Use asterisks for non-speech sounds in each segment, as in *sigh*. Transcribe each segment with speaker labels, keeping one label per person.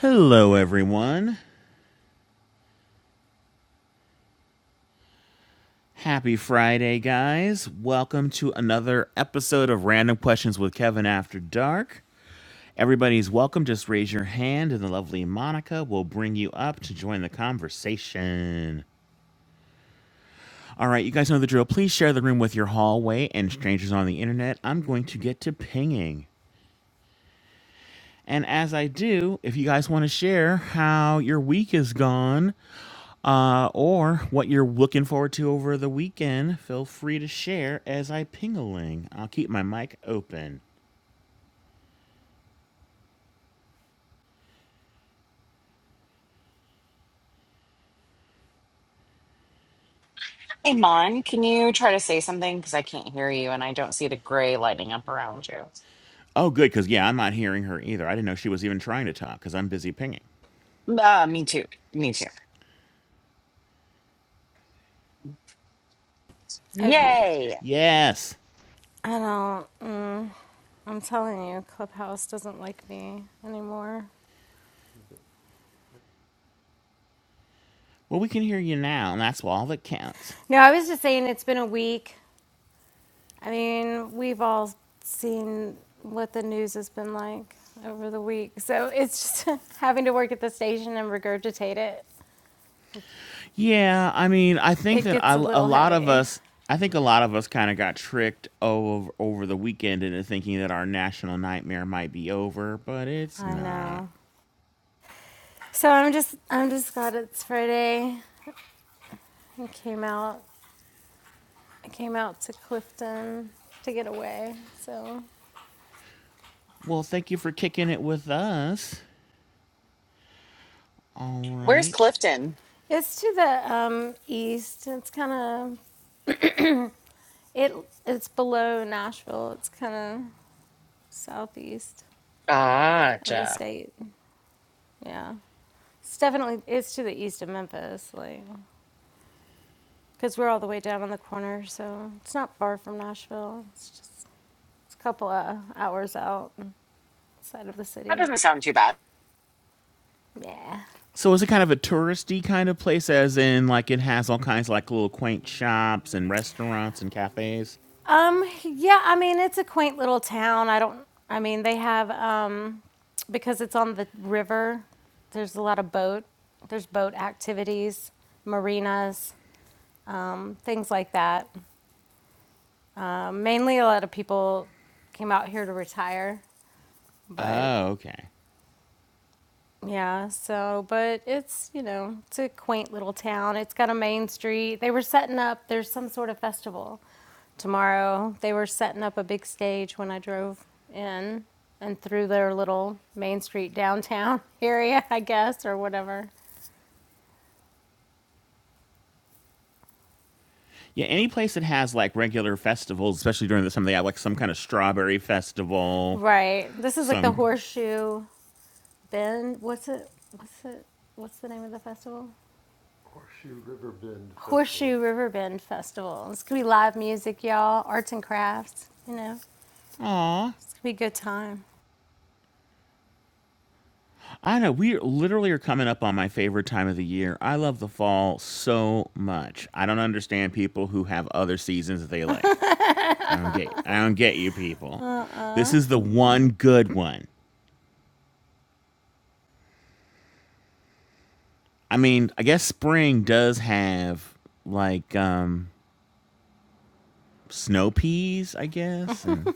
Speaker 1: Hello, everyone. Happy Friday, guys. Welcome to another episode of Random Questions with Kevin After Dark. Everybody's welcome. Just raise your hand, and the lovely Monica will bring you up to join the conversation. All right, you guys know the drill. Please share the room with your hallway and strangers on the internet. I'm going to get to pinging. And as I do, if you guys want to share how your week is gone, uh, or what you're looking forward to over the weekend, feel free to share as I ping-a-ling. I'll keep my mic open.
Speaker 2: Hey, Mon, can you try to say something? Because I can't hear you and I don't see the gray lighting up around you.
Speaker 1: Oh, good, because yeah, I'm not hearing her either. I didn't know she was even trying to talk because I'm busy pinging.
Speaker 2: Uh, me too. Me too.
Speaker 3: Okay.
Speaker 2: Yay.
Speaker 1: Yes.
Speaker 3: I don't. Mm, I'm telling you, Clubhouse doesn't like me anymore.
Speaker 1: Well, we can hear you now, and that's all that counts.
Speaker 3: No, I was just saying it's been a week. I mean, we've all seen what the news has been like over the week. So it's just *laughs* having to work at the station and regurgitate it.
Speaker 1: Yeah, I mean, I think
Speaker 3: It
Speaker 1: that I,
Speaker 3: gets a
Speaker 1: a
Speaker 3: little
Speaker 1: lot of
Speaker 3: heavy.
Speaker 1: us, I think a lot of us kind of got tricked over over the weekend into thinking that our national nightmare might be over, but it's
Speaker 3: I
Speaker 1: not.
Speaker 3: know. So I'm just, I'm just glad it's Friday. I came out, I came out to Clifton to get away. So.
Speaker 1: Well, thank you for kicking it with us. All
Speaker 2: Where's
Speaker 1: right.
Speaker 2: Clifton?
Speaker 3: It's to the um, east. It's kind of it. It's below Nashville. It's kind of southeast
Speaker 2: Ah,
Speaker 3: of the
Speaker 2: Jeff.
Speaker 3: state. Yeah, it's definitely it's to the east of Memphis, like because we're all the way down on the corner, so it's not far from Nashville. It's just it's a couple of hours out outside of the
Speaker 2: That
Speaker 3: city.
Speaker 2: doesn't sound too bad.
Speaker 3: Yeah.
Speaker 1: So is it kind of a touristy kind of place, as in like it has all kinds of like little quaint shops and restaurants and cafes?
Speaker 3: Um, yeah, I mean, it's a quaint little town. I don't, I mean, they have, um, because it's on the river, there's a lot of boat, there's boat activities, marinas, um, things like that. Um, mainly a lot of people came out here to retire, but
Speaker 1: Oh, okay.
Speaker 3: Yeah, so, but it's, you know, it's a quaint little town. It's got a main street. They were setting up, there's some sort of festival tomorrow. They were setting up a big stage when I drove in and through their little main street downtown *laughs* area, I guess, or whatever.
Speaker 1: Yeah, any place that has like regular festivals, especially during the summer, they have like some kind of strawberry festival.
Speaker 3: Right. This is like the
Speaker 1: Some,
Speaker 3: Horseshoe Bend. What's it? What's it? What's the name of the festival? Horseshoe River Bend Festival. It's gonna be live music, y'all, arts and crafts, you know.
Speaker 1: aw,
Speaker 3: It'd be a good time.
Speaker 1: I know we literally are coming up on my favorite time of the year. I love the fall so much. I don't understand people who have other seasons that they like. I don't
Speaker 3: *laughs*
Speaker 1: get. I don't get you people. This is the one good one. I mean, I guess spring does have like um snow peas, I guess, and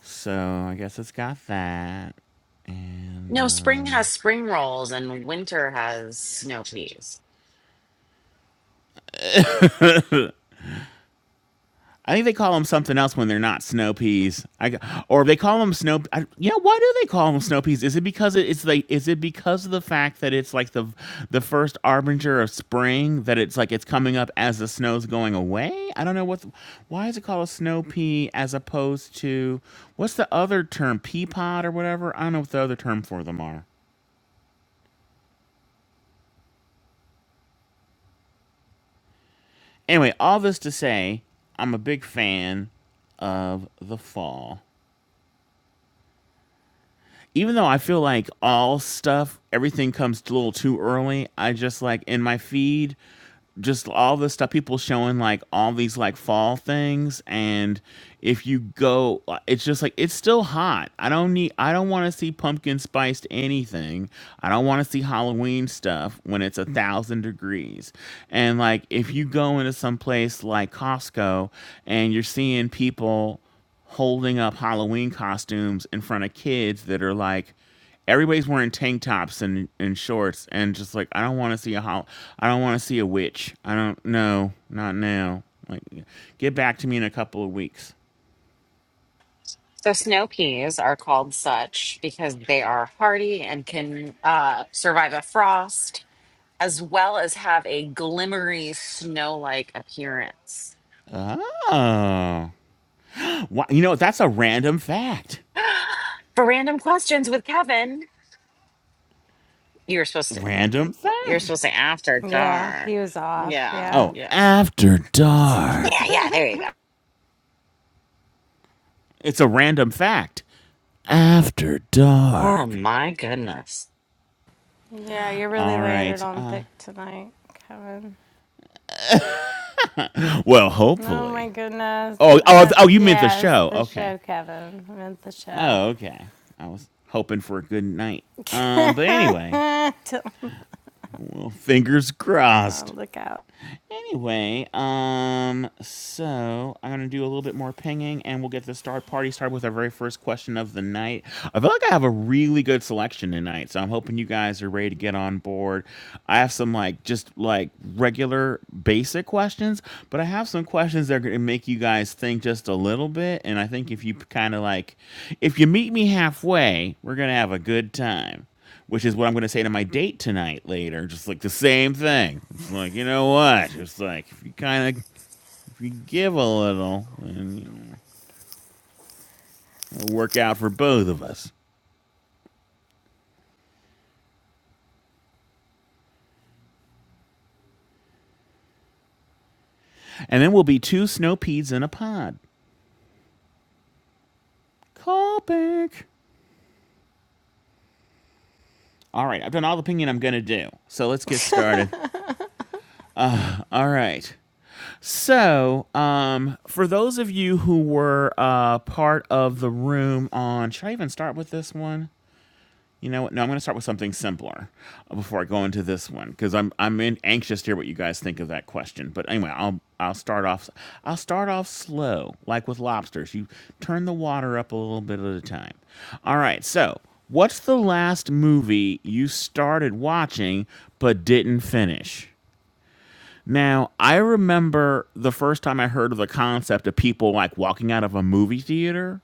Speaker 1: so I guess it's got that. And
Speaker 2: No, spring
Speaker 1: um
Speaker 2: has spring rolls and winter has snow peas.
Speaker 1: I think they call them something else when they're not snow peas. I or they call them snow. I, you know why do they call them snow peas? Is it because it, it's like is it because of the fact that it's like the the first arbinger of spring that it's like it's coming up as the snow's going away? I don't know what. Why is it called a snow pea as opposed to what's the other term? Pea pod or whatever. I don't know what the other term for them are. Anyway, all this to say, I'm a big fan of the fall. even though I feel like all stuff, everything comes a little too early, I just like in my feed, just all the stuff people showing like all these like fall things and if you go uh, it's just like it's still hot i don't need i don't want to see pumpkin spiced anything i don't want to see halloween stuff when it's a thousand degrees and like if you go into some place like costco and you're seeing people holding up Halloween costumes in front of kids that are like, everybody's wearing tank tops and, and shorts and just like, I don't want to see a hol- I don't want to see a witch. I don't know, not now. Like, get back to me in a couple of weeks.
Speaker 2: So, snow peas are called such because they are hardy and can uh, survive a frost as well as have a glimmery snow like appearance.
Speaker 1: Oh, Wha- you know that's a random fact.
Speaker 2: *gasps* For random questions with Kevin, You were supposed to.
Speaker 1: Random
Speaker 2: You are
Speaker 1: fact.
Speaker 2: supposed to after
Speaker 3: Yeah,
Speaker 2: dark.
Speaker 3: he was off.
Speaker 2: Yeah,
Speaker 3: Yeah.
Speaker 1: Oh,
Speaker 2: yeah,
Speaker 1: after
Speaker 3: *laughs*
Speaker 2: yeah,
Speaker 1: dark.
Speaker 2: yeah. There you go.
Speaker 1: It's a random fact. After
Speaker 2: Oh
Speaker 1: dark.
Speaker 2: my goodness.
Speaker 3: yeah, you really
Speaker 1: All
Speaker 3: landed
Speaker 1: right.
Speaker 3: on
Speaker 1: Uh,
Speaker 3: thick tonight, Kevin.
Speaker 1: well,
Speaker 3: Oh my
Speaker 1: hopefully.
Speaker 3: goodness.
Speaker 1: Oh, oh,
Speaker 3: Uh,
Speaker 1: oh! You meant the
Speaker 3: yes,
Speaker 1: show?
Speaker 3: the
Speaker 1: Okay.
Speaker 3: show, Kevin. I meant the show.
Speaker 1: Oh, okay. I was hoping for a good night.
Speaker 3: *laughs*
Speaker 1: Um, but anyway, well, fingers
Speaker 3: oh,
Speaker 1: crossed.
Speaker 3: look out.
Speaker 1: Anyway, um, so I'm gonna do a little bit more pinging, and we'll get the start party started with our very first question of the night. I feel like I have a really good selection tonight, so I'm hoping you guys are ready to get on board. I have some like just like regular basic questions, but I have some questions that are gonna make you guys think just a little bit. And I think if you kind of like, if you meet me halfway, we're gonna have a good time which is what I'm going to say to my date tonight later. Just like the same thing. It's like, you know what? It's like, if you kind of if you give a little, then, you know, it'll work out for both of us. And then we'll be two snow peas in a pod. Call back. All right, I've done all the pinging I'm going to do. So let's get started. All right. So, um, for those of you who were uh, part of the room on, should I even start with this one? You know what? No, I'm going to start with something simpler uh, before I go into this one because I'm I'm in, anxious to hear what you guys think of that question. But anyway, I'll I'll start off I'll start off slow, like with lobsters. You turn the water up a little bit at a time. All right. So, what's the last movie you started watching but didn't finish? Now, I remember the first time I heard of the concept of people like walking out of a movie theater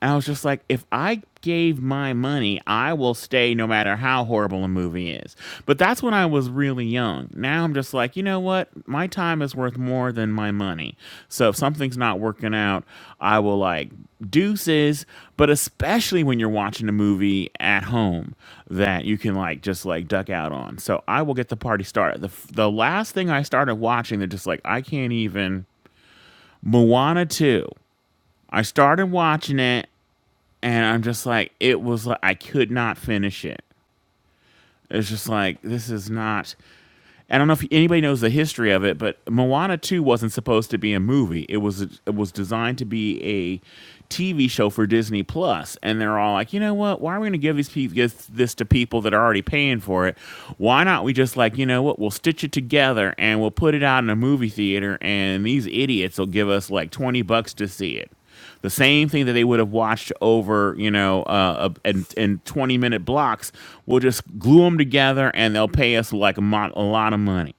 Speaker 1: I was just like, if I gave my money, I will stay no matter how horrible a movie is. But that's when I was really young. Now I'm just like, you know what? My time is worth more than my money. So if something's not working out, I will like deuces. But especially when you're watching a movie at home that you can like just like duck out on. So I will get the party started. The, f- the last thing I started watching, they're just like, I can't even. Moana 2. I started watching it and I'm just like, it was like I could not finish it. It's just like this is not. I don't know if anybody knows the history of it, but Moana two wasn't supposed to be a movie. It was it was designed to be a TV show for Disney Plus, and they're all like, you know what? Why are we going to give these people give this to people that are already paying for it? Why not we just like you know what? We'll stitch it together and we'll put it out in a movie theater, and these idiots will give us like twenty bucks to see it. The same thing that they would have watched over, you know, uh, in, in 20 minute blocks, we'll just glue them together and they'll pay us like a, mo- a lot of money.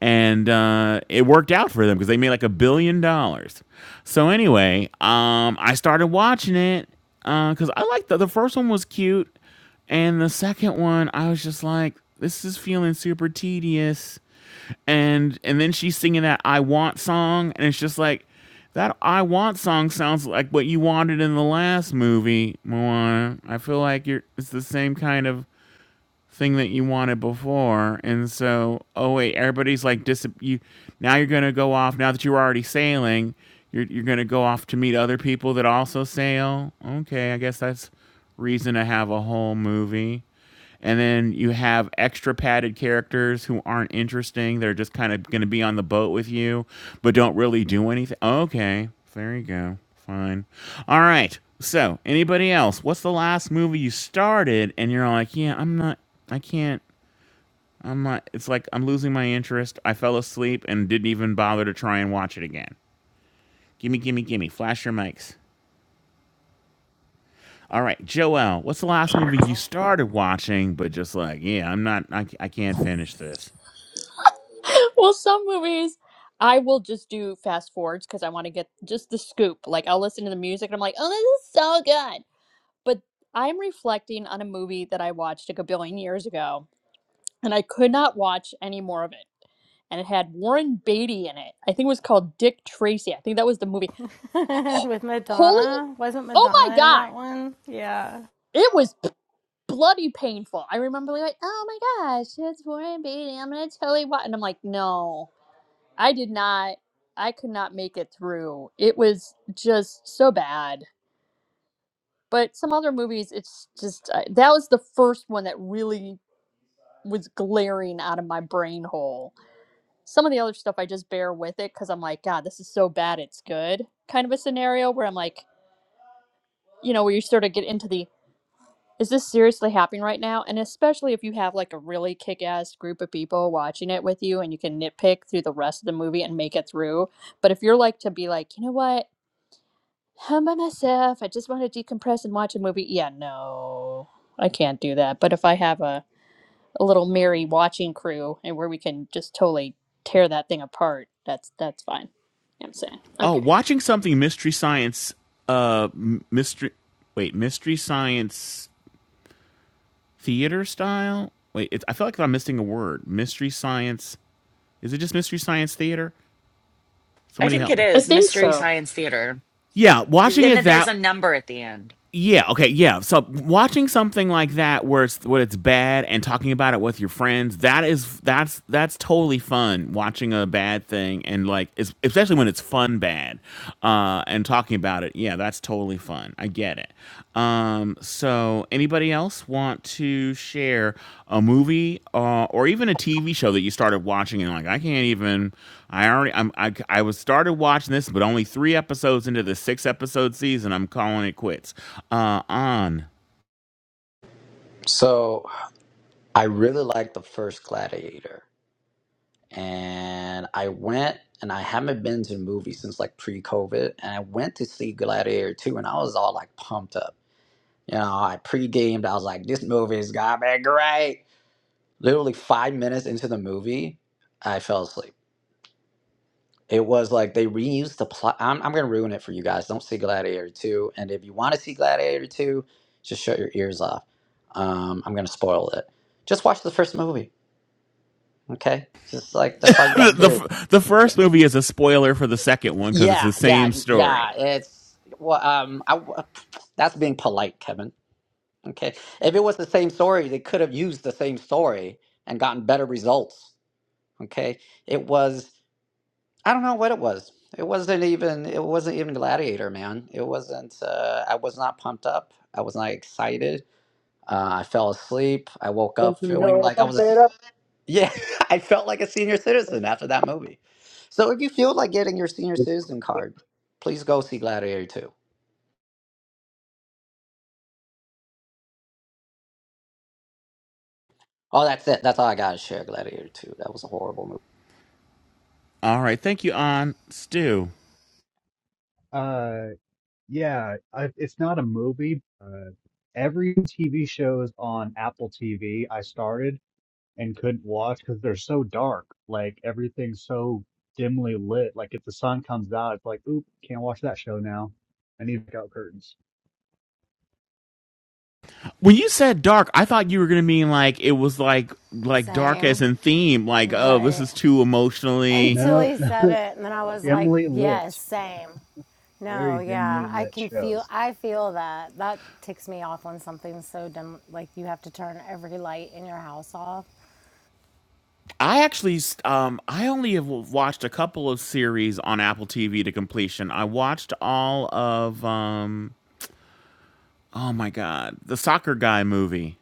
Speaker 1: And uh, it worked out for them because they made like a billion dollars. So anyway, um, I started watching it because I liked the, the first one was cute. And the second one, I was just like, this is feeling super tedious and and then she's singing that I want song and it's just like that I want song sounds like what you wanted in the last movie, Moana. I feel like you're it's the same kind of thing that you wanted before. And so, oh wait, everybody's like dis you now you're going to go off now that you're already sailing, you're you're going to go off to meet other people that also sail. Okay, I guess that's reason to have a whole movie. And then you have extra padded characters who aren't interesting. They're just kind of going to be on the boat with you, but don't really do anything. Okay, there you go. Fine. All right. So, anybody else? What's the last movie you started and you're like, yeah, I'm not, I can't, I'm not, it's like I'm losing my interest. I fell asleep and didn't even bother to try and watch it again. Gimme, gimme, gimme. Flash your mics. All right, Joel, what's the last movie you started watching, but just like, yeah, I'm not, I, I can't finish this?
Speaker 4: Well, some movies I will just do fast forwards because I want to get just the scoop. Like I'll listen to the music and I'm like, oh, this is so good. But I'm reflecting on a movie that I watched like a billion years ago, and I could not watch any more of it. And it had Warren Beatty in it. I think it was called Dick Tracy. I think that was the movie.
Speaker 3: *laughs*
Speaker 4: *gasps*
Speaker 3: With
Speaker 4: Holy,
Speaker 3: Madonna? Wasn't
Speaker 4: oh my
Speaker 3: Madonna in
Speaker 4: God!
Speaker 3: that one? Yeah.
Speaker 4: It was p- bloody painful. I remember being like, oh my gosh, it's Warren Beatty. I'm gonna totally watch. And I'm like, no. I did not, I could not make it through. It was just so bad. But some other movies, it's just, uh, that was the first one that really was glaring out of my brain hole. Some of the other stuff I just bear with it because I'm like, God, this is so bad, it's good kind of a scenario where I'm like, you know, where you sort of get into the, is this seriously happening right now? And especially if you have like a really kick ass group of people watching it with you and you can nitpick through the rest of the movie and make it through. But if you're like to be like, you know what? I'm by myself. I just want to decompress and watch a movie. Yeah, no, I can't do that. But if I have a, a little merry watching crew and where we can just totally tear that thing apart, that's that's fine. I'm saying.
Speaker 1: Oh,
Speaker 4: Okay.
Speaker 1: watching something mystery science, uh, mystery. Wait, mystery science theater style. Wait, it's I feel like I'm missing a word. Mystery science. Is it just mystery science theater?
Speaker 2: I
Speaker 1: Somebody
Speaker 2: think
Speaker 1: help
Speaker 2: it
Speaker 1: me.
Speaker 4: I
Speaker 2: is
Speaker 4: think
Speaker 2: Mystery
Speaker 4: so.
Speaker 2: Science Theater,
Speaker 1: Yeah,
Speaker 2: D-
Speaker 1: watching
Speaker 2: and
Speaker 1: it
Speaker 2: then there's
Speaker 1: that.
Speaker 2: a number at the end.
Speaker 1: Yeah, okay, yeah. So watching something like that, where it's where it's bad, and talking about it with your friends, that is that's that's totally fun. Watching a bad thing and like, it's, especially when it's fun bad, uh, and talking about it, yeah, that's totally fun. I get it. Um. Um, so, anybody else want to share a movie uh, or even a TV show that you started watching and like I can't even? I already I'm, I I was started watching this, but only three episodes into the six episode season, I'm calling it quits. Uh, on
Speaker 5: So I really like the first Gladiator, and I went and I haven't been to the movie since like pre-COVID, and I went to see Gladiator two, and I was all like pumped up. You know, I pre-gamed. I was like, this movie is gonna be great. Literally five minutes into the movie, I fell asleep. It was like they reused the plot. I'm, I'm gonna ruin it for you guys. Don't see Gladiator two, and if you want to see Gladiator two, just shut your ears off. Um, I'm gonna spoil it. Just watch the first movie Okay, just like that's all
Speaker 1: *laughs*
Speaker 5: you got
Speaker 1: the,
Speaker 5: to
Speaker 1: the
Speaker 5: do.
Speaker 1: f- the first movie is a spoiler for the second one because it's
Speaker 5: Yeah,
Speaker 1: the
Speaker 5: yeah,
Speaker 1: same story.
Speaker 5: yeah. It's well, um, I, that's being polite, Kevin. Okay, if it was the same story, they could have used the same story and gotten better results. Okay, it was I don't know what it was. It wasn't even it wasn't even Gladiator, man. It wasn't. Uh, I was not pumped up. I was not excited. Uh, I fell asleep. I woke
Speaker 6: You
Speaker 5: up feeling
Speaker 6: know,
Speaker 5: like I
Speaker 6: pump
Speaker 5: was.
Speaker 6: it up.
Speaker 5: Yeah, *laughs* I felt like a senior citizen after that movie. So if you feel like getting your senior citizen card, please go see Gladiator 2. Oh, that's it. That's all I got to share Gladiator 2. That was a horrible movie.
Speaker 1: All right, thank you, on Stu.
Speaker 7: Uh, yeah, I, it's not a movie. Uh, every TV shows on Apple TV I started and couldn't watch because they're so dark. Like everything's so dimly lit. Like if the sun comes out, it's like, oop, can't watch that show now. I need to pick out curtains.
Speaker 1: When you said dark, I thought you were gonna mean like it was like like dark as
Speaker 3: Same.
Speaker 1: in theme, like oh, this
Speaker 3: Right.
Speaker 1: is too emotionally
Speaker 3: Until
Speaker 7: No,
Speaker 3: he said it, and then I
Speaker 7: *laughs*
Speaker 3: was like,
Speaker 7: dimly
Speaker 3: yes,
Speaker 7: lit,
Speaker 3: same. No,
Speaker 7: very dimly
Speaker 3: yeah, I
Speaker 7: lit
Speaker 3: can feel.
Speaker 7: shows.
Speaker 3: I feel that. That ticks me off when something's so dumb. Like you have to turn every light in your house off.
Speaker 1: I actually, s- um, I only have w- watched a couple of series on Apple TV to completion. I watched all of, um, oh my god, the soccer guy movie,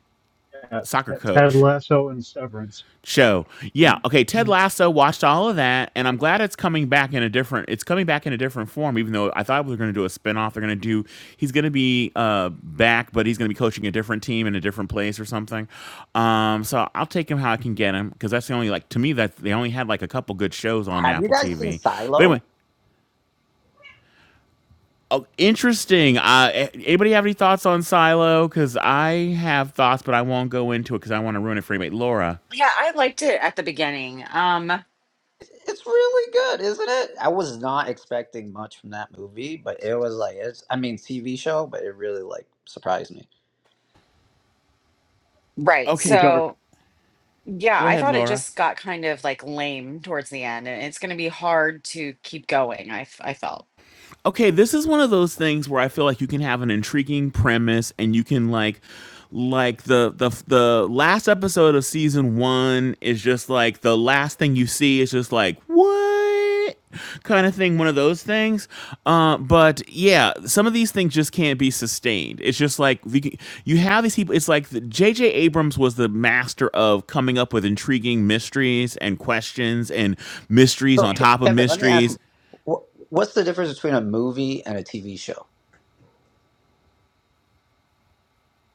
Speaker 7: Uh,
Speaker 1: soccer
Speaker 7: Ted Ted
Speaker 1: coach.
Speaker 7: Lasso and Severance.
Speaker 1: show.
Speaker 7: Yeah.
Speaker 1: Yeah. Okay. Ted
Speaker 7: Mm,
Speaker 1: Lasso watched all of that, and I'm glad it's coming back in a different. It's coming back in a different form. Even though I thought we were going to do a spinoff, they're going to do. He's going to be uh, back, but he's going to be coaching a different team in a different place or something. Um, so I'll take him how I can get him because that's the only like to me that they only had like a couple good shows on
Speaker 5: Have you
Speaker 1: Apple
Speaker 5: guys seen
Speaker 1: TV. But anyway.
Speaker 5: Silo?
Speaker 1: Oh, interesting. Uh, anybody have any thoughts on Silo? Because I have thoughts, but I won't go into it because I want to ruin it for anybody. Laura.
Speaker 2: Yeah, I liked it at the beginning. Um,
Speaker 5: It's really good, isn't it? I was not expecting much from that movie, but it was like it's I mean TV show, but it really like surprised me.
Speaker 2: right.
Speaker 1: Okay,
Speaker 7: Too dark.
Speaker 2: So yeah,
Speaker 1: go
Speaker 2: I
Speaker 1: ahead,
Speaker 2: thought it
Speaker 1: Laura.
Speaker 2: just got kind of like lame towards the end, and it's going to be hard to keep going. I f- I felt.
Speaker 1: okay, this is one of those things where I feel like you can have an intriguing premise and you can like like the the the last episode of season 1 is just like the last thing you see is just like what kind of thing one of those things uh, but yeah some of these things just can't be sustained it's just like you, can- you have these people it's like the J J. abrams was the master of coming up with intriguing mysteries and questions and mysteries
Speaker 5: So
Speaker 1: on
Speaker 5: Ke-
Speaker 1: top of
Speaker 5: Kevin, let me ask you,
Speaker 1: mysteries
Speaker 5: wh- what's the difference between a movie and a TV show?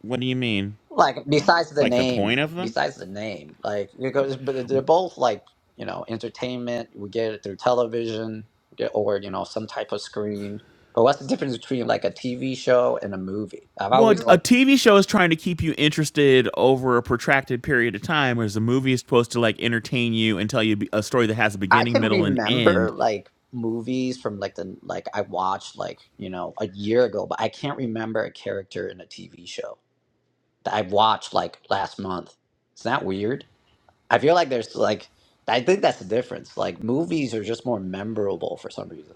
Speaker 1: what do you mean
Speaker 5: Like besides the
Speaker 1: Like the
Speaker 5: name,
Speaker 1: point of them?
Speaker 5: besides the name, like because but they're both like you know entertainment. We get it through television we get, or you know some type of screen. But what's the difference between like a TV show and a movie? I've
Speaker 1: Well,
Speaker 5: always Mm.
Speaker 1: a
Speaker 5: like
Speaker 1: TV show is trying to keep you interested over a protracted period of time, whereas a movie is supposed to like entertain you and tell you a story that has a
Speaker 5: I
Speaker 1: beginning,
Speaker 5: can
Speaker 1: middle, and
Speaker 5: remember
Speaker 1: end.
Speaker 5: like movies from like the like I watched like you know a year ago, but I can't remember a character in a TV show that I watched like last month. Is that weird? I feel like there's like I think that's the difference. Like movies are just more memorable for some reason.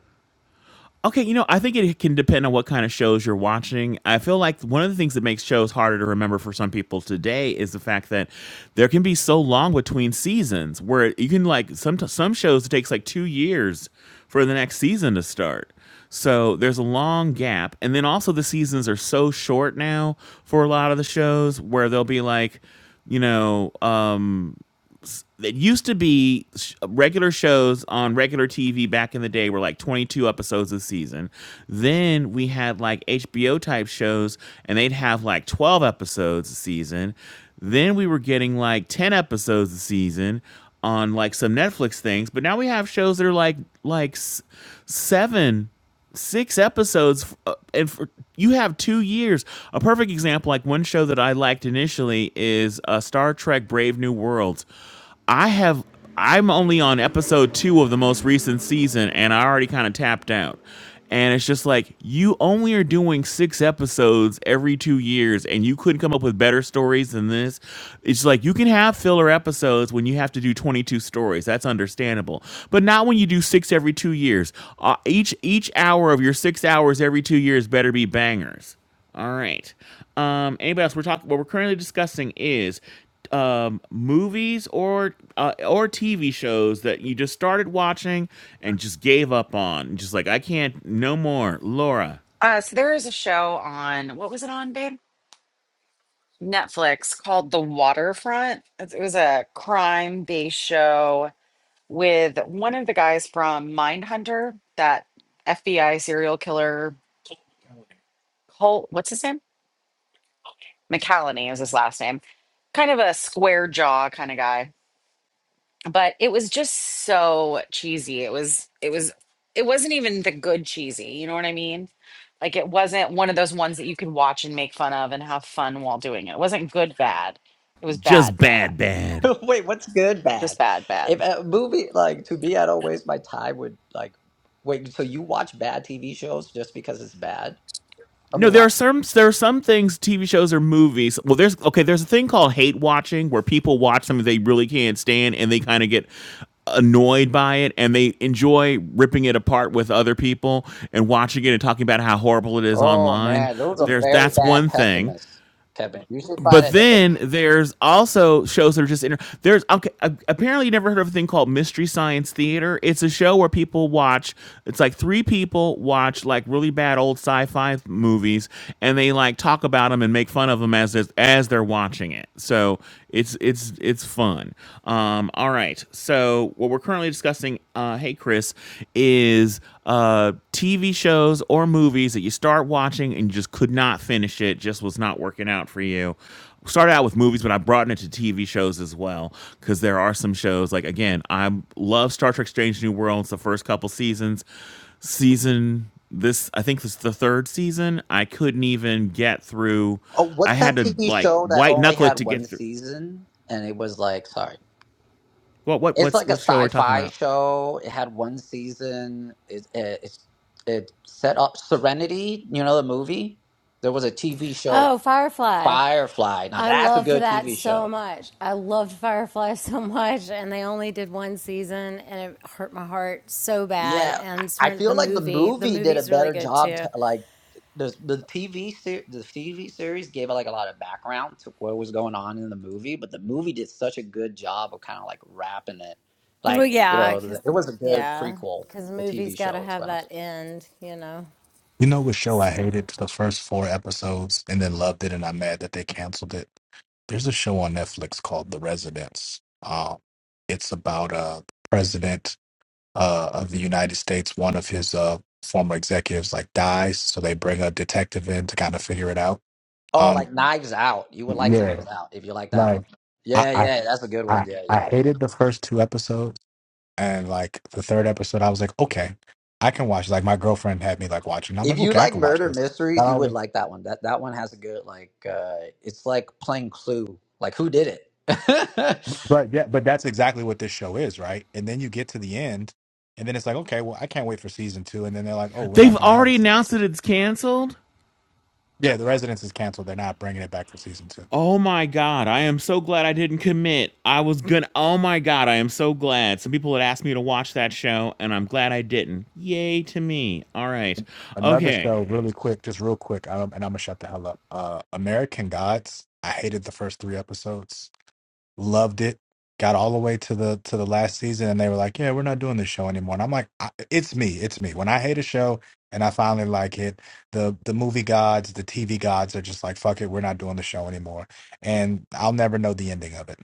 Speaker 1: Okay, you know, I think it can depend on what kind of shows you're watching. I feel like one of the things that makes shows harder to remember for some people today is the fact that there can be so long between seasons where you can like some some shows it takes like 2 years for the next season to start. So there's a long gap and then also the seasons are so short now for a lot of the shows where they'll be like you know, um that used to be regular shows on regular TV back in the day were like 22 episodes a season. Then we had like HBO type shows and they'd have like 12 episodes a season. Then we were getting like 10 episodes a season on like some Netflix things, but now we have shows that are like like s- 7 six episodes uh, and for, you have two years a perfect example like one show that i liked initially is uh, star trek brave new worlds i have i'm only on episode two of the most recent season and i already kind of tapped out and it's just like you only are doing six episodes every two years, and you couldn't come up with better stories than this. It's like you can have filler episodes when you have to do 22 stories. That's understandable, but not when you do six every two years. Uh, each each hour of your six hours every two years better be bangers. All right. Um, anybody else? We're talking. What we're currently discussing is um, movies or uh, or TV shows that you just started watching and just gave up on. Just like I can't no more. Laura,
Speaker 2: Uh, so there is a show on what was it on, babe? Netflix called The Waterfront. It was a crime-based show with one of the guys from Mindhunter, that FBI serial killer Colt, what's his name? McCallany is his last name. Kind of a square jaw kind of guy. But it was just so cheesy. It was it was it wasn't even the good cheesy, you know what I mean? Like it wasn't one of those ones that you could watch and make fun of and have fun while doing it. It wasn't good bad. It was
Speaker 1: just
Speaker 2: bad bad.
Speaker 1: bad, bad.
Speaker 5: *laughs* Wait, what's good,
Speaker 2: Just
Speaker 5: bad?
Speaker 2: bad
Speaker 5: If
Speaker 2: bad.
Speaker 5: a movie like to me, I don't waste my time with like. Wait, so you watch bad TV shows just because it's bad? Tell
Speaker 1: No,
Speaker 5: me
Speaker 1: there are
Speaker 5: why.
Speaker 1: some there are some things TV shows or movies. Well, there's okay, there's a thing called hate watching where people watch something they really can't stand and they kind of get annoyed by it and they enjoy ripping it apart with other people and watching it and talking about how horrible it is
Speaker 5: Oh
Speaker 1: online.
Speaker 5: man, those are
Speaker 1: There's
Speaker 5: very
Speaker 1: that's
Speaker 5: bad
Speaker 1: one thing.
Speaker 5: pessimists, Kevin. You should find
Speaker 1: But
Speaker 5: a different.
Speaker 1: then there's also shows that are just inter- there's okay, apparently you never heard of a thing called Mystery Science Theater. It's a show where people watch. It's like three people watch like really bad old sci-fi movies, and they like talk about them and make fun of them as as as they're watching it. So it's it's it's fun. Um, all right. So what we're currently discussing, uh, hey Chris, is uh, TV shows or movies that you start watching and you just could not finish it, just was not working out for you. Started out with movies, but I broadened it to TV shows as well because there are some shows like again, I love Star Trek: Strange New Worlds. The first couple seasons, season this I think this is the third season. I couldn't even get through.
Speaker 5: Oh,
Speaker 1: I
Speaker 5: what's
Speaker 1: had
Speaker 5: that
Speaker 1: to
Speaker 5: TV
Speaker 1: like
Speaker 5: show that
Speaker 1: white
Speaker 5: only
Speaker 1: knuckle it
Speaker 5: had
Speaker 1: to get
Speaker 5: one
Speaker 1: through.
Speaker 5: season and it was like, sorry.
Speaker 1: What what
Speaker 5: It's
Speaker 1: what's
Speaker 5: like a
Speaker 1: what show are we talking
Speaker 5: sci-fi
Speaker 1: about?
Speaker 5: show. It had one season. It it it's- it set up Serenity. You know the movie. There was a TV show
Speaker 3: Oh, Firefly!
Speaker 5: Firefly. Now
Speaker 3: I
Speaker 5: that's a
Speaker 3: loved
Speaker 5: good
Speaker 3: that
Speaker 5: TV
Speaker 3: so
Speaker 5: show.
Speaker 3: much. I loved Firefly *laughs* so much, and they only did one season, and it hurt my heart so bad.
Speaker 5: Yeah, I
Speaker 3: And
Speaker 5: I
Speaker 3: the
Speaker 5: feel like the
Speaker 3: movie, the
Speaker 5: movie did a
Speaker 3: movie's really
Speaker 5: better
Speaker 3: good
Speaker 5: job.
Speaker 3: too.
Speaker 5: To, like the the TV ser- the TV series gave like a lot of background to what was going on in the movie, but the movie did such a good job of kind of like wrapping it.
Speaker 3: Well,
Speaker 5: Like you
Speaker 3: yeah,
Speaker 5: know,
Speaker 3: because
Speaker 5: the- it was a good
Speaker 3: yeah,
Speaker 5: prequel.
Speaker 3: because
Speaker 5: The TV
Speaker 3: movies got to
Speaker 5: show is
Speaker 3: have
Speaker 5: what I'm saying.
Speaker 3: that end, you know.
Speaker 8: You know what show I
Speaker 3: So.
Speaker 8: hated the first four episodes and then loved it and I'm mad that they canceled it? There's a show on Netflix called The Residents. Um, it's about a president uh, of the United States. One of his uh, former executives like dies, so they bring a detective in to kind of figure it out.
Speaker 5: Oh,
Speaker 8: Um,
Speaker 5: like Knives Out. You would like Knives
Speaker 8: yeah,
Speaker 5: Out if you like that
Speaker 8: like
Speaker 5: one.
Speaker 8: I,
Speaker 5: Yeah,
Speaker 8: I,
Speaker 5: yeah, that's a good one.
Speaker 8: I,
Speaker 5: Yeah,
Speaker 8: I
Speaker 5: yeah.
Speaker 8: hated the first two episodes, and like the third episode, I was like, okay, I can watch. Like my girlfriend had me like watching. I'm
Speaker 5: If
Speaker 8: like,
Speaker 5: you
Speaker 8: okay, I
Speaker 5: like
Speaker 8: can watch
Speaker 5: murder
Speaker 8: this.
Speaker 5: mysteries, you would like that one. That that one has a good like uh it's like playing Clue. Like who did it?
Speaker 8: But yeah, but that's exactly what this show is, right? And then you get to the end, and then it's like, okay, well, I can't wait for season two. And then they're like, oh, we're not
Speaker 1: They've
Speaker 8: going to have a
Speaker 1: already
Speaker 8: season
Speaker 1: announced
Speaker 8: two.
Speaker 1: that it's canceled.
Speaker 8: Yeah, The Residence is canceled. They're not bringing it back for season two.
Speaker 1: Oh my god, I am so glad I didn't commit. I was gonna Oh my god, I am so glad. Some people had asked me to watch that show and I'm glad I didn't. Yay to me. All right.
Speaker 8: Another
Speaker 1: Okay.
Speaker 8: show, really quick, just real quick, um, and I'm gonna shut the hell up. Uh, American Gods. I hated the first three episodes. loved it got all the way to the to the last season and they were like yeah we're not doing this show anymore and i'm like I, it's me it's me when i hate a show and i finally like it the the movie gods the tv gods are just like fuck it we're not doing the show anymore and i'll never know the ending of it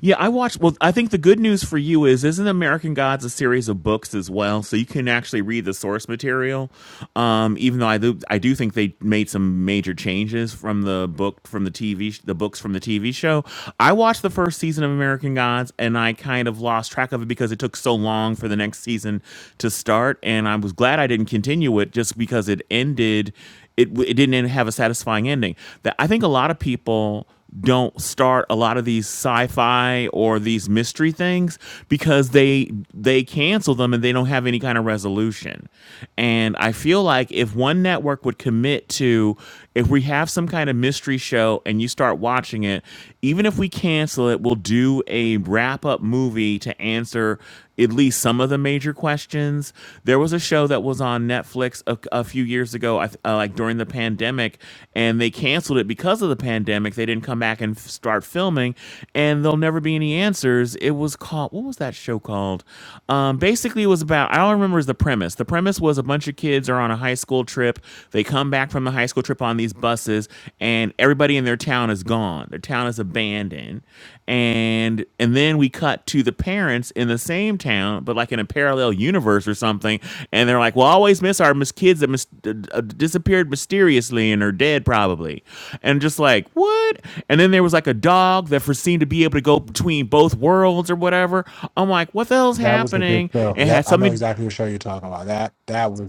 Speaker 1: Yeah, I watched. Well, I think the good news for you is, isn't American Gods a series of books as well? So you can actually read the source material. Um, even though I do, I do think they made some major changes from the book from the TV, the books from the TV show. I watched the first season of American Gods, and I kind of lost track of it because it took so long for the next season to start, and I was glad I didn't continue it just because it ended. It, it didn't have a satisfying ending. That I think a lot of people don't start a lot of these sci-fi or these mystery things because they they cancel them and they don't have any kind of resolution. And I feel like if one network would commit to if we have some kind of mystery show and you start watching it, even if we cancel it, we'll do a wrap-up movie to answer at least some of the major questions. There was a show that was on Netflix a, a few years ago, uh, like during the pandemic, and they canceled it because of the pandemic. They didn't come back and f- start filming, and there'll never be any answers. It was called what was that show called? Um, basically, it was about I don't remember is the premise. The premise was a bunch of kids are on a high school trip. They come back from the high school trip on these buses, and everybody in their town is gone. Their town is abandoned, and and then we cut to the parents in the same town but like in a parallel universe or something and they're like well I always miss our mis- kids that mis- uh, uh, disappeared mysteriously and are dead probably and just like what and then there was like a dog that for seemed to be able to go between both worlds or whatever i'm like what the hell's
Speaker 8: that was a good
Speaker 1: happening
Speaker 8: show
Speaker 1: it
Speaker 8: yep
Speaker 1: had
Speaker 8: i know
Speaker 1: something
Speaker 8: exactly what show you're talking about that that was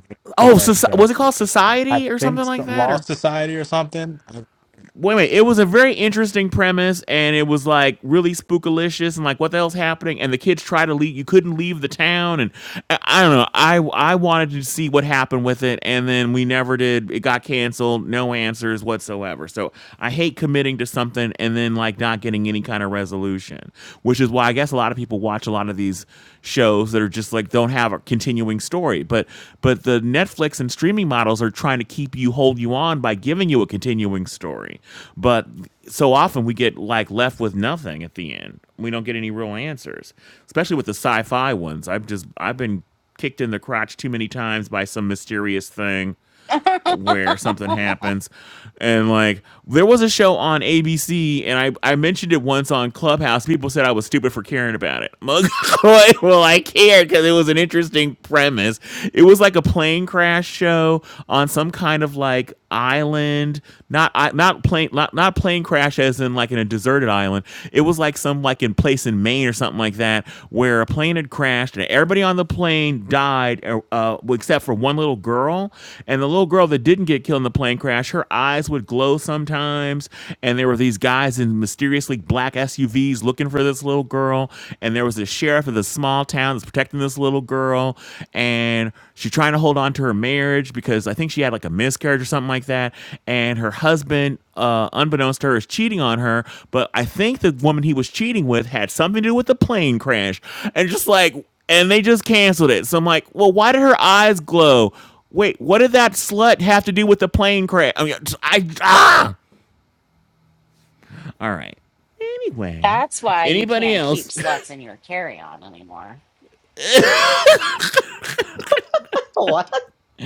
Speaker 8: the
Speaker 1: oh
Speaker 8: best
Speaker 1: soci-
Speaker 8: show
Speaker 1: was it called
Speaker 8: i
Speaker 1: society or
Speaker 8: think
Speaker 1: something
Speaker 8: so-
Speaker 1: like that
Speaker 8: law
Speaker 1: or
Speaker 8: society or something
Speaker 1: wait, wait. It was a very interesting premise, and it was like really spookalicious, and like what the hell's happening? And the kids try to leave. You couldn't leave the town, and I, I don't know. I I wanted to see what happened with it, and then we never did. It got canceled. No answers whatsoever. So I hate committing to something and then like not getting any kind of resolution, which is why I guess a lot of people watch a lot of these shows that are just like don't have a continuing story. But but the Netflix and streaming models are trying to keep you hold you on by giving you a continuing story. But so often we get like left with nothing at the end. We don't get any real answers, especially with the sci-fi ones. I've just I've been kicked in the crotch too many times by some mysterious thing where something happens. And like there was a show on ABC and I, I mentioned it once on Clubhouse. People said I was stupid for caring about it. *laughs* like, well, I cared because it was an interesting premise. It was like a plane crash show on some kind of like island not I, not plane not, not plane crash as in like in a deserted island it was like some like in place in maine or something like that where a plane had crashed and everybody on the plane died uh, uh, well, except for one little girl and the little girl that didn't get killed in the plane crash her eyes would glow sometimes and there were these guys in mysteriously black suvs looking for this little girl and there was a sheriff of the small small town that's protecting this little girl and she's trying to hold on to her marriage because I think she had like a miscarriage or something like that and her husband uh, unbeknownst to her is cheating on her but I think the woman he was cheating with had something to do with the plane crash and just like and they just canceled it so I'm like well why did her eyes glow wait what did that slut have to do with the plane crash I mean I ah! all right anyway
Speaker 2: That's why you
Speaker 1: anybody
Speaker 2: can't keep
Speaker 1: else
Speaker 2: sluts in your carry-on anymore.
Speaker 5: *laughs* what?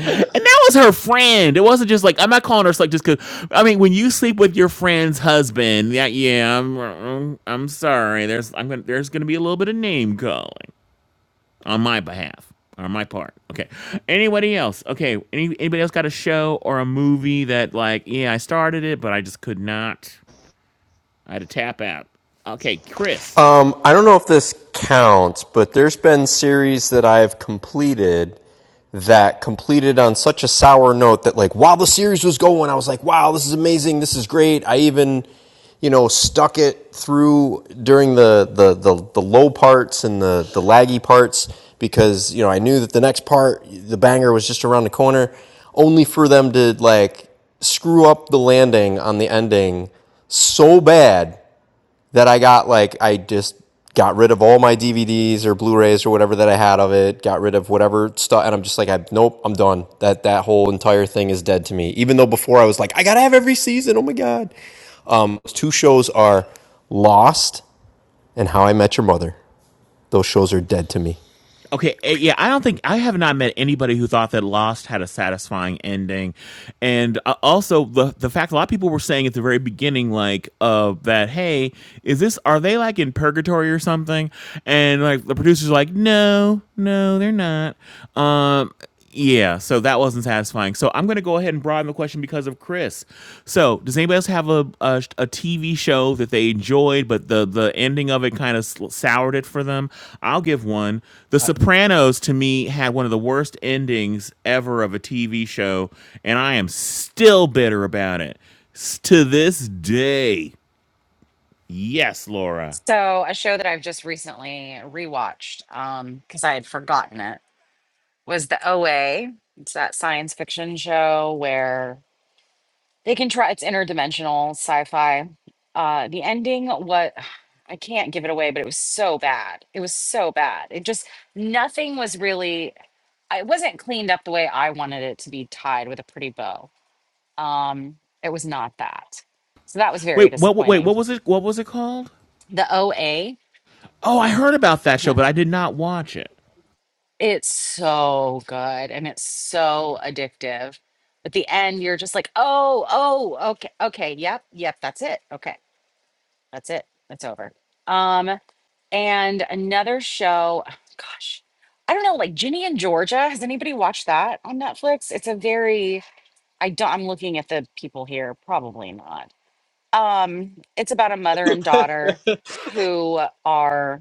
Speaker 5: so
Speaker 1: And that was her friend. It wasn't just like I'm not calling her slut just because. I mean, when you sleep with your friend's husband, yeah, yeah, I'm, I'm, I'm sorry. There's, I'm gonna, there's gonna be a little bit of name calling on my behalf, on my part. Okay. Anybody else? Okay. Any, anybody else got a show or a movie that like, yeah, I started it, but I just could not. I had to tap out. Okay, Chris.
Speaker 9: Um, I don't know if this counts, but there's been series that I've completed that completed on such a sour note that like while the series was going, I was like, wow, this is amazing, this is great. I even, you know, stuck it through during the the the, the low parts and the the laggy parts because you know I knew that the next part, the banger was just around the corner, only for them to like screw up the landing on the ending so bad that I got like I just got rid of all my DVDs or Blu-rays or whatever that I had of it, got rid of whatever stuff and I'm just like I nope, I'm done. That that whole entire thing is dead to me. Even though before I was like I got to have every season. Oh my god. Those two shows are Lost and How I Met Your Mother. Those shows are dead to me.
Speaker 1: Okay, eh, yeah, I don't think I have not met anybody who thought that Lost had a satisfying ending, and uh, also the the fact a lot of people were saying at the very beginning, like, uh, that hey, is this are they like in purgatory or something? And like the producers, were like, no, no, they're not. Um, yeah, so that wasn't satisfying. So I'm going to go ahead and broaden the question because of Chris. So does anybody else have a a, TV show that they enjoyed, but the the ending of it kind of soured it for them? I'll give one. The
Speaker 7: I,
Speaker 1: Sopranos to me had one of the worst endings ever of a TV show, and I am still bitter about it S- to this day. Yes, Laura.
Speaker 2: So a show that I've just recently rewatched um because I had forgotten it was the OA. It's that science fiction show where they can try. It's interdimensional sci-fi. Uh, the ending, what *sighs* I can't give it away, but it was so bad. It was so bad. It just nothing was really. It wasn't cleaned up the way I wanted it to be tied with a pretty bow. Um, it was not that. So that was very
Speaker 1: Wait, what? Wait,
Speaker 2: disappointing.
Speaker 1: what was it? What was it called?
Speaker 2: The OA.
Speaker 1: Oh, I heard about that
Speaker 2: *laughs*
Speaker 1: show, but I did not watch it.
Speaker 2: It's so good and it's so addictive. At the end, you're just like, oh, oh, okay, okay, yep, yep, that's it. Okay, that's it. It's over. Um, and another show, oh, gosh, I don't know, like Ginny and Georgia. Has anybody watched that on Netflix? It's a very, I don't, I'm looking at the people here, probably not. Um, it's about a mother and daughter who are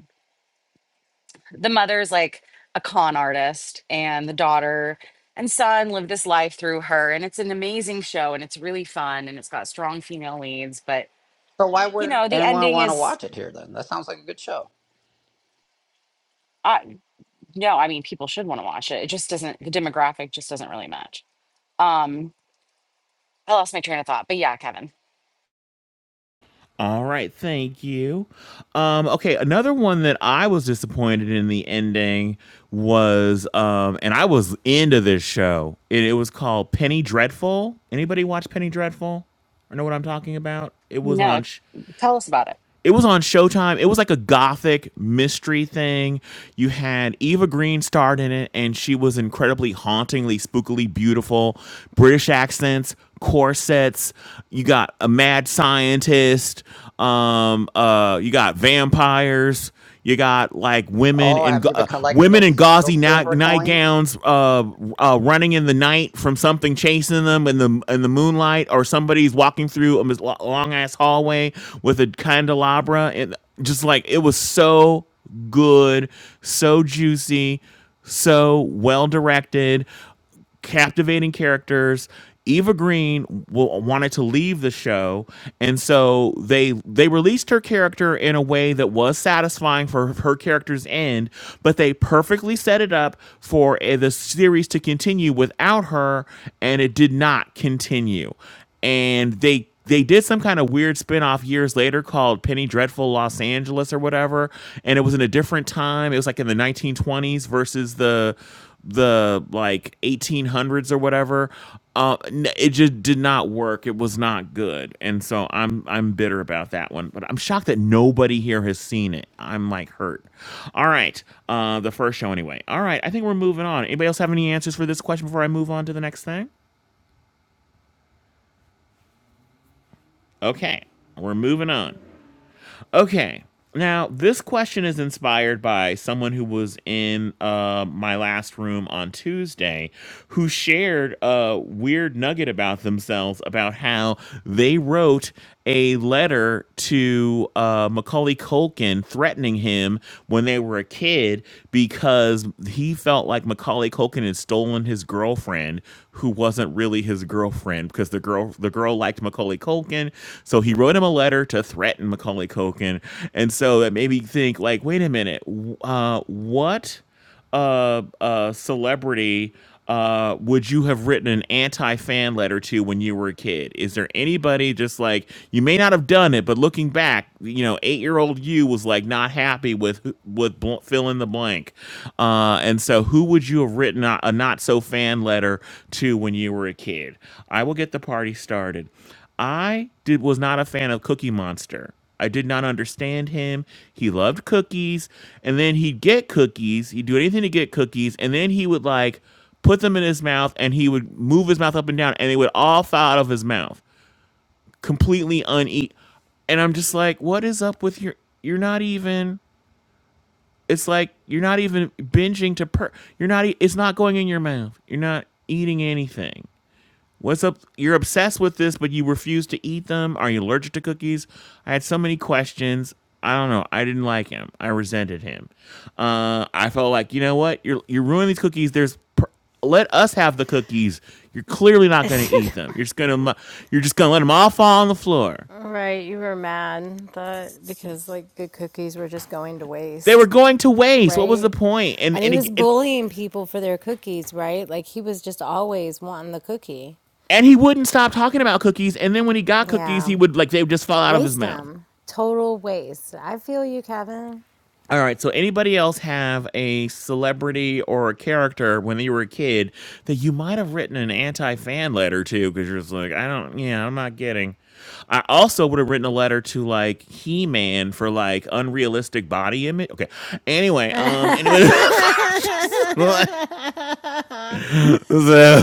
Speaker 2: the mother's like a con artist and the daughter and son live this life through her and it's an amazing show and it's really fun and it's got strong female leads but
Speaker 5: why
Speaker 2: you
Speaker 5: would
Speaker 2: know the
Speaker 5: anyone
Speaker 2: ending
Speaker 5: want to
Speaker 2: is
Speaker 5: watch it here then? That sounds like a good show.
Speaker 2: uh, no i mean people should want to watch it it just doesn't the demographic just doesn't really match um i lost my train of thought but yeah kevin
Speaker 1: All right, thank you. Um, okay, another one that I was disappointed in the ending was, um, and I was into this show. It, it was called Penny Dreadful. Anybody watch Penny Dreadful? Or know what I'm talking about? It was
Speaker 2: no
Speaker 1: on. Sh-
Speaker 2: tell us about it
Speaker 1: it was on Showtime. It was like a gothic mystery thing. You had Eva Green starred in it, and she was incredibly hauntingly, spookily beautiful. British accents, corsets. You got a mad scientist. Um, uh, you got vampires. You got like women
Speaker 5: Oh,
Speaker 1: in
Speaker 5: have you been
Speaker 1: uh,
Speaker 5: collecting
Speaker 1: women in
Speaker 5: those
Speaker 1: gauzy
Speaker 5: those
Speaker 1: night,
Speaker 5: silver coins?
Speaker 1: nightgowns, uh, uh, running in the night from something chasing them in the in the moonlight, or somebody's walking through a long ass hallway with a candelabra, and just like it was so good, so juicy, so well directed captivating characters. Eva Green will, wanted to leave the show, and so they they released her character in a way that was satisfying for her character's end, but they perfectly set it up for eh, the series to continue without her, and it did not continue. And they they did some kind of weird spinoff years later called Penny Dreadful Los Angeles or whatever and it was in a different time it was like in the 1920s versus the the like 1800s or whatever uh, it just did not work it was not good and so I'm I'm bitter about that one but I'm shocked that nobody here has seen it I'm like hurt all right uh the first show anyway all right I think we're moving on anybody else have any answers for this question before I move on to the next thing okay we're moving on Okay. Now, this question is inspired by someone who was in uh, my last room on Tuesday who shared a weird nugget about themselves about how they wrote a letter to uh, Macaulay Culkin threatening him when they were a kid because he felt like Macaulay Culkin had stolen his girlfriend who wasn't wasn't really his girlfriend because the girl the girl liked Macaulay Culkin, so he wrote him a letter to threaten Macaulay Culkin, and so that made me think like, wait a minute, uh, what uh, uh, celebrity uh, would you have written an anti fan letter to when you were a kid? Is there anybody just like you may not have done it, but looking back, you know, eight year old you was like not happy with with bl- fill in the blank. Uh, and so, who would you have written a, a not so fan letter to when you were a kid? I will get the party started. I did was not a fan of Cookie Monster. I did not understand him. He loved cookies, and then he'd get cookies. He'd do anything to get cookies, and then he would like put them in his mouth, and he would move his mouth up and down, and they would all fall out of his mouth, completely uneat. And I'm just like, what is up with your? You're not even it's like you're not even binging to per. You're not. e- It's not going in your mouth. You're not eating anything. What's up? You're obsessed with this, but you refuse to eat them. Are you allergic to cookies? I had so many questions. I don't know. I didn't like him. I resented him. Uh, I felt like you know what? You're you're ruining these cookies. There's per- let us have the cookies. You're clearly not going
Speaker 3: *laughs*
Speaker 1: to eat them. You're just gonna you're just gonna let them all fall on the floor.
Speaker 3: Right, you were mad that because like good cookies were just going to
Speaker 1: They were
Speaker 3: waste,
Speaker 1: going to waste. What was the
Speaker 3: right?
Speaker 1: point? And
Speaker 3: And he
Speaker 1: and, it,
Speaker 3: was
Speaker 1: and
Speaker 3: bullying people for their cookies, right? Like he was just always wanting the cookie.
Speaker 1: and he wouldn't stop talking about cookies. And then when he got cookies,
Speaker 3: Yeah.
Speaker 1: he would like they would just fall out of his
Speaker 3: Waste
Speaker 1: mouth.
Speaker 3: them. Total waste. I feel you, Kevin.
Speaker 1: All right. So anybody else have a celebrity or a character when you were a kid that you might have written an anti fan letter to because you're just like, I don't, yeah, I'm not getting. I also would have written a letter to like He Man for like unrealistic body image. Okay. Anyway, um, anyway, *laughs*
Speaker 3: *laughs*
Speaker 1: so,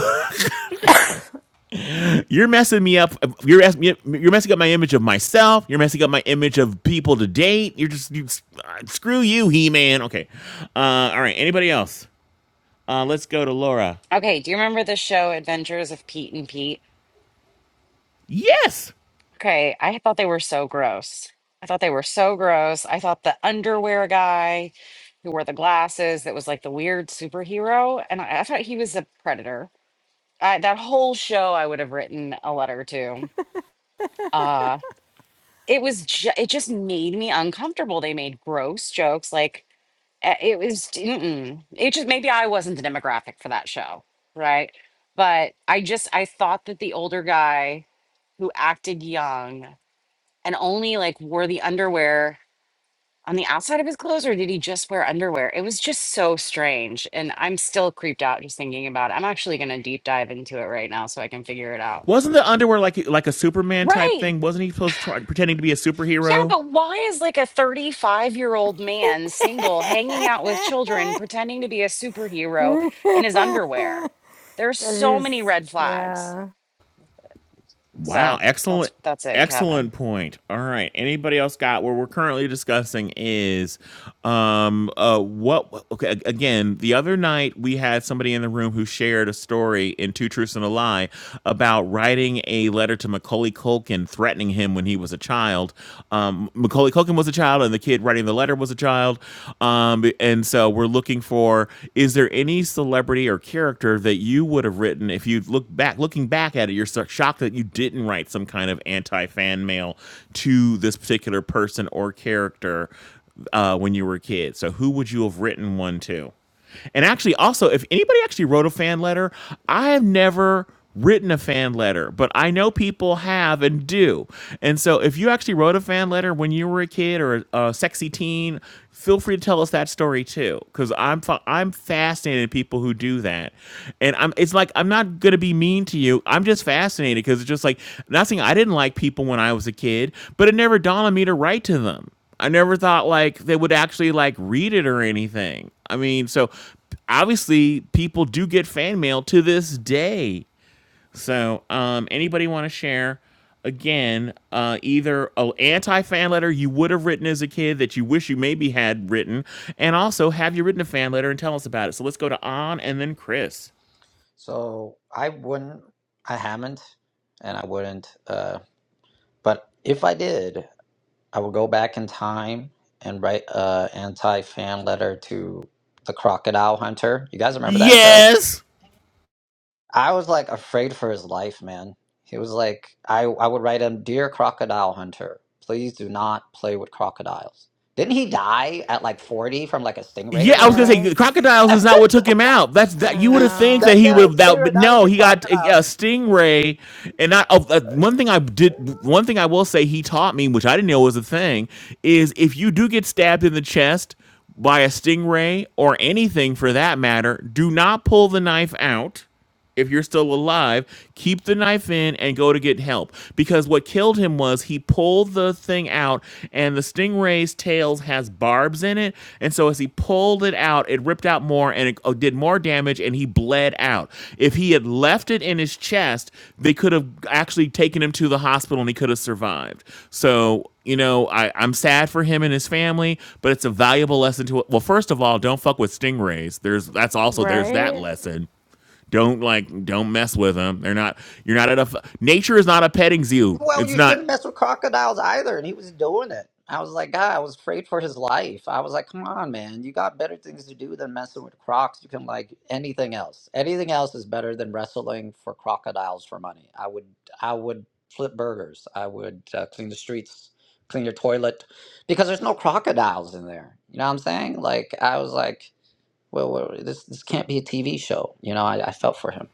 Speaker 1: You're messing me up. You're ask- you're messing up my image of myself. You're messing up my image of people to date. You're just you, uh, screw you, He Man. Okay. Uh, all right. Anybody else? Uh, let's go to Laura.
Speaker 2: okay do you remember the show adventures of pete and pete
Speaker 1: Yes.
Speaker 2: Okay, I thought they were so gross. I thought they were so gross. I thought the underwear guy who wore the glasses that was like the weird superhero, and I, I thought he was a predator. I, that whole show, I would have written a letter to. Uh, it was ju- it just made me uncomfortable. They made gross jokes. Like eh, it was. Mm-mm. It just maybe I wasn't the demographic for that show, right? But I just I thought that the older guy who acted young and only like wore the underwear on the outside of his clothes or did he just wear underwear it was just so strange and i'm still creeped out just thinking about it i'm actually going to deep dive into it right now so i can figure it out
Speaker 1: Wasn't the underwear like like a Superman type
Speaker 2: right
Speaker 1: thing? Wasn't he supposed to try pretending to be a
Speaker 2: yeah
Speaker 1: superhero?
Speaker 2: but why is like a 35 year old man single hanging out with children pretending to be a superhero in his underwear there's
Speaker 3: That
Speaker 2: so many
Speaker 3: is,
Speaker 2: red flags
Speaker 3: yeah.
Speaker 1: Wow,
Speaker 2: so that's
Speaker 1: excellent
Speaker 2: that's it kevin
Speaker 1: excellent point. All right. Anybody else got what we're currently discussing is um uh what okay a- again, the other night we had somebody in the room who shared a story in Two Truths and a Lie about writing a letter to Macaulay Culkin threatening him when he was a child. Um Macaulay Culkin was a child and the kid writing the letter was a child. Um and so we're looking for is is there any celebrity or character that you would have written if you look back, looking back at it, you're so shocked that you didn't write some kind of anti fan mail to this particular person or character uh, when you were a kid? So who would you have written one to? And actually, also, if anybody actually wrote a fan letter, I have never written a fan letter, but I know people have and do. And so if you actually wrote a fan letter when you were a kid or a, a sexy teen, feel free to tell us that story too cuz I'm fa- I'm fascinated in people who do that. And I'm it's like I'm not going to be mean to you. I'm just fascinated cuz it's just like not saying I didn't like people when I was a kid, but it never dawned on me to write to them. I never thought like they would actually like read it or anything. I mean, so obviously people do get fan mail to this day so, um, anybody want to share again? Uh, either a anti fan letter you would have written as a kid that you wish you maybe had written, and also have you written a fan letter and tell us about it. So let's go to on and then Chris.
Speaker 5: So I wouldn't I haven't and I wouldn't uh but if I did I would go back in time and write a anti-fan letter to the Crocodile Hunter. You guys remember that show?
Speaker 1: Yes.
Speaker 5: I was like afraid for his life, man. He was like, I, I would write him, Dear Crocodile Hunter, please do not play with crocodiles. Didn't he die at like 40 from like a stingray
Speaker 1: Yeah,
Speaker 5: or
Speaker 1: I was gonna
Speaker 5: something?
Speaker 1: say
Speaker 3: Yes.
Speaker 1: crocodiles is not what took him out. That's
Speaker 3: I
Speaker 1: that you would have think
Speaker 3: know.
Speaker 1: that
Speaker 5: That
Speaker 1: he
Speaker 5: yeah,
Speaker 1: would have
Speaker 5: it's
Speaker 1: that,
Speaker 5: true.
Speaker 1: but
Speaker 5: Not
Speaker 1: no,
Speaker 5: even
Speaker 1: he got a,
Speaker 5: crocodiles.
Speaker 1: a stingray. And not oh, uh, one thing I did, one thing I will say he taught me, which I didn't know was a thing, is if you do get stabbed in the chest by a stingray or anything for that matter, do not pull the knife out if you're still alive, keep the knife in and go to get help. Because what killed him was he pulled the thing out, and the stingray's tails has barbs in it, and so as he pulled it out, it ripped out more and it uh, did more damage, and he bled out. If he had left it in his chest, they could have actually taken him to the hospital, and he could have survived. So you know, I, I'm sad for him and his family, but it's a valuable lesson to. Well, first of all, don't fuck with stingrays. There's that's also there's that
Speaker 3: Right?
Speaker 1: lesson don't like don't mess with them. They're not you're not at a f- nature is not a petting zoo.
Speaker 5: Well,
Speaker 1: It's
Speaker 5: you
Speaker 1: not.
Speaker 5: shouldn't mess with crocodiles either. And he was doing it. I was like, God, I was afraid for his life. I was like, come on, man. You got better things to do than messing with crocs. You can like anything else. Anything else is better than wrestling for crocodiles for money. I would, I would flip burgers. I would uh, clean the streets, clean your toilet, because there's no crocodiles in there. You know what I'm saying? Like, I was like, well, well this this can't be a TV show. You know, I, I felt for him.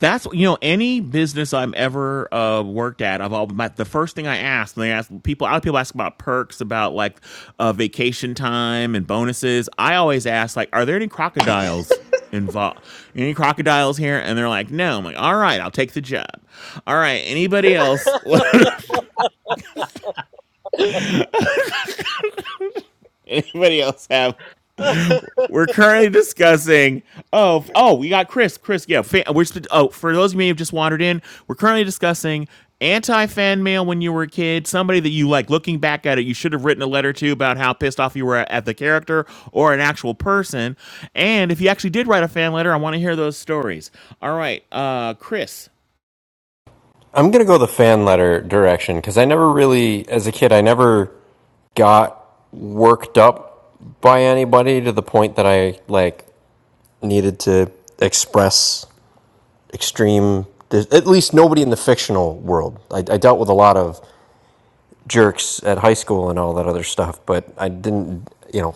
Speaker 1: That's you know any business I'm ever uh, worked at. I've all my, the first thing I asked, and they ask people. A lot of people ask about perks, about like uh, vacation time and bonuses. I always ask like, are there any crocodiles? involved. Any crocodiles here? And they're like, no. I'm like, all right, I'll take the job. All right, anybody else? *laughs* Anybody else have? We're currently discussing. Oh, oh, we got Chris. Chris, yeah. Fan, we're oh, for those of you who have just wandered in, we're currently discussing anti fan mail when you were a kid. Somebody that you like. Looking back at it, you should have written a letter to about how pissed off you were at the character or an actual person. And if you actually did write a fan letter, I want to hear those stories. All right, uh, Chris.
Speaker 9: I'm gonna go the fan letter direction because I never really, as a kid, I never got worked up by anybody to the point that I like needed to express extreme. There's, at least nobody in the fictional world. I, I dealt with a lot of jerks at high school and all that other stuff, but I didn't, you know,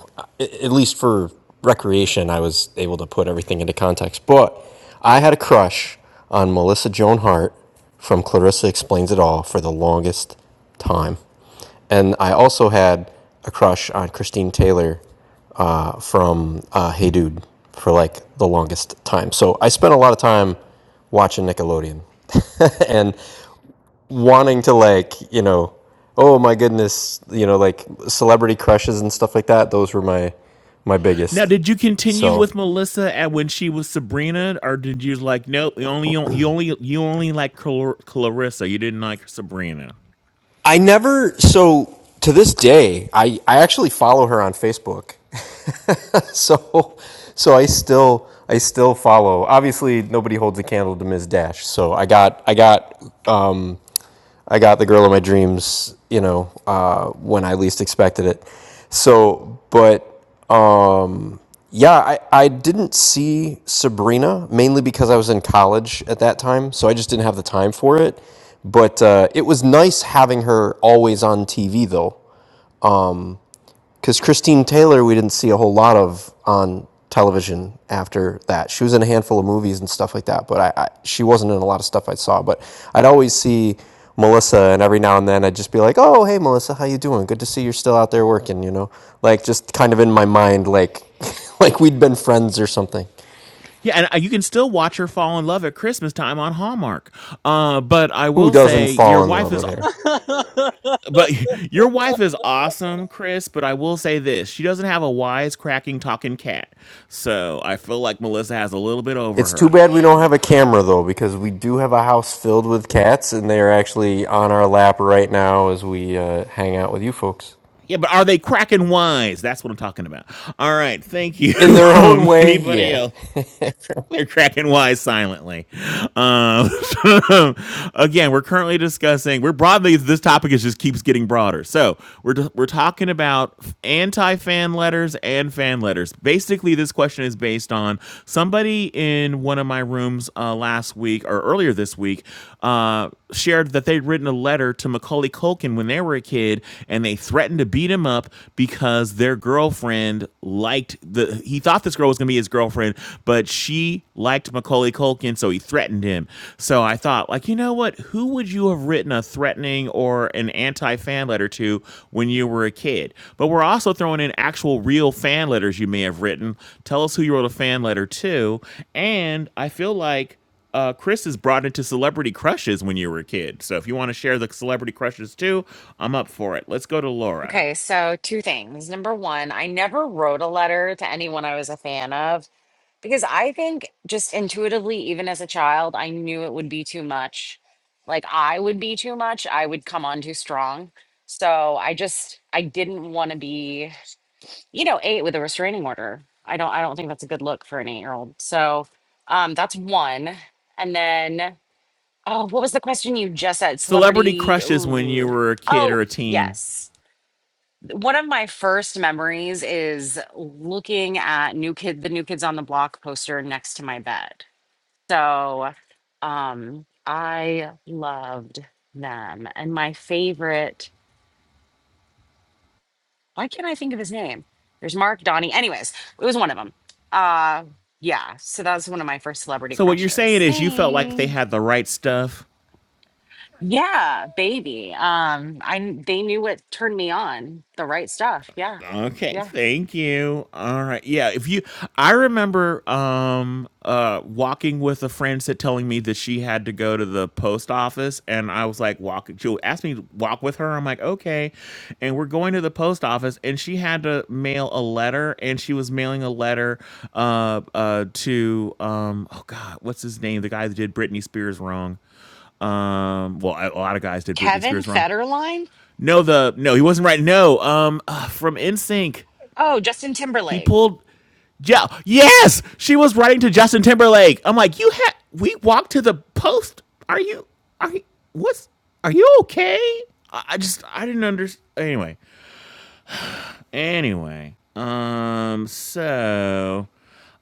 Speaker 9: at least for recreation, I was able to put everything into context. But I had a crush on Melissa Joan Hart from Clarissa Explains It All for the longest time. And I also had a crush on Christine Taylor uh, from uh, Hey Dude for like the longest time. So I spent a lot of time watching Nickelodeon. *laughs* and wanting to like you know oh my goodness you know like celebrity crushes and stuff like that those were my my
Speaker 1: Now,
Speaker 9: biggest
Speaker 1: did you continue
Speaker 9: so
Speaker 1: with Melissa at when she was Sabrina, or did you like nope? You only you only you only like Clar- Clarissa. You didn't like Sabrina.
Speaker 9: i never so to this day i i actually follow her on facebook *laughs* so so i still i still follow obviously nobody holds a candle to ms dash so i got i got um I got the girl of my dreams, you know, uh, when I least expected it. So, but um. Yeah, I, I didn't see Sabrina mainly because I was in college at that time, so I just didn't have the time for it. But uh, it was nice having her always on TV though, because Christine Taylor we didn't see a whole lot of on television after that. She was in a handful of movies and stuff like that, but I, I she wasn't in a lot of stuff I saw. But I'd always see Melissa, and every now and then I'd just be like, "Oh, hey Melissa, how you doing? Good to see you're still out there working." You know, like just kind of in my mind, like *laughs* like we'd been friends or something.
Speaker 1: Yeah, and uh, you can still watch her fall in love at Christmas time on Hallmark. Uh, but I
Speaker 9: Who
Speaker 1: will
Speaker 9: doesn't
Speaker 1: say your
Speaker 9: fall in
Speaker 1: wife
Speaker 9: love
Speaker 1: is
Speaker 9: with her?
Speaker 1: but *laughs* your wife is awesome, Chris, but I will say this. She doesn't have a wise cracking talking cat. So I feel like Melissa has a little bit over
Speaker 9: It's too
Speaker 1: her.
Speaker 9: bad we don't
Speaker 1: So,
Speaker 9: have a camera though, because we do have a house filled with cats, and they are actually on our lap right now as we uh, hang out with you folks.
Speaker 1: yeah, but are they cracking wise? That's what I'm talking about. All right, thank you.
Speaker 9: In
Speaker 1: *laughs*
Speaker 9: their own
Speaker 1: Um,
Speaker 9: way,
Speaker 1: anybody
Speaker 9: yeah.
Speaker 1: else?
Speaker 9: *laughs*
Speaker 1: They're cracking wise silently. Um, *laughs* again, we're currently discussing. We're broadly this topic is just keeps getting broader. So we're we're talking about anti fan letters and fan letters. Basically, this question is based on somebody in one of my rooms uh, last week or earlier this week uh, shared that they'd written a letter to Macaulay Culkin when they were a kid, and they threatened to beat him up because their girlfriend liked the he thought this girl was gonna be his girlfriend, but she liked Macaulay Culkin, so he threatened him. So I thought, like, you know what? Who would you have written a threatening or an anti-fan letter to when you were a kid? But we're also throwing in actual real fan letters you may have written. Tell us who you wrote a fan letter to. And I feel like uh, Chris is brought into celebrity crushes when you were a kid. So if you want to share the celebrity crushes too, I'm up for it. Let's go to Laura.
Speaker 2: Okay, so two things. Number one, I never wrote a letter to anyone I was a fan of Because I think just intuitively, even as a child, I knew it would be too much. Like I would be too much. I would come on too strong. So I just I didn't want to be, you know, eight with a restraining order. I don't I don't think that's a good look for an eight year old. So um that's one. And then oh, what was the question you just said?
Speaker 1: Celebrity
Speaker 2: Celebrity.
Speaker 1: crushes when you
Speaker 2: ooh.
Speaker 1: were a kid
Speaker 2: Oh,
Speaker 1: or a teen.
Speaker 2: yes. One of my first memories is looking at new kid the new kids on the block poster next to my bed so um I loved them. And my favorite, why can't I think of his name? There's Mark Donnie. Anyways, it was one of them. Uh yeah, so that was one of my first celebrity
Speaker 1: So what you're saying
Speaker 2: crushes.
Speaker 1: is you felt like they
Speaker 2: Thanks.
Speaker 1: had the right stuff.
Speaker 2: Yeah, baby. Um I kn- they knew what turned me on, the right stuff. Yeah.
Speaker 1: Okay,
Speaker 2: Yeah.
Speaker 1: thank you. All right. Yeah, if you I remember um uh walking with a friend said telling me that she had to go to the post office and I was like walk she asked me to walk with her. I'm like, "Okay." And we're going to the post office and she had to mail a letter and she was mailing a letter uh uh to um oh god, what's his name? The guy that did Britney Spears wrong um well a a lot of guys did britney
Speaker 2: Kevin
Speaker 1: spears wrong
Speaker 2: Federline?
Speaker 1: No, the no, he wasn't right. No, um, uh, from NSYNC,
Speaker 2: Oh, Justin
Speaker 1: he
Speaker 2: Timberlake.
Speaker 1: pulled. Yeah, yes, she was writing to Justin Timberlake. I'm like, you had we walked to the post. Are you? Are you? What's? Are you okay? I, I just I didn't understand. Anyway, anyway, um, so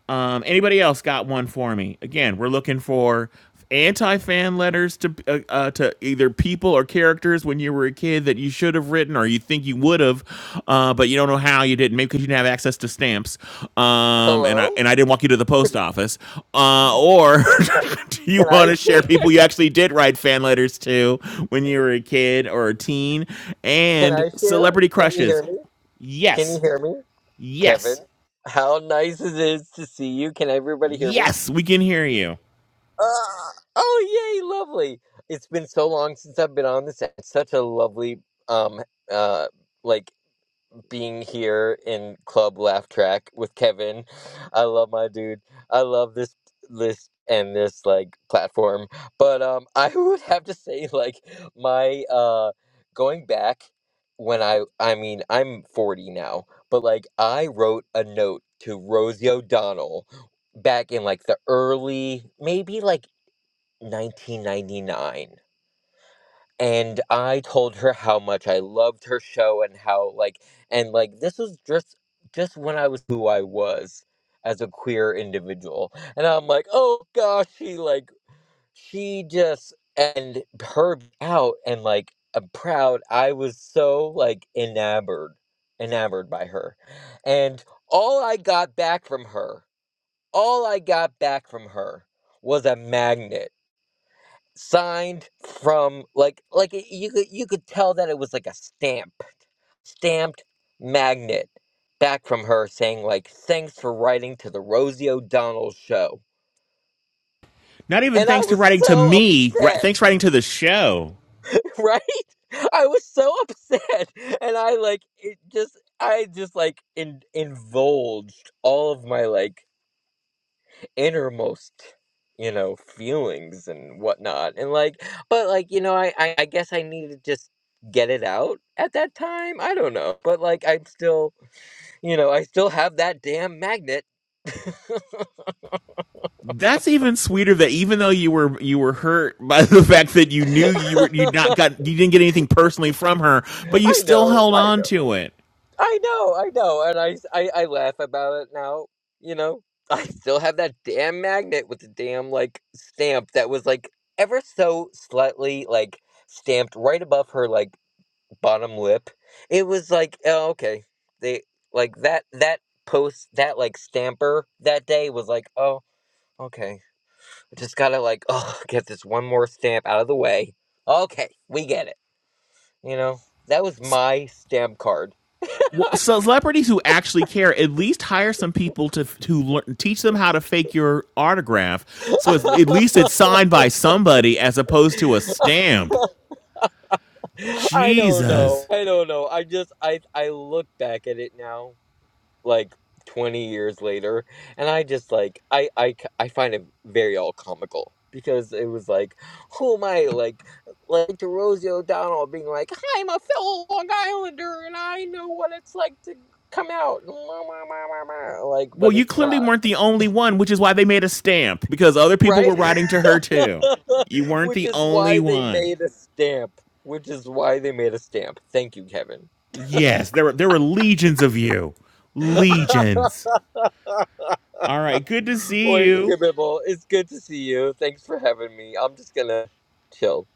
Speaker 1: um, anybody else got one for me? Again, we're looking for anti-fan letters to uh, uh, to either people or characters when you were a kid that you should have written or you think you would have, uh, but you don't know how you didn't. Maybe because you didn't have access to stamps, um, and I
Speaker 10: Hello?
Speaker 1: and I didn't walk you to the post office. Uh, or *laughs* do you
Speaker 10: Can
Speaker 1: want
Speaker 10: I
Speaker 1: to
Speaker 10: *laughs*
Speaker 1: share
Speaker 10: share?
Speaker 1: people you actually did write fan letters to when you were a kid or a teen?
Speaker 10: Can
Speaker 1: And
Speaker 10: I share?
Speaker 1: celebrity
Speaker 10: Can you hear
Speaker 1: crushes.
Speaker 10: me? Can
Speaker 1: Yes,
Speaker 10: you hear me? Kevin,
Speaker 1: yes,
Speaker 10: how nice it is to see you. Can everybody hear me?
Speaker 1: yes. We can hear you.
Speaker 10: Uh, oh, yay, lovely. It's been so long since I've been on this. It's such a lovely, um, uh, like being here in Club Laugh Track with Kevin. I love my dude. I love this list and this like platform. But um *laughs* I would have to say like my uh going back when I I mean I'm 40 now, but like I wrote a note to Rosie O'Donnell back in like the early maybe like 1999 and I told her how much I loved her show and how like and like this was just just when I was who I was as a queer individual. And I'm like, "Oh gosh, she like she just and her out and like I'm proud. I was so like enamored enamored by her. And all I got back from her, all I got back from her was a magnet signed from like like it, you could you could tell that it was like a stamp stamped magnet back from her saying like thanks for writing to the Rosie O'Donnell show
Speaker 1: Not even
Speaker 10: and I
Speaker 1: thanks to
Speaker 10: was
Speaker 1: writing to
Speaker 10: so
Speaker 1: me.
Speaker 10: upset
Speaker 1: Thanks writing to the show.
Speaker 10: *laughs* right I was so upset and I like it just I just like in, indulged all of my like innermost you know feelings and whatnot and like but like you know I, I i guess i need to just get it out at that time i don't know but like i'm still you know i still have that damn magnet *laughs* i
Speaker 1: That's even sweeter. That even though you were you were hurt *laughs* by the fact that you knew you were you not got you didn't get anything personally from her, but you still
Speaker 10: know
Speaker 1: held
Speaker 10: i
Speaker 1: on
Speaker 10: know
Speaker 1: to it.
Speaker 10: i know i know and I, s- I i laugh about it now you know *laughs* i still have that damn magnet with the damn like stamp that was like ever so slightly like stamped right above her like bottom lip. It was like, oh, okay. They like that that post that like stamper that day was like, oh, okay. I just gotta like, *laughs* oh, get this one more stamp out of the way. Okay, we get it. You know, that was my stamp card. *laughs*
Speaker 1: well, Celebrities who actually care at least hire some people to to learn, teach them how to fake your autograph, so it's, at least it's signed by somebody as opposed to a stamp.
Speaker 10: I don't know.
Speaker 1: Jesus.
Speaker 10: I don't know. I just I I look back at it now like 20 years later and i just like i i k- i find it very all comical because it was like who am i like like to rosie o'donnell being like i'm a fellow long islander and i know what it's like to come out *laughs* like
Speaker 1: Well,
Speaker 10: but
Speaker 1: you
Speaker 10: it's
Speaker 1: clearly
Speaker 10: not
Speaker 1: weren't the only one, which is why they made a stamp because other people
Speaker 10: right
Speaker 1: were writing to her too. You
Speaker 10: *laughs*
Speaker 1: weren't
Speaker 10: which
Speaker 1: the
Speaker 10: is
Speaker 1: only
Speaker 10: why they
Speaker 1: one.
Speaker 10: made a stamp which is why they made a stamp thank you kevin
Speaker 1: Yes, there were there were legions of you.
Speaker 10: *laughs*
Speaker 1: Legions. All right, good to see
Speaker 10: Orange
Speaker 1: you.
Speaker 10: Skimmable, it's good to see you. Thanks for having me. I'm just gonna chill.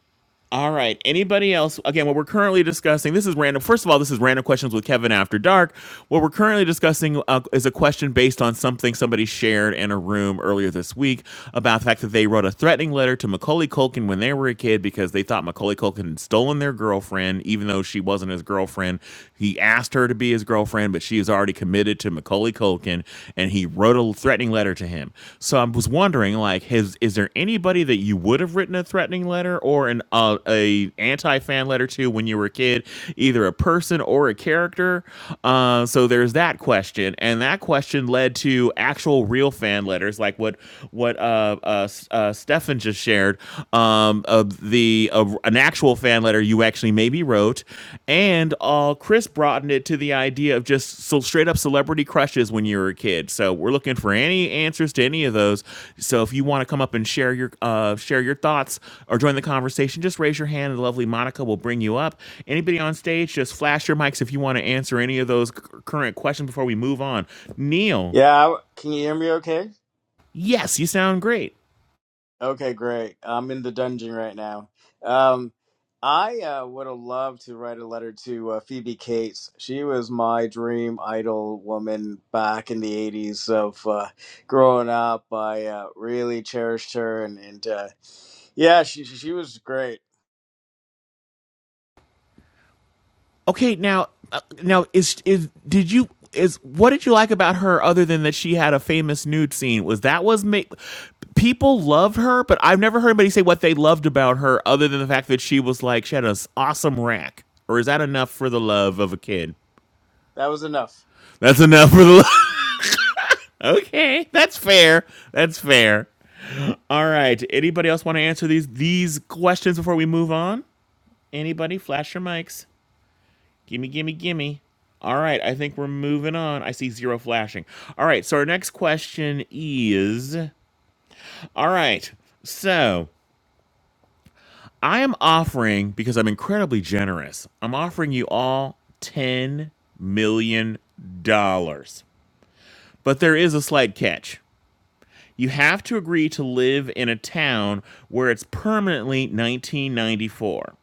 Speaker 1: All right. Anybody else? Again, what we're currently discussing, this is random. First of all, this is random questions with Kevin after dark. What we're currently discussing uh, is a question based on something somebody shared in a room earlier this week about the fact that they wrote a threatening letter to Macaulay Culkin when they were a kid because they thought Macaulay Culkin had stolen their girlfriend, even though she wasn't his girlfriend. He asked her to be his girlfriend, but she is already committed to Macaulay Culkin person and he wrote a threatening letter to him. So I was wondering, like, has is there anybody that you would have written a threatening letter or an uh, a anti fan letter to when you were a kid, either a person or a character? Uh, so there's that question, and that question led to actual real fan letters, like what what uh, uh, uh Stefan just shared. Um, of the uh, an actual fan letter you actually maybe wrote. And uh, Chris broadened it to the idea of just so straight up celebrity crushes when you were a kid. So we're looking for any answers to any of those. So if you want to come up and share your uh, share your thoughts or join the conversation, just raise your hand and the lovely Monica will bring you up. Anybody on stage, just flash your mics if you want to answer any of those c- current questions before we move on. Neil,
Speaker 11: Yeah, can you hear me okay?
Speaker 1: yes, you sound great.
Speaker 11: Okay, great. I'm in the dungeon right now. Um, I uh, would have loved to write a letter to uh, Phoebe Cates. She was my dream idol woman back in the 80s of uh, growing up. I uh, really cherished her, and, and uh, yeah, she, she she was great.
Speaker 1: Okay, now uh, now is is did you is what did you like about her other than that she had a famous nude scene? Was that was ma- people loved her, but I've never heard anybody say what they loved about her other than the fact that she was like she had an awesome rack. Or is that enough for the love of a kid?
Speaker 11: That was enough.
Speaker 1: That's enough for the love. *laughs* okay, that's fair. That's fair. All right. Anybody else want to answer these these questions before we move on? Anybody? Flash your mics. Gimme, gimme, gimme. All right, I think we're moving on. I see zero flashing. All right, so our next question is All right, so I am offering, because I'm incredibly generous, I'm offering you all $10 million. dollars. But there is a slight catch. You have to agree to live in a town where it's permanently 1994.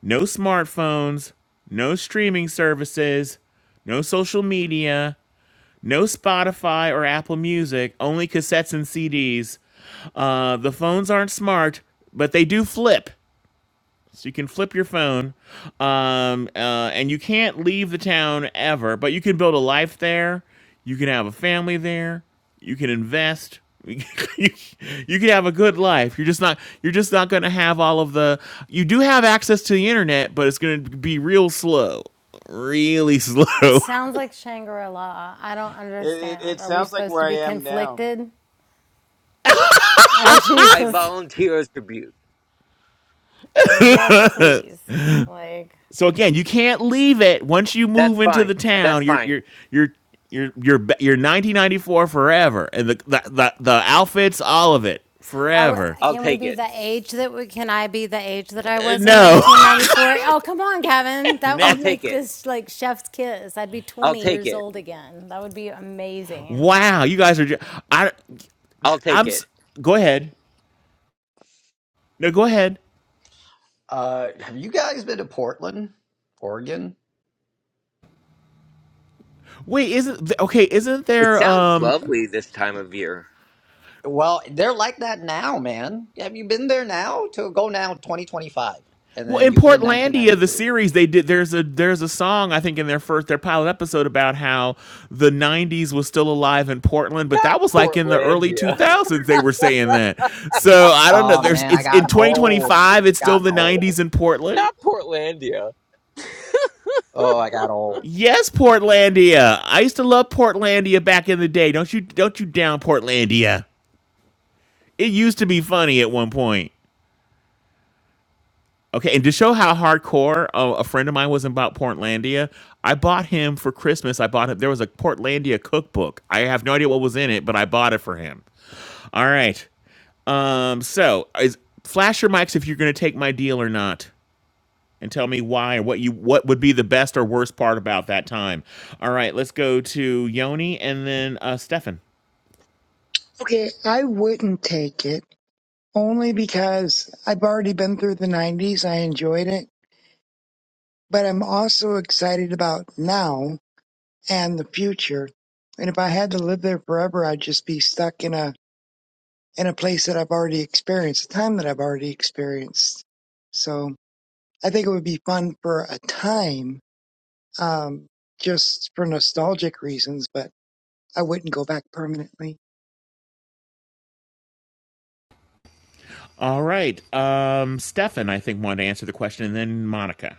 Speaker 1: No smartphones, no streaming services, no social media, No Spotify or Apple Music, only cassettes and CDs. Uh, the phones aren't smart, but they do flip. So you can flip your phone. Um, uh, and you can't leave the town ever, but you can build a life there. You can have a family there. You can invest. *laughs* you, you can have a good life. You're just not you're just not going to have all of the you do have access to the internet, but it's going to be real slow really slow. *laughs*
Speaker 3: Sounds like Shangri La. I don't
Speaker 11: It, it,
Speaker 3: understand.
Speaker 11: it
Speaker 3: Are we
Speaker 11: sounds like
Speaker 3: supposed to
Speaker 11: where I
Speaker 3: be
Speaker 11: am now.
Speaker 3: conflicted? Oh,
Speaker 10: I
Speaker 3: Jesus. *laughs*
Speaker 10: volunteer as tribute.
Speaker 3: Yes, please. Like,
Speaker 1: So again, you can't leave it once you move
Speaker 10: That's
Speaker 1: into the
Speaker 10: fine. That's
Speaker 1: town. You're
Speaker 10: fine.
Speaker 1: you're you're you're you're you're 1994 forever, and the the the, the outfits, all of it,
Speaker 3: are
Speaker 1: forever.
Speaker 10: I'll
Speaker 3: can we
Speaker 10: take
Speaker 3: be
Speaker 10: it.
Speaker 3: the age that we can I be the age that I
Speaker 1: Uh,
Speaker 3: was in
Speaker 1: No,
Speaker 3: 1994? Oh, come on, Kevin. That
Speaker 10: I'll
Speaker 3: would
Speaker 10: take
Speaker 3: make
Speaker 10: it.
Speaker 3: this like chef's kiss. I'd be
Speaker 10: I'll
Speaker 3: 20
Speaker 10: take
Speaker 3: years
Speaker 10: it.
Speaker 3: old again. That would be
Speaker 1: *laughs*
Speaker 3: amazing.
Speaker 1: wow, you guys are. Ju- I
Speaker 10: I'll take
Speaker 1: I'm.
Speaker 10: it.
Speaker 1: Go ahead. No, go ahead.
Speaker 5: Uh, have you guys been to Portland, Oregon?
Speaker 1: Wait, isn't okay? Isn't
Speaker 10: It
Speaker 1: there
Speaker 10: sounds
Speaker 1: um
Speaker 10: lovely this time of year.
Speaker 5: Well, they're like that now, man. Have you been there now? To go now 2025, and
Speaker 1: Well,
Speaker 5: then
Speaker 1: in
Speaker 5: you'll be in
Speaker 1: Portlandia, the
Speaker 5: 1992.
Speaker 1: series they did there's a there's a song I think in their first their pilot episode about how the '90s was still alive in Portland, but
Speaker 10: Not
Speaker 1: that was like in the early
Speaker 10: Portlandia.
Speaker 1: 2000s they were saying that. So I don't know.
Speaker 5: Oh
Speaker 1: There's
Speaker 5: man, I
Speaker 1: it's in
Speaker 5: gotten old.
Speaker 1: 2025 it's still
Speaker 5: Gotten
Speaker 1: the
Speaker 5: old.
Speaker 1: '90s in
Speaker 10: *laughs*
Speaker 1: Portland.
Speaker 10: Not Portlandia.
Speaker 5: Oh, I got old.
Speaker 1: Yes, Portlandia. I used to love Portlandia back in the day. Don't you don't you down Portlandia? It used to be funny at one point. Okay, and to show how hardcore uh, a friend of mine was about Portlandia, I bought him for Christmas. I bought him. There was a Portlandia cookbook. I have no idea what was in it, but I bought it for him. All right. Um. So, is, flash your mics if you're going to take my deal or not, and tell me why or what you what would be the best or worst part about that time. All right. Let's go to Yoni and then uh, Stefan.
Speaker 12: Okay, I wouldn't take it only because I've already been through the 90s. I enjoyed it, but I'm also excited about now and the future. And if I had to live there forever, I'd just be stuck in a in a place that I've already experienced, a time that I've already experienced. So I think it would be fun for a time, um, just for nostalgic reasons, but I wouldn't go back permanently.
Speaker 1: All right. Um. Stefan, I think wanted to answer the question, and then Monica.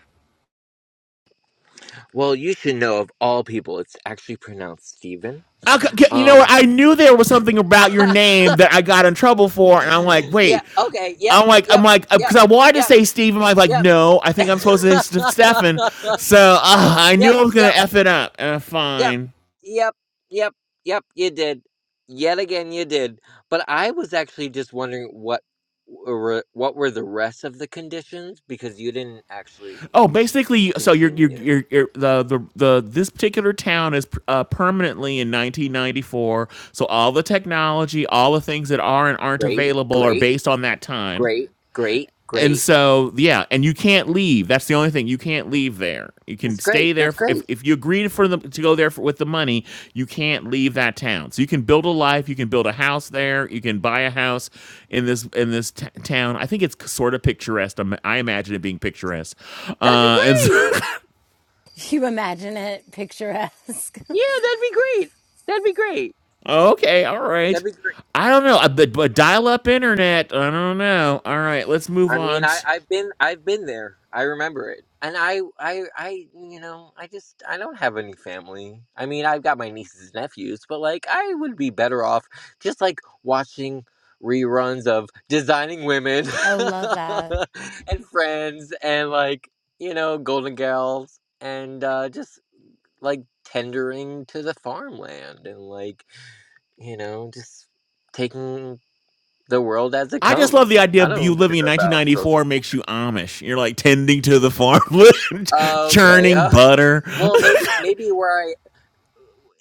Speaker 10: Well, you should know of all people, it's actually pronounced Steven.
Speaker 1: Okay, you know what?
Speaker 10: Um.
Speaker 1: I knew there was something
Speaker 10: *laughs*
Speaker 1: about your name that I got in trouble for, and I'm like,
Speaker 10: yeah.
Speaker 1: wait.
Speaker 10: Okay. Yep.
Speaker 1: I'm like, I'm
Speaker 10: Yep.
Speaker 1: like,
Speaker 10: Yep.
Speaker 1: because I wanted to
Speaker 10: Yep.
Speaker 1: say Steve. I'm like, like, no, I
Speaker 10: Yep.
Speaker 1: think
Speaker 10: *laughs*
Speaker 1: I'm supposed to say Ste- Stefan. So uh, I knew
Speaker 10: yep.
Speaker 1: I was
Speaker 10: Yep.
Speaker 1: gonna f it up. Uh,
Speaker 10: Yep.
Speaker 1: fine.
Speaker 10: Yep. Yep. Yep. You did. Yet again, you did. But I was actually just wondering what were what were the rest of the conditions because you didn't actually
Speaker 1: Oh, basically, so you're you're
Speaker 10: continue.
Speaker 1: you're, you're the, the the this particular town is uh, permanently in 1994. So all the technology, all the things that are and aren't
Speaker 10: Great.
Speaker 1: available are
Speaker 10: Great.
Speaker 1: based on that time.
Speaker 10: Great. Great.
Speaker 1: And
Speaker 10: Great.
Speaker 1: so, yeah, and you can't leave. That's the only thing. You can't leave there. You can
Speaker 10: That's
Speaker 1: stay
Speaker 10: great.
Speaker 1: there
Speaker 10: That's
Speaker 1: for, if
Speaker 10: great.
Speaker 1: if you agree for them to go there for, with the money, you can't leave that town. So you can build a life, you can build a house there, you can buy a house in this in this t- town. I think it's sort of picturesque. I'm- i imagine it being picturesque.
Speaker 10: That'd be
Speaker 1: Uh and
Speaker 10: great.
Speaker 1: so,
Speaker 3: You imagine it picturesque.
Speaker 10: Yeah, that'd be great. That'd be great.
Speaker 1: *laughs* okay, all right.
Speaker 10: That'd be great.
Speaker 1: I don't know, uh, but, but dial up internet. I don't know. All right, let's move
Speaker 10: I mean,
Speaker 1: on.
Speaker 10: I,
Speaker 1: to
Speaker 10: I've been I've been there. I remember it, and I I I you know I just I don't have any family. I mean, I've got my nieces and nephews, but like I would be better off just like watching reruns of Designing Women
Speaker 3: *laughs* oh, love that.
Speaker 10: *laughs* and Friends and like you know Golden Girls and uh, just like tendering to the farmland and like you know just taking the world as it
Speaker 1: I just love the
Speaker 10: comes.
Speaker 1: idea
Speaker 10: I
Speaker 1: of you
Speaker 10: don't
Speaker 1: living in
Speaker 10: care about social.
Speaker 1: 1994 makes you Amish. You're like tending to the farm, *laughs*
Speaker 10: Okay, *laughs*
Speaker 1: churning
Speaker 10: okay.
Speaker 1: butter.
Speaker 10: Well, maybe maybe where I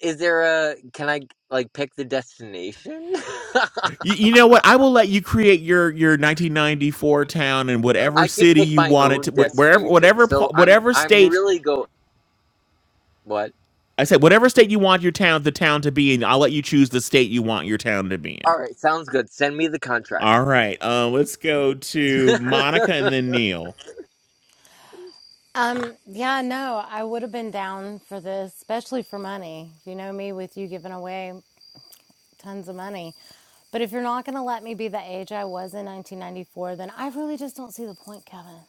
Speaker 10: is there a can I like pick the destination?
Speaker 1: *laughs* you, you know what? I will let you create your your 1994 town in
Speaker 10: *laughs*
Speaker 1: whatever
Speaker 10: I could
Speaker 1: city
Speaker 10: pick
Speaker 1: you
Speaker 10: my
Speaker 1: want it
Speaker 10: own
Speaker 1: to, wh- wherever,
Speaker 10: destination.
Speaker 1: whatever, pa-
Speaker 10: So I'm
Speaker 1: whatever
Speaker 10: I'm
Speaker 1: state.
Speaker 10: really go what?
Speaker 1: I said whatever state you want your town, the town to be in. I'll let you choose the state you want your town to be in.
Speaker 10: All right, sounds good. Send me the contract.
Speaker 1: All right. Uh, let's go
Speaker 10: *laughs* I
Speaker 1: to Monica and then Neil.
Speaker 3: Um, yeah, no, I would have been down for this, especially for money. You know me with you giving away tons of money. But if you're not going to let me be the age I was in 1994, then I really just don't see the point, Kevin.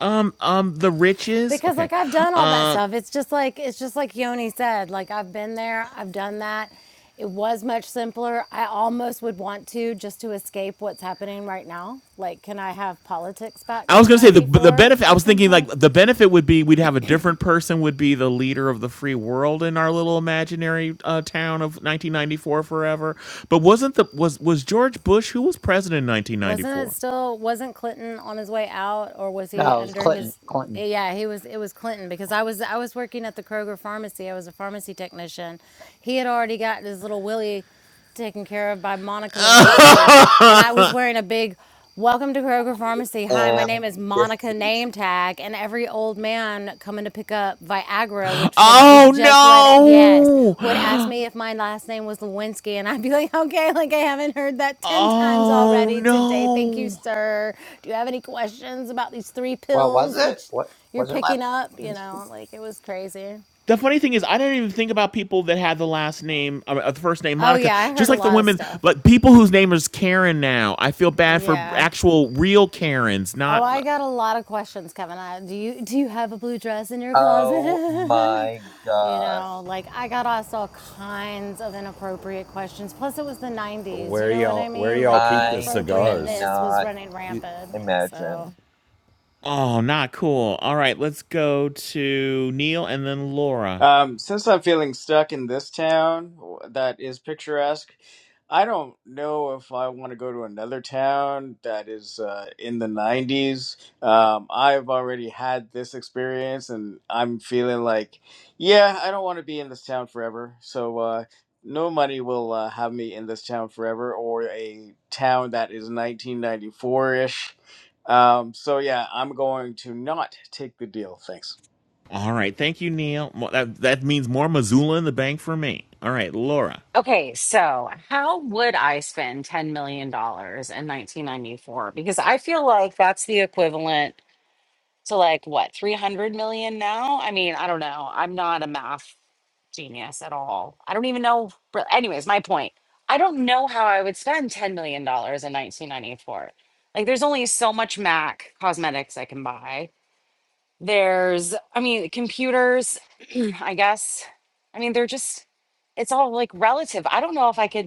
Speaker 1: Um, um, the riches.
Speaker 3: Because
Speaker 1: Okay.
Speaker 3: like I've done all that
Speaker 1: Um,
Speaker 3: stuff. It's just like it's just like Yoni said, like I've been there, I've done that. It was much simpler. I almost would want to just to escape what's happening right now. Like can I have politics back
Speaker 1: I was
Speaker 3: from
Speaker 1: gonna say the the
Speaker 3: 94
Speaker 1: benefit. I
Speaker 3: or
Speaker 1: was thinking like
Speaker 3: something?
Speaker 1: the benefit would be we'd have a different person would be the leader of the free world in our little imaginary uh, town of 1994 forever. But wasn't the was was George Bush who was president in
Speaker 3: Wasn't it
Speaker 1: 1994?
Speaker 3: still wasn't Clinton on his way out or was he
Speaker 5: No, it was
Speaker 3: under
Speaker 5: Clinton.
Speaker 3: his
Speaker 5: Clinton.
Speaker 3: yeah, he was it was Clinton because I was I was working at the Kroger pharmacy. I was a pharmacy technician. He had already gotten his little Willie taken care of by Monica Lewinsky and I was wearing a big Welcome to Kroger Pharmacy. Hi, my
Speaker 10: am
Speaker 3: name is Monica
Speaker 10: deceased.
Speaker 3: Name Tag, and every old man coming to pick up Viagra, which had was just let yes,
Speaker 1: Oh
Speaker 3: would ask
Speaker 1: no! *gasps*
Speaker 3: me if my last name was Lewinsky, and I'd be like, okay, like I haven't heard that ten times
Speaker 1: Oh
Speaker 3: already today. Thank you,
Speaker 1: no!
Speaker 3: sir. Do you have any questions about these three
Speaker 5: Well, was
Speaker 3: pills that
Speaker 5: it? What
Speaker 3: you're
Speaker 5: was her last
Speaker 3: picking up? You
Speaker 5: name?
Speaker 3: know, like it was crazy.
Speaker 1: The funny thing is, I didn't even think about people that had the last name, uh, the first name
Speaker 3: Oh
Speaker 1: Monica.
Speaker 3: yeah, I
Speaker 1: Just
Speaker 3: heard a
Speaker 1: like the
Speaker 3: lot of
Speaker 1: women,
Speaker 3: stuff.
Speaker 1: like people whose name is Karen now. I feel bad for
Speaker 3: Yeah.
Speaker 1: actual real Karens,
Speaker 3: Oh, I
Speaker 1: not
Speaker 3: got a lot of questions, Kevin. I, do you do you have a blue dress in your
Speaker 10: Oh
Speaker 3: closet? *laughs*
Speaker 10: my
Speaker 3: You
Speaker 10: gosh.
Speaker 3: know, like I got asked all kinds of inappropriate questions. Plus, it was the 90s. You
Speaker 13: Where
Speaker 3: know what I
Speaker 13: y'all where
Speaker 3: mean?
Speaker 13: y'all
Speaker 3: Like
Speaker 13: keep the
Speaker 10: I
Speaker 13: cigars?
Speaker 3: inappropriateness was
Speaker 10: cannot
Speaker 3: running rampant.
Speaker 10: imagine.
Speaker 3: So,
Speaker 1: Oh, not cool. All right, let's go to Neil and then Laura.
Speaker 11: Um, since I'm feeling stuck in this town w- that is picturesque, I don't know if I want to go to another town that is uh, in the 90s. Um, I've already had this experience and I'm feeling like, yeah, I don't want to be in this town forever. So, uh, no money will uh, have me in this town forever or a town that is 1994 ish. Um, so, yeah, I'm going to not take the deal. Thanks.
Speaker 1: All right, thank you, Neil. Mo- That that means more Missoula in the bank for me. All right, Laura.
Speaker 2: Okay, so how would I spend $10 million dollars in 1994? Because I feel like that's the equivalent to like what, 300 million now? I mean, I don't know. I'm not a math genius at all. I don't even know. re- Anyways, my point. I don't know how I would spend $10 million dollars in 1994. Like, there's only so much MAC cosmetics I can buy. There's, I mean, computers, *clears throat* I guess. I mean, they're just, it's all like relative. I don't know if I could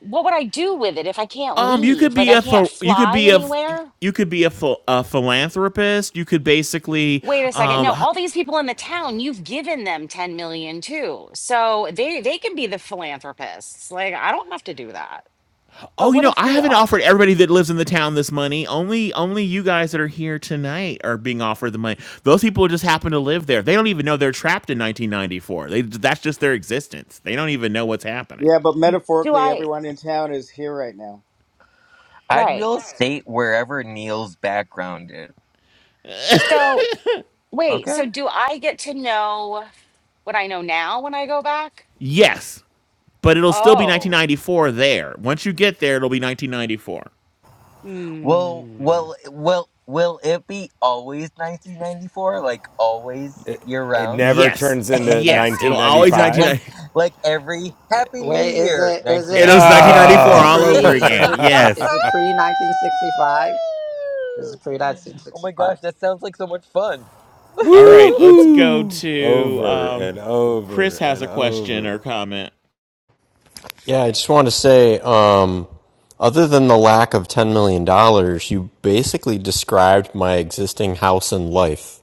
Speaker 2: what would I do with it if I can't
Speaker 1: Um, you could
Speaker 2: leave? Like
Speaker 1: be
Speaker 2: I
Speaker 1: a
Speaker 2: can't
Speaker 1: ph- you could
Speaker 2: fly
Speaker 1: be a ph-
Speaker 2: anywhere?
Speaker 1: you could be a, ph- a philanthropist. You could basically
Speaker 2: Wait a second.
Speaker 1: um.
Speaker 2: No,
Speaker 1: h-
Speaker 2: all these people in the town, you've given them 10 million too. So they they can be the philanthropists. Like I don't have to do that. But
Speaker 1: Oh, you
Speaker 2: what
Speaker 1: know,
Speaker 2: if
Speaker 1: I
Speaker 2: we
Speaker 1: haven't
Speaker 2: all
Speaker 1: offered everybody that lives in the town this money. Only, only you guys that are here tonight are being offered the money. Those people just happen to live there. They don't even know they're trapped in 1994. They, that's just their existence. They don't even know what's happening.
Speaker 11: Yeah, but
Speaker 2: do
Speaker 11: metaphorically,
Speaker 2: I
Speaker 11: everyone in town is here right now.
Speaker 10: I'd
Speaker 2: right.
Speaker 10: real estate wherever Neil's background is.
Speaker 2: So wait,
Speaker 10: Okay?
Speaker 2: so do I get to know what I know now when I go back?
Speaker 1: Yes, but it'll still be
Speaker 2: Oh.
Speaker 1: 1994 there. Once you get there, it'll be 1994.
Speaker 10: Well,
Speaker 2: Hmm.
Speaker 10: well, will will it be always 1994? Like always year
Speaker 13: It
Speaker 10: round?
Speaker 13: never
Speaker 1: Yes,
Speaker 13: turns into
Speaker 10: *laughs* Every-
Speaker 1: yes, it'll always
Speaker 13: 1995.
Speaker 10: like
Speaker 1: 1990. *laughs*
Speaker 10: like every Happy New
Speaker 5: Wait, is
Speaker 10: Year
Speaker 5: it? Is
Speaker 1: It
Speaker 5: it?
Speaker 1: was
Speaker 10: 1994.
Speaker 5: Wait, is
Speaker 1: 1994
Speaker 5: it
Speaker 1: all
Speaker 13: Oh. *laughs*
Speaker 1: over
Speaker 5: pre? Is
Speaker 1: again.
Speaker 5: it? Is
Speaker 1: Yes.
Speaker 5: it pre 1965? Is it pre
Speaker 10: Oh my
Speaker 5: 1965?
Speaker 10: gosh, that sounds like so much fun.
Speaker 1: All right, let's go
Speaker 13: Woohoo!
Speaker 1: to
Speaker 13: Over
Speaker 1: um,
Speaker 13: and over
Speaker 1: Chris has
Speaker 13: and
Speaker 1: a question
Speaker 13: over.
Speaker 1: or comment.
Speaker 9: yeah, I just want to say, um, other than the lack of $10 million, dollars, you basically described my existing house and life.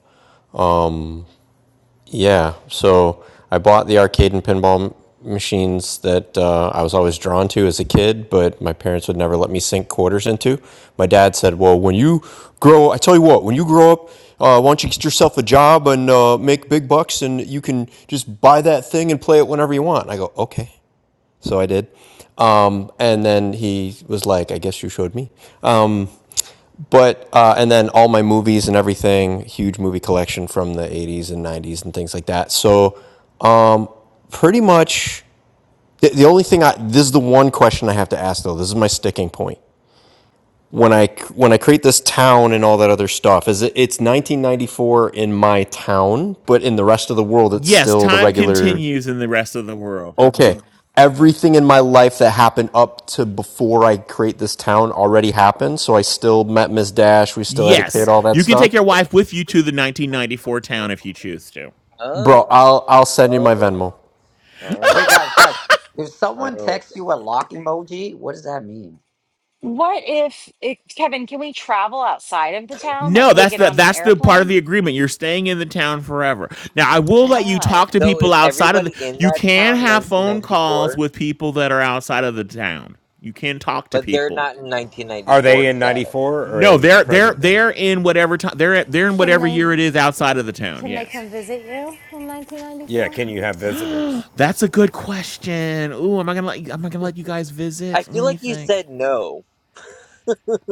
Speaker 9: Yeah, so I bought the arcade and pinball m- machines that uh, I was always drawn to as a kid, but my parents would never let me sink quarters into. My dad said, "Well, when you grow, I tell you what, when you grow up, uh, why don't you get yourself a job and uh, make big bucks, and you can just buy that thing and play it whenever you want." And I go, "Okay," so I did. Um, and then he was like, "I guess you showed me." But uh, and then all my movies and everything, huge movie collection from the '80s and '90s and things like that. So, um, pretty much the, the only thing I this is the one question I have to ask though. This is my sticking point when I when I create this town and all that other stuff. Is it, it's 1994 in my town, but in the rest of the world, it's
Speaker 1: Yes,
Speaker 9: still the
Speaker 1: time
Speaker 9: regular.
Speaker 1: continues in the rest of the world.
Speaker 9: Okay, everything in my life that happened up to before I create this town already happened. So I still met Miss Dash. We still had a kid.
Speaker 1: Yes,
Speaker 9: All that
Speaker 1: you can
Speaker 9: stuff.
Speaker 1: take your wife with you to the 1994 town if you choose to.
Speaker 9: Bro,
Speaker 10: Oh,
Speaker 9: I'll I'll send you
Speaker 10: oh,
Speaker 9: my Venmo.
Speaker 10: oh,
Speaker 5: Wait, guys, guys. If someone
Speaker 10: oh.
Speaker 5: texts you a lock emoji, what does that mean?
Speaker 2: What if it, Kevin, can we travel outside of the town? Like
Speaker 1: No,
Speaker 2: can we
Speaker 1: that's
Speaker 2: get
Speaker 1: the
Speaker 2: on an
Speaker 1: that's the part of
Speaker 2: airplane?
Speaker 1: the agreement. You're staying in the town forever. Now, I will let you
Speaker 2: God.
Speaker 1: talk to
Speaker 10: So
Speaker 1: people
Speaker 10: is
Speaker 1: outside of the.
Speaker 10: everybody in
Speaker 1: You
Speaker 10: that
Speaker 1: can
Speaker 10: town
Speaker 1: have phone calls
Speaker 10: 1994,
Speaker 1: with people that are outside of the town. You can talk to
Speaker 10: but they're
Speaker 1: people.
Speaker 10: not in
Speaker 13: Are they
Speaker 10: 1994
Speaker 13: in
Speaker 10: status?
Speaker 13: 94 or
Speaker 1: No,
Speaker 13: in
Speaker 1: they're they're
Speaker 13: present day?
Speaker 1: they're in whatever time they're they're in
Speaker 3: can
Speaker 1: whatever
Speaker 3: they
Speaker 1: year it is outside of the town.
Speaker 3: can they
Speaker 1: Yes,
Speaker 3: come visit you in
Speaker 13: Yeah,
Speaker 3: 1994?
Speaker 13: can you have visitors?
Speaker 1: that's a good question. Ooh, am I gonna let you, am I gonna let you guys
Speaker 10: I
Speaker 1: visit?
Speaker 10: feel
Speaker 1: Let me
Speaker 10: like you
Speaker 1: think.
Speaker 10: said no.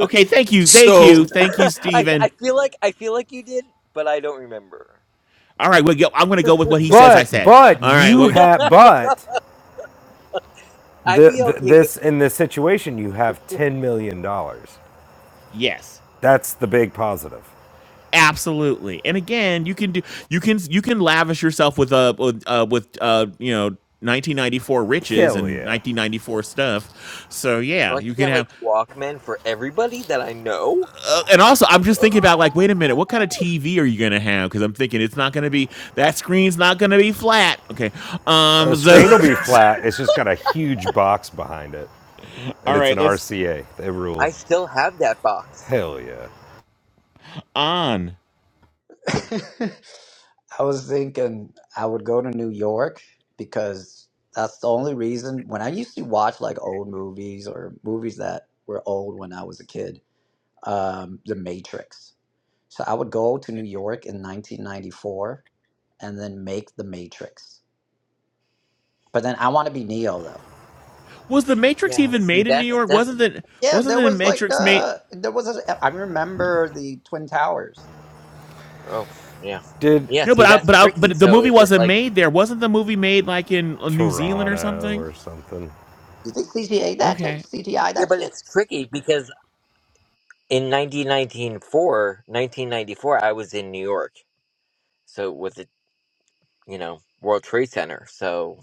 Speaker 1: Okay, thank you, thank
Speaker 9: So,
Speaker 1: you, thank you,
Speaker 10: *laughs* I I
Speaker 1: Steven.
Speaker 10: feel like I feel like you did, but I don't remember.
Speaker 1: All right, well, I'm gonna go with what he says. I
Speaker 13: But
Speaker 1: said.
Speaker 13: but
Speaker 1: All right,
Speaker 13: you
Speaker 1: well,
Speaker 13: have but
Speaker 10: I'd
Speaker 13: the,
Speaker 10: be
Speaker 13: the
Speaker 10: okay with
Speaker 13: this
Speaker 10: either.
Speaker 13: in this situation you have 10 million dollars.
Speaker 1: *laughs* yes.
Speaker 13: That's the big positive.
Speaker 1: absolutely and again you can do you can you can lavish yourself with uh with uh with uh you know 1994 riches
Speaker 13: Hell
Speaker 1: and
Speaker 13: yeah.
Speaker 1: 1994 stuff so
Speaker 10: So
Speaker 1: yeah
Speaker 10: I can
Speaker 1: you can
Speaker 10: get like
Speaker 1: have
Speaker 10: Walkman for everybody that I know.
Speaker 1: uh, and also i'm just thinking
Speaker 10: *gasps*
Speaker 1: about like wait a minute what kind of tv are you gonna have because i'm thinking it's not gonna be that screen's not gonna be flat okay
Speaker 13: Uh,
Speaker 1: um
Speaker 13: The
Speaker 1: so
Speaker 13: screen will be
Speaker 1: *laughs*
Speaker 13: flat. It's just got a huge box behind it, and
Speaker 1: all
Speaker 13: it's an
Speaker 1: right let's
Speaker 13: RCA. They rule.
Speaker 10: I still have that box.
Speaker 13: Hell yeah.
Speaker 1: on
Speaker 5: *laughs* I was thinking I would go to New York because that's the only reason when I used to watch like old movies or movies that were old when I was a kid, um, The Matrix. So I would go to New York in 1994 and then make The Matrix. But then I want to be Neo though.
Speaker 1: was the matrix
Speaker 10: Yeah,
Speaker 1: even
Speaker 10: see
Speaker 1: made in new
Speaker 10: that's
Speaker 1: york wasn't
Speaker 10: that's
Speaker 1: the
Speaker 5: Yeah,
Speaker 1: wasn't
Speaker 5: there
Speaker 1: the
Speaker 5: was like
Speaker 1: matrix made
Speaker 5: uh there was a, I remember the Twin Towers.
Speaker 10: oh yeah.
Speaker 13: Did
Speaker 10: Yeah,
Speaker 1: No,
Speaker 10: see
Speaker 1: but I,
Speaker 10: that's
Speaker 1: but I,
Speaker 10: tricky.
Speaker 1: but the
Speaker 10: So
Speaker 1: movie
Speaker 10: is it
Speaker 1: wasn't
Speaker 10: like
Speaker 1: made there. Wasn't the movie made like in uh, New Zealand or
Speaker 13: Toronto
Speaker 1: something?
Speaker 13: or something?
Speaker 5: Did they CTA that shit?
Speaker 1: Okay.
Speaker 5: CTI
Speaker 10: yeah,
Speaker 5: that
Speaker 10: but
Speaker 5: shit?
Speaker 10: it's tricky because in 1994, 1994, I was in New York. So with the, you know, World Trade Center. So,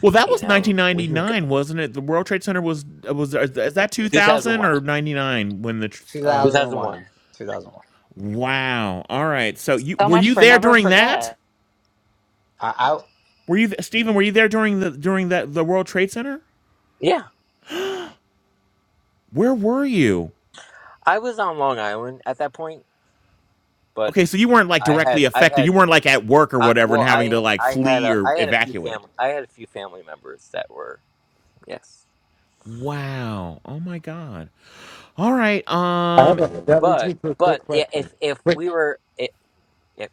Speaker 1: Well, that
Speaker 10: you
Speaker 1: was
Speaker 10: know, we can go
Speaker 1: 1999, wasn't it? The World Trade Center was was is that 2000
Speaker 10: 2001.
Speaker 1: or 99 when the uh
Speaker 10: 2001.
Speaker 5: 2001. 2001.
Speaker 1: wow. All right. So you
Speaker 2: So
Speaker 1: were
Speaker 2: much
Speaker 1: you
Speaker 2: for
Speaker 1: there
Speaker 2: never
Speaker 1: during that?
Speaker 2: forget.
Speaker 5: I, I,
Speaker 1: Were you Stephen, were you there during the during that the World Trade Center?
Speaker 10: Yeah.
Speaker 1: Where were you?
Speaker 10: I was on Long Island at that point, but
Speaker 1: Okay, so you weren't like
Speaker 10: I
Speaker 1: directly
Speaker 10: had I
Speaker 1: affected. You
Speaker 10: had
Speaker 1: weren't like at work or
Speaker 10: I,
Speaker 1: whatever and
Speaker 10: well
Speaker 1: having to
Speaker 10: I
Speaker 1: like
Speaker 10: I had
Speaker 1: flee
Speaker 10: a
Speaker 1: or
Speaker 10: I had a few
Speaker 1: evacuate.
Speaker 10: family I had a few family members that were yes,
Speaker 1: Wow. Oh my god. All right.
Speaker 13: I
Speaker 1: Um
Speaker 13: have
Speaker 10: but
Speaker 13: a
Speaker 10: but i-
Speaker 13: question.
Speaker 10: if if
Speaker 13: Quick.
Speaker 10: we were i if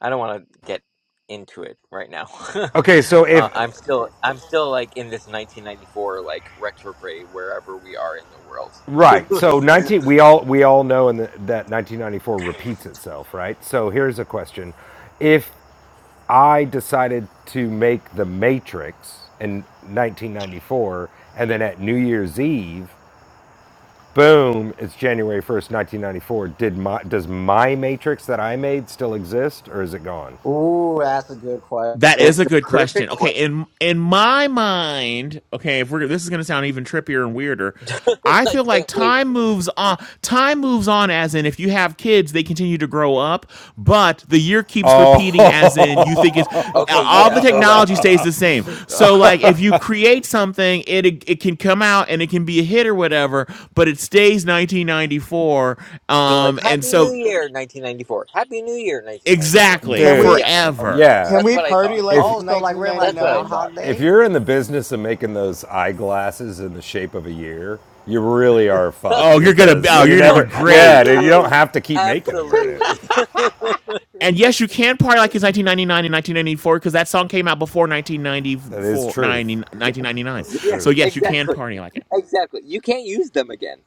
Speaker 10: I don't want to get into it right now.
Speaker 13: Okay, so
Speaker 10: *laughs* uh,
Speaker 13: if
Speaker 10: I'm still I'm still like in this 1994 like retrograde wherever we are in the world.
Speaker 13: right,
Speaker 10: *laughs*
Speaker 13: so nineteen, we all we all know in the, that nineteen ninety four repeats itself, right? So here's a question: If I decided to make the Matrix in nineteen ninety four, and then at New Year's Eve Boom! It's January first, nineteen ninety four. Did my does my matrix that I made still exist, or is it gone?
Speaker 5: Ooh, that's a good question.
Speaker 1: That is
Speaker 10: That's
Speaker 1: a
Speaker 10: the
Speaker 1: good question.
Speaker 10: perfect
Speaker 1: Okay,
Speaker 10: question.
Speaker 1: in in my mind, okay, if we're this is going to sound even trippier and weirder,
Speaker 10: *laughs*
Speaker 1: I
Speaker 10: I
Speaker 1: feel like
Speaker 10: can't wait.
Speaker 1: time moves on. Time moves on, as in if you have kids, they continue to grow up, but the year keeps
Speaker 13: Oh,
Speaker 1: repeating, as in you think it's
Speaker 10: Okay,
Speaker 1: all
Speaker 10: yeah.
Speaker 1: the
Speaker 10: So like.
Speaker 1: technology stays the same. So like if you create something, it it can come out and it can be a hit or whatever, but it stays 1994,
Speaker 10: So like
Speaker 1: um, and
Speaker 10: Happy New
Speaker 1: so
Speaker 10: Year 1994. Happy New Year 1994.
Speaker 13: *laughs*
Speaker 1: exactly
Speaker 11: Can
Speaker 13: dude,
Speaker 11: we
Speaker 10: Yeah. Okay.
Speaker 1: forever.
Speaker 13: yeah.
Speaker 11: can
Speaker 10: That's
Speaker 11: we
Speaker 10: what I
Speaker 11: party
Speaker 10: thought.
Speaker 11: like
Speaker 13: If
Speaker 11: it's
Speaker 5: Oh, so like we're in like
Speaker 10: That's what I
Speaker 11: 1999?
Speaker 10: thought.
Speaker 5: Groundhog
Speaker 13: if
Speaker 5: Day?
Speaker 13: you're in the business of making those eyeglasses in the shape of a year, you really are
Speaker 10: *laughs*
Speaker 13: fucked
Speaker 1: Oh, you're gonna
Speaker 13: because
Speaker 1: oh,
Speaker 13: you
Speaker 1: you're gonna
Speaker 10: Oh,
Speaker 1: do
Speaker 13: never. Yeah,
Speaker 1: great.
Speaker 13: dude, you don't
Speaker 10: absolutely.
Speaker 13: have to keep making them, right?
Speaker 10: Absolutely.
Speaker 5: *laughs*
Speaker 10: *laughs*
Speaker 1: And yes, you can party like it's 1999 and 1994 because that song came out before
Speaker 13: That is
Speaker 1: 1994,
Speaker 13: truth.
Speaker 1: 90 1999.
Speaker 13: That's the
Speaker 10: yeah,
Speaker 1: So
Speaker 13: truth.
Speaker 1: yes, you can
Speaker 10: exactly.
Speaker 1: party like it.
Speaker 10: Exactly. You can't use them again.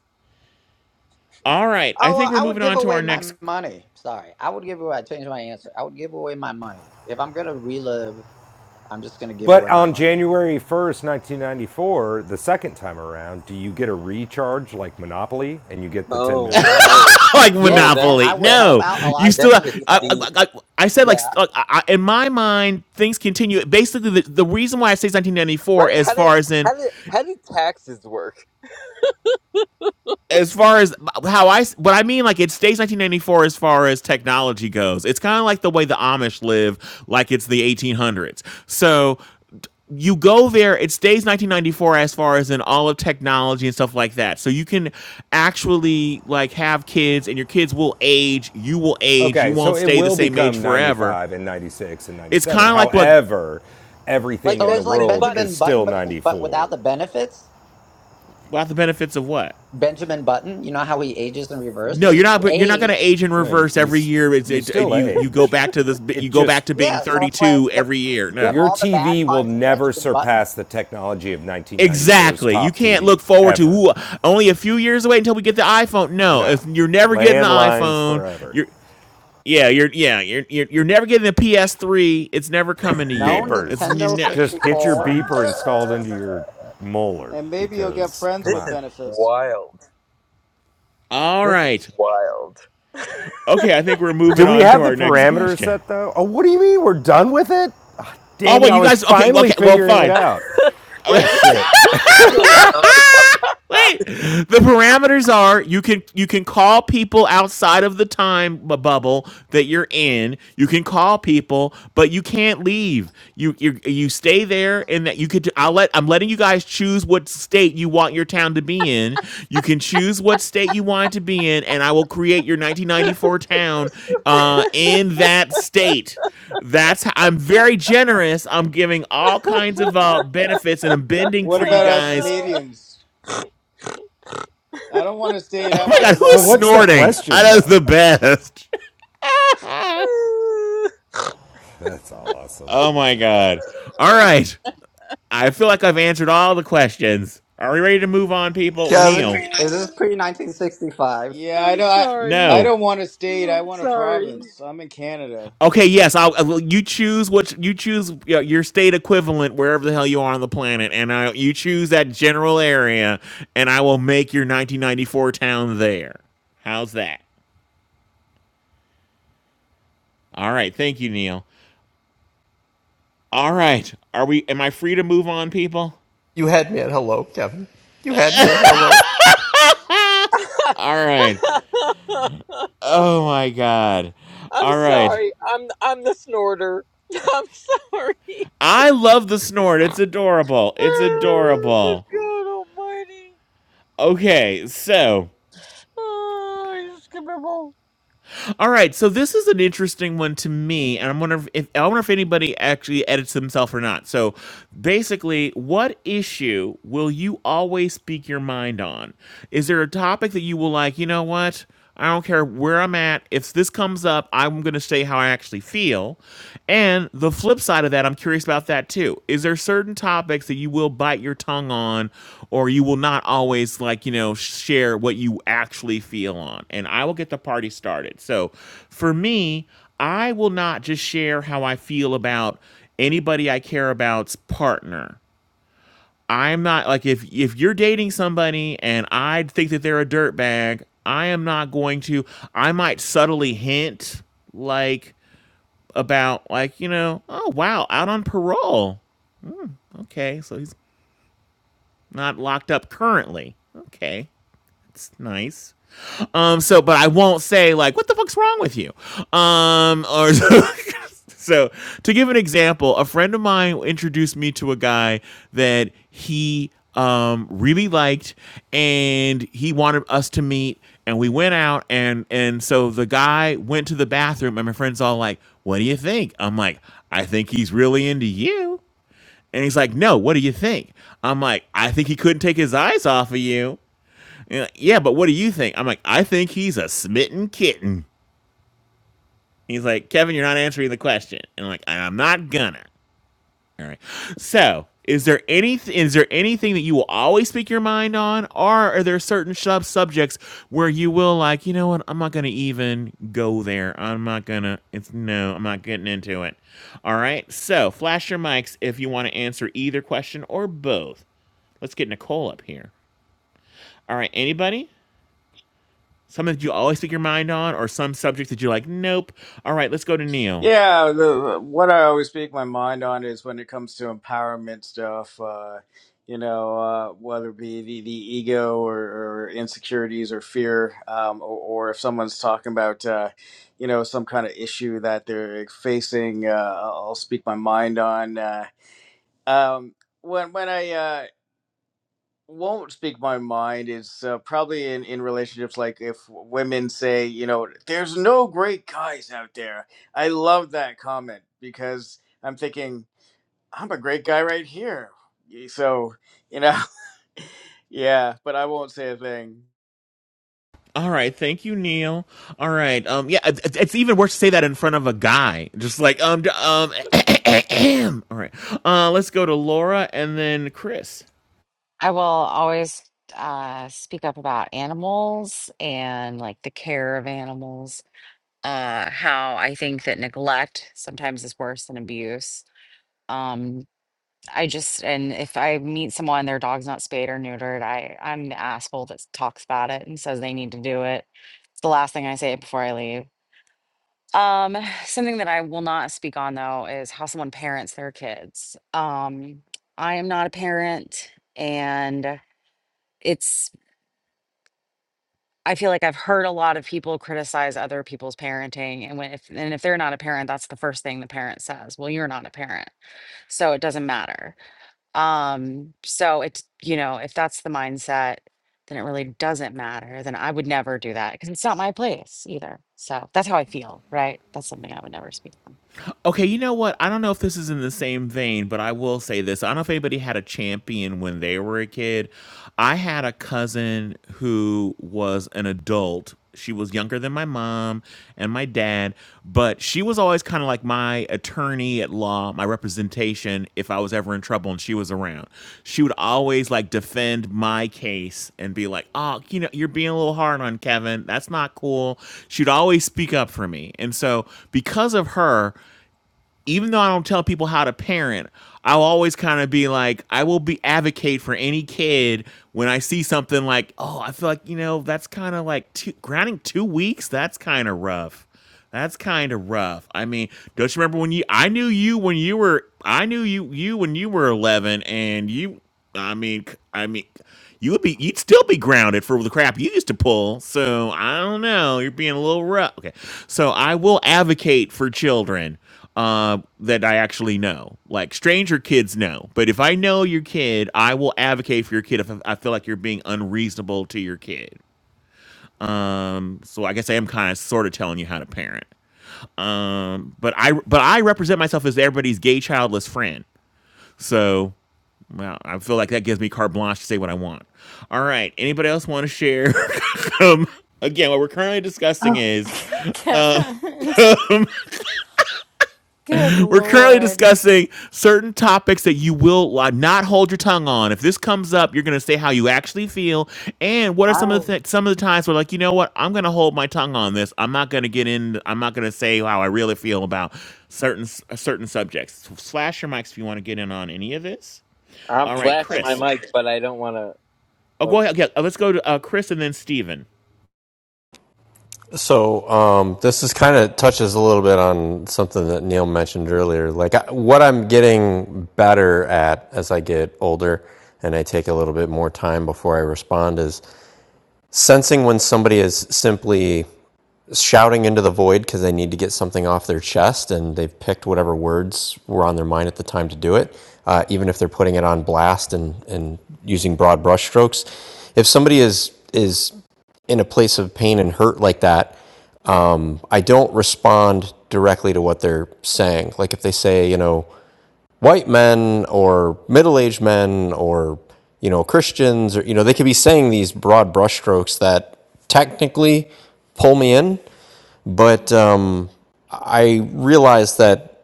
Speaker 1: All right, I
Speaker 5: Oh,
Speaker 1: think
Speaker 5: well,
Speaker 1: we're
Speaker 5: I would
Speaker 1: moving
Speaker 5: give
Speaker 1: on to
Speaker 5: away
Speaker 1: our
Speaker 5: my
Speaker 1: next.
Speaker 5: money. Sorry, I would give away. I changed my answer. I would give away my money if I'm gonna relive. I'm just gonna give
Speaker 13: But
Speaker 5: away my
Speaker 13: on
Speaker 5: money.
Speaker 13: January 1st, 1994, the second time around, do you get a recharge like Monopoly and you get the 10 mil
Speaker 10: Oh,
Speaker 13: back?
Speaker 10: oh.
Speaker 1: *laughs* Like
Speaker 10: Oh,
Speaker 5: Yeah, and
Speaker 10: that's
Speaker 5: I
Speaker 1: Monopoly,
Speaker 5: would
Speaker 10: that
Speaker 5: help
Speaker 1: no,
Speaker 5: out a lot
Speaker 1: you
Speaker 5: of
Speaker 10: that
Speaker 1: still.
Speaker 5: different
Speaker 1: I,
Speaker 10: shit's
Speaker 1: I,
Speaker 5: people.
Speaker 10: deep.
Speaker 1: I, I said like
Speaker 5: Yeah.
Speaker 1: st- like, I, I- in my mind, things continue. Basically, the, the reason why I say 1994,
Speaker 10: Right?
Speaker 1: as
Speaker 10: How did
Speaker 1: far as in,
Speaker 10: how did how did taxes work?
Speaker 1: as far as how I s- what I mean, like it stays 1994 as far as technology goes. It's kind of like the way the Amish live, like it's the 1800s. So you go there it stays 1994 as far as in all of technology and stuff like that so you can actually like have kids and your kids will age you will age you
Speaker 13: Okay, so
Speaker 1: won't
Speaker 13: it
Speaker 1: stay the
Speaker 13: will
Speaker 1: same age
Speaker 13: become
Speaker 1: forever
Speaker 13: 95 and 96 and
Speaker 1: it's
Speaker 13: 97.
Speaker 1: kind of like what
Speaker 13: However, everything
Speaker 10: Like
Speaker 5: So
Speaker 13: in the
Speaker 5: it's like
Speaker 10: Benjamin
Speaker 13: world is
Speaker 10: Button.
Speaker 5: Benjamin Button,
Speaker 13: still
Speaker 5: but but
Speaker 13: 94.
Speaker 5: without the benefits.
Speaker 1: what the benefits of what
Speaker 5: Benjamin Button, you know how he ages in reverse. This
Speaker 1: no you're
Speaker 5: is
Speaker 1: not
Speaker 5: you
Speaker 1: you're not going
Speaker 5: age.
Speaker 1: to age in
Speaker 13: No, you,
Speaker 1: reverse
Speaker 13: you,
Speaker 1: every year it's,
Speaker 13: you
Speaker 1: it, uh,
Speaker 13: still
Speaker 1: you you go
Speaker 13: age.
Speaker 1: back to this
Speaker 13: It
Speaker 1: you go
Speaker 13: just,
Speaker 1: back to being
Speaker 5: Yeah. So it's like
Speaker 1: 32
Speaker 5: the,
Speaker 1: every year
Speaker 5: you get
Speaker 1: no
Speaker 13: your
Speaker 5: all the bad
Speaker 13: TV will
Speaker 5: parts of
Speaker 13: never
Speaker 5: Benjamin Button.
Speaker 13: surpass the technology of nineteen ninety four's
Speaker 1: Exactly. You
Speaker 13: top
Speaker 1: can't
Speaker 13: TV,
Speaker 1: look forward to
Speaker 13: ever.
Speaker 1: ooh, only a few years away until we get the iPhone. No,
Speaker 13: No.
Speaker 1: if you're never getting the
Speaker 13: Landlines
Speaker 1: iPhone,
Speaker 13: forever.
Speaker 1: you're Yeah, you're yeah, you're you're, you're never getting a PS3. It's never coming to
Speaker 5: No
Speaker 1: you. It's
Speaker 13: Beepers.
Speaker 1: you're
Speaker 5: Nintendo
Speaker 1: not
Speaker 13: Just get your
Speaker 5: 64.
Speaker 1: you
Speaker 13: beeper installed into
Speaker 10: *laughs*
Speaker 13: your molar
Speaker 11: And maybe you'll get
Speaker 13: because,
Speaker 11: friends
Speaker 13: come
Speaker 10: This
Speaker 11: with
Speaker 13: on.
Speaker 10: is
Speaker 11: benefits.
Speaker 10: wild.
Speaker 1: All
Speaker 10: This is
Speaker 1: right.
Speaker 10: wild.
Speaker 1: Okay, I think we're moving
Speaker 13: Do we
Speaker 1: on
Speaker 13: have
Speaker 1: to
Speaker 13: the
Speaker 1: our next
Speaker 13: parameters
Speaker 1: question.
Speaker 13: set though? Oh, what do you mean we're done with it? Ah,
Speaker 1: Oh
Speaker 13: damn it,
Speaker 1: wait,
Speaker 13: I
Speaker 1: you
Speaker 13: was
Speaker 1: guys okay,
Speaker 13: finally
Speaker 1: okay, well
Speaker 13: figuring it
Speaker 1: fine.
Speaker 13: out.
Speaker 1: *laughs*
Speaker 10: Right? You,
Speaker 13: Shit.
Speaker 10: you have to be
Speaker 5: *laughs*
Speaker 10: like done with it.
Speaker 1: Wait. The parameters are you can you can call people outside of the time bubble that you're in. You can call people, but you can't leave. You you you stay there and that you could I'll let I'm letting you guys choose what state you want your town to be in. You can choose what state you want it to be in and I will create your 1994 town uh in that state. That's how, I'm very generous. I'm giving all kinds of uh, benefits and I'm bending
Speaker 11: What
Speaker 1: for you
Speaker 11: about us
Speaker 1: guys
Speaker 11: Canadians? I don't want a
Speaker 1: *laughs*
Speaker 11: state.
Speaker 1: Oh
Speaker 11: I
Speaker 1: my
Speaker 11: want a
Speaker 1: god, who
Speaker 13: So,
Speaker 1: is
Speaker 13: what's the
Speaker 11: province.
Speaker 1: snorting?
Speaker 13: question
Speaker 1: That is the
Speaker 13: though?
Speaker 1: best. *laughs*
Speaker 10: *laughs*
Speaker 13: That's awesome.
Speaker 1: Oh my god. All right. I feel like I've answered all the questions. Are we ready to move on, people?
Speaker 9: Gavin,
Speaker 1: Neil,
Speaker 5: Is this pre 1965?
Speaker 11: Yeah,
Speaker 10: I'm,
Speaker 11: I don't. I, I
Speaker 1: no.
Speaker 11: don't want a state. I
Speaker 10: I'm
Speaker 11: want a
Speaker 10: sorry.
Speaker 11: province. I'm in Canada.
Speaker 1: Okay, yes. I'll, uh, well, you choose what you choose yeah, your state equivalent wherever the hell you are on the planet, and I, you choose that general area, and I will make your 1994 town there. How's that? All right. Thank you, Neil. All right. Are we? Am I free to move on, people?
Speaker 10: *laughs*
Speaker 1: All right. Oh my god.
Speaker 10: I'm
Speaker 1: All right.
Speaker 10: sorry. I'm I'm the snorter. *laughs* I'm sorry.
Speaker 1: I love the snort.
Speaker 10: *laughs*
Speaker 1: It's adorable. It's adorable.
Speaker 10: God Almighty.
Speaker 1: Okay, so
Speaker 10: Oh, he's skippable.
Speaker 1: all right, so this is an interesting one to me, and I'm wondering if I wonder if anybody actually edits themselves or not. So, basically, what issue will you always speak your mind on? Is there a topic that you will like? You know what? I don't care where I'm at. If this comes up, I'm going to say how I actually feel. and. And the flip side of that, I'm curious about that too. Is there certain topics that you will bite your tongue on, or you will not always like you know share what you actually feel on? And I will get the party started. So, for me, I will not just share how I feel about anybody I care about's partner. I'm not like if if you're dating somebody and I think that they're a dirtbag, I am not going to. I might subtly hint like about like you know oh wow out on parole okay so he's not locked up currently okay it's nice um, so, but I won't say like, what the fuck's wrong with you? Um, or *laughs* so, so to give an example, a friend of mine introduced me to a guy that he um really liked and he wanted us to meet and we went out and and so the guy went to the bathroom and my friend's all like what do you think i'm like i think he's really into you and he's like, No, what do you think? I'm like, I think he couldn't take his eyes off of you like, yeah, but what do you think? I'm like, I think he's a smitten kitten. He's like, Kevin, you're not answering the question. And I'm like, I'm not gonna. All right. So, is there any is there anything that you will always speak your mind on, or are there certain sub subjects where you will like, you know what? I'm not gonna even go there. I'm not gonna. It's no. I'm not getting into it. All right. So, flash your mics if you want to answer either question or both. Let's get Nicole up here. All right. Anybody? Something that you always speak your mind on, or some subject that you're like, nope. All right, let's go to Neil.
Speaker 11: Yeah, the, what I always speak my mind on is when it comes to empowerment stuff. Uh, you know, uh, whether it be the, the ego or, or insecurities or fear, um, or, or if someone's talking about, uh, you know, some kind of issue that they're facing, uh, I'll I'll speak my mind on. Uh, um, when when I uh, won't speak my mind is uh, probably in, in relationships like if women say you know there's no great guys out there i love that comment because i'm thinking i'm a great guy right here Y- so you know *laughs* yeah but i won't say a thing
Speaker 1: All right, thank you, Neil. All right, um, yeah, it, it- it's even worse to say that in front of a guy, just like um, d- um, *coughs* *clears throat* all right. Uh, let's go to Laura and then Chris.
Speaker 2: I will always uh, speak up about animals and like the care of animals. Uh, how I think that neglect sometimes is worse than abuse. Um, I just and if I meet someone, their dog's not spayed or neutered, I I'm the asshole that talks about it and says they need to do it. It's the last thing I say before I leave. Um, *sighs* something that I will not speak on though is how someone parents their kids. Um, I am not a parent and it's I feel like I've heard a lot of people criticize other people's parenting and when if and if they're not a parent, that's the first thing the parent says. Well, you're not a parent, so it doesn't matter. Um, so it's you know, if that's the mindset, then it really doesn't matter. Then I would never do that because it's not my place either. So that's how I feel, right? That's something I would never speak on.
Speaker 1: Okay, you know what? I don't know if this is in the same vein, but I will say this. I don't know if anybody had a champion when they were a kid. I had a cousin who was an adult. She was younger than my mom and my dad, but she was always kind of like my attorney at law, my representation if I was ever in trouble and she was around. She would always like defend my case and be like, "Oh, you know, you're being a little hard on Kevin. That's not cool." She'd always speak up for me. And so, because of her, even though I don't tell people how to parent, I'll always kind of be like, I will be advocate for any kid when I see something like, oh, I feel like, you know, that's kind of like two, grounding two weeks. That's kind of rough. That's kind of rough. I mean, don't you remember when you, I knew you when you were, I knew you, you when you were 11 and you, I mean, c- I mean, you would be, you'd still be grounded for the crap you used to pull. So I don't know. You're being a little rough. Okay. So I will advocate for children uh, that I actually know. Like stranger kids know, but if I know your kid, I will advocate for your kid if I feel like you're being unreasonable to your kid. Um, so I guess I am kind of sort of telling you how to parent. Um, but I but I represent myself as everybody's gay childless friend. So well, I feel like that gives me carte blanche to say what I want. All right, anybody else want to share? *laughs* um, again, what we're currently discussing
Speaker 4: Oh,
Speaker 1: is
Speaker 3: *laughs*
Speaker 1: uh,
Speaker 3: Kevin. Good
Speaker 1: We're currently
Speaker 3: lord.
Speaker 1: discussing certain topics that you will uh, not hold your tongue on. If this comes up, you're going to say how you actually feel, and what are some of the
Speaker 10: I'm
Speaker 1: th- some of the times where, like, you know what, I'm going to hold my tongue on this. I'm not going to get in. I'm not going to say how I really feel about certain s- uh, certain subjects. Slash your mics if you want to get in on any of this.
Speaker 10: I'm
Speaker 1: All right,
Speaker 10: flashing my
Speaker 1: Chris.
Speaker 10: mic, but I don't want to.
Speaker 1: Oh, go
Speaker 10: Okay.
Speaker 1: ahead. Yeah, uh, let's go to uh, Chris and then Steven.
Speaker 9: so um, this is kind of touches a little bit on something that Neil mentioned earlier. Like I, what I'm getting better at as I get older and I take a little bit more time before I respond is sensing when somebody is simply shouting into the void because they need to get something off their chest and they've picked whatever words were on their mind at the time to do it, uh, even if they're putting it on blast and, and using broad brushstrokes. If somebody is is in a place of pain and hurt like that, um, I don't respond directly to what they're saying. Like if they say, you know, white men or middle aged men or you know Christians or you know they could be saying these broad brushstrokes that technically pull me in but um, I realize that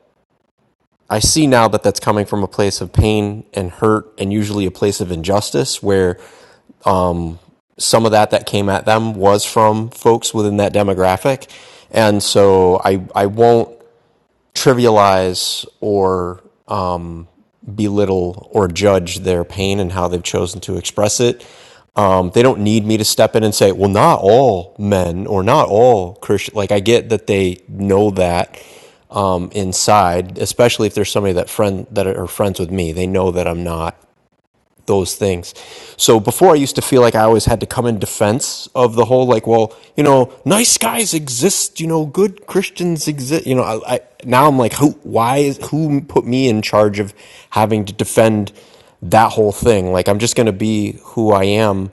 Speaker 9: I see now that that's coming from a place of pain and hurt, and usually a place of injustice, where some of that that came at them was from folks within that demographic, and so I I won't trivialize or um, belittle or judge their pain and how they've chosen to express it. Um, they don't need me to step in and say, well, not all men or not all Christian. Like, I get that they know that um, inside, especially if there's somebody that friend that are friends with me. They know that I'm not those things. So before I used to feel like I always had to come in defense of the whole like, well, you know, nice guys exist, you know, good Christians exist, you know, I, I now I'm like, who why is who put me in charge of having to defend that whole thing? Like I'm just going to be who I am.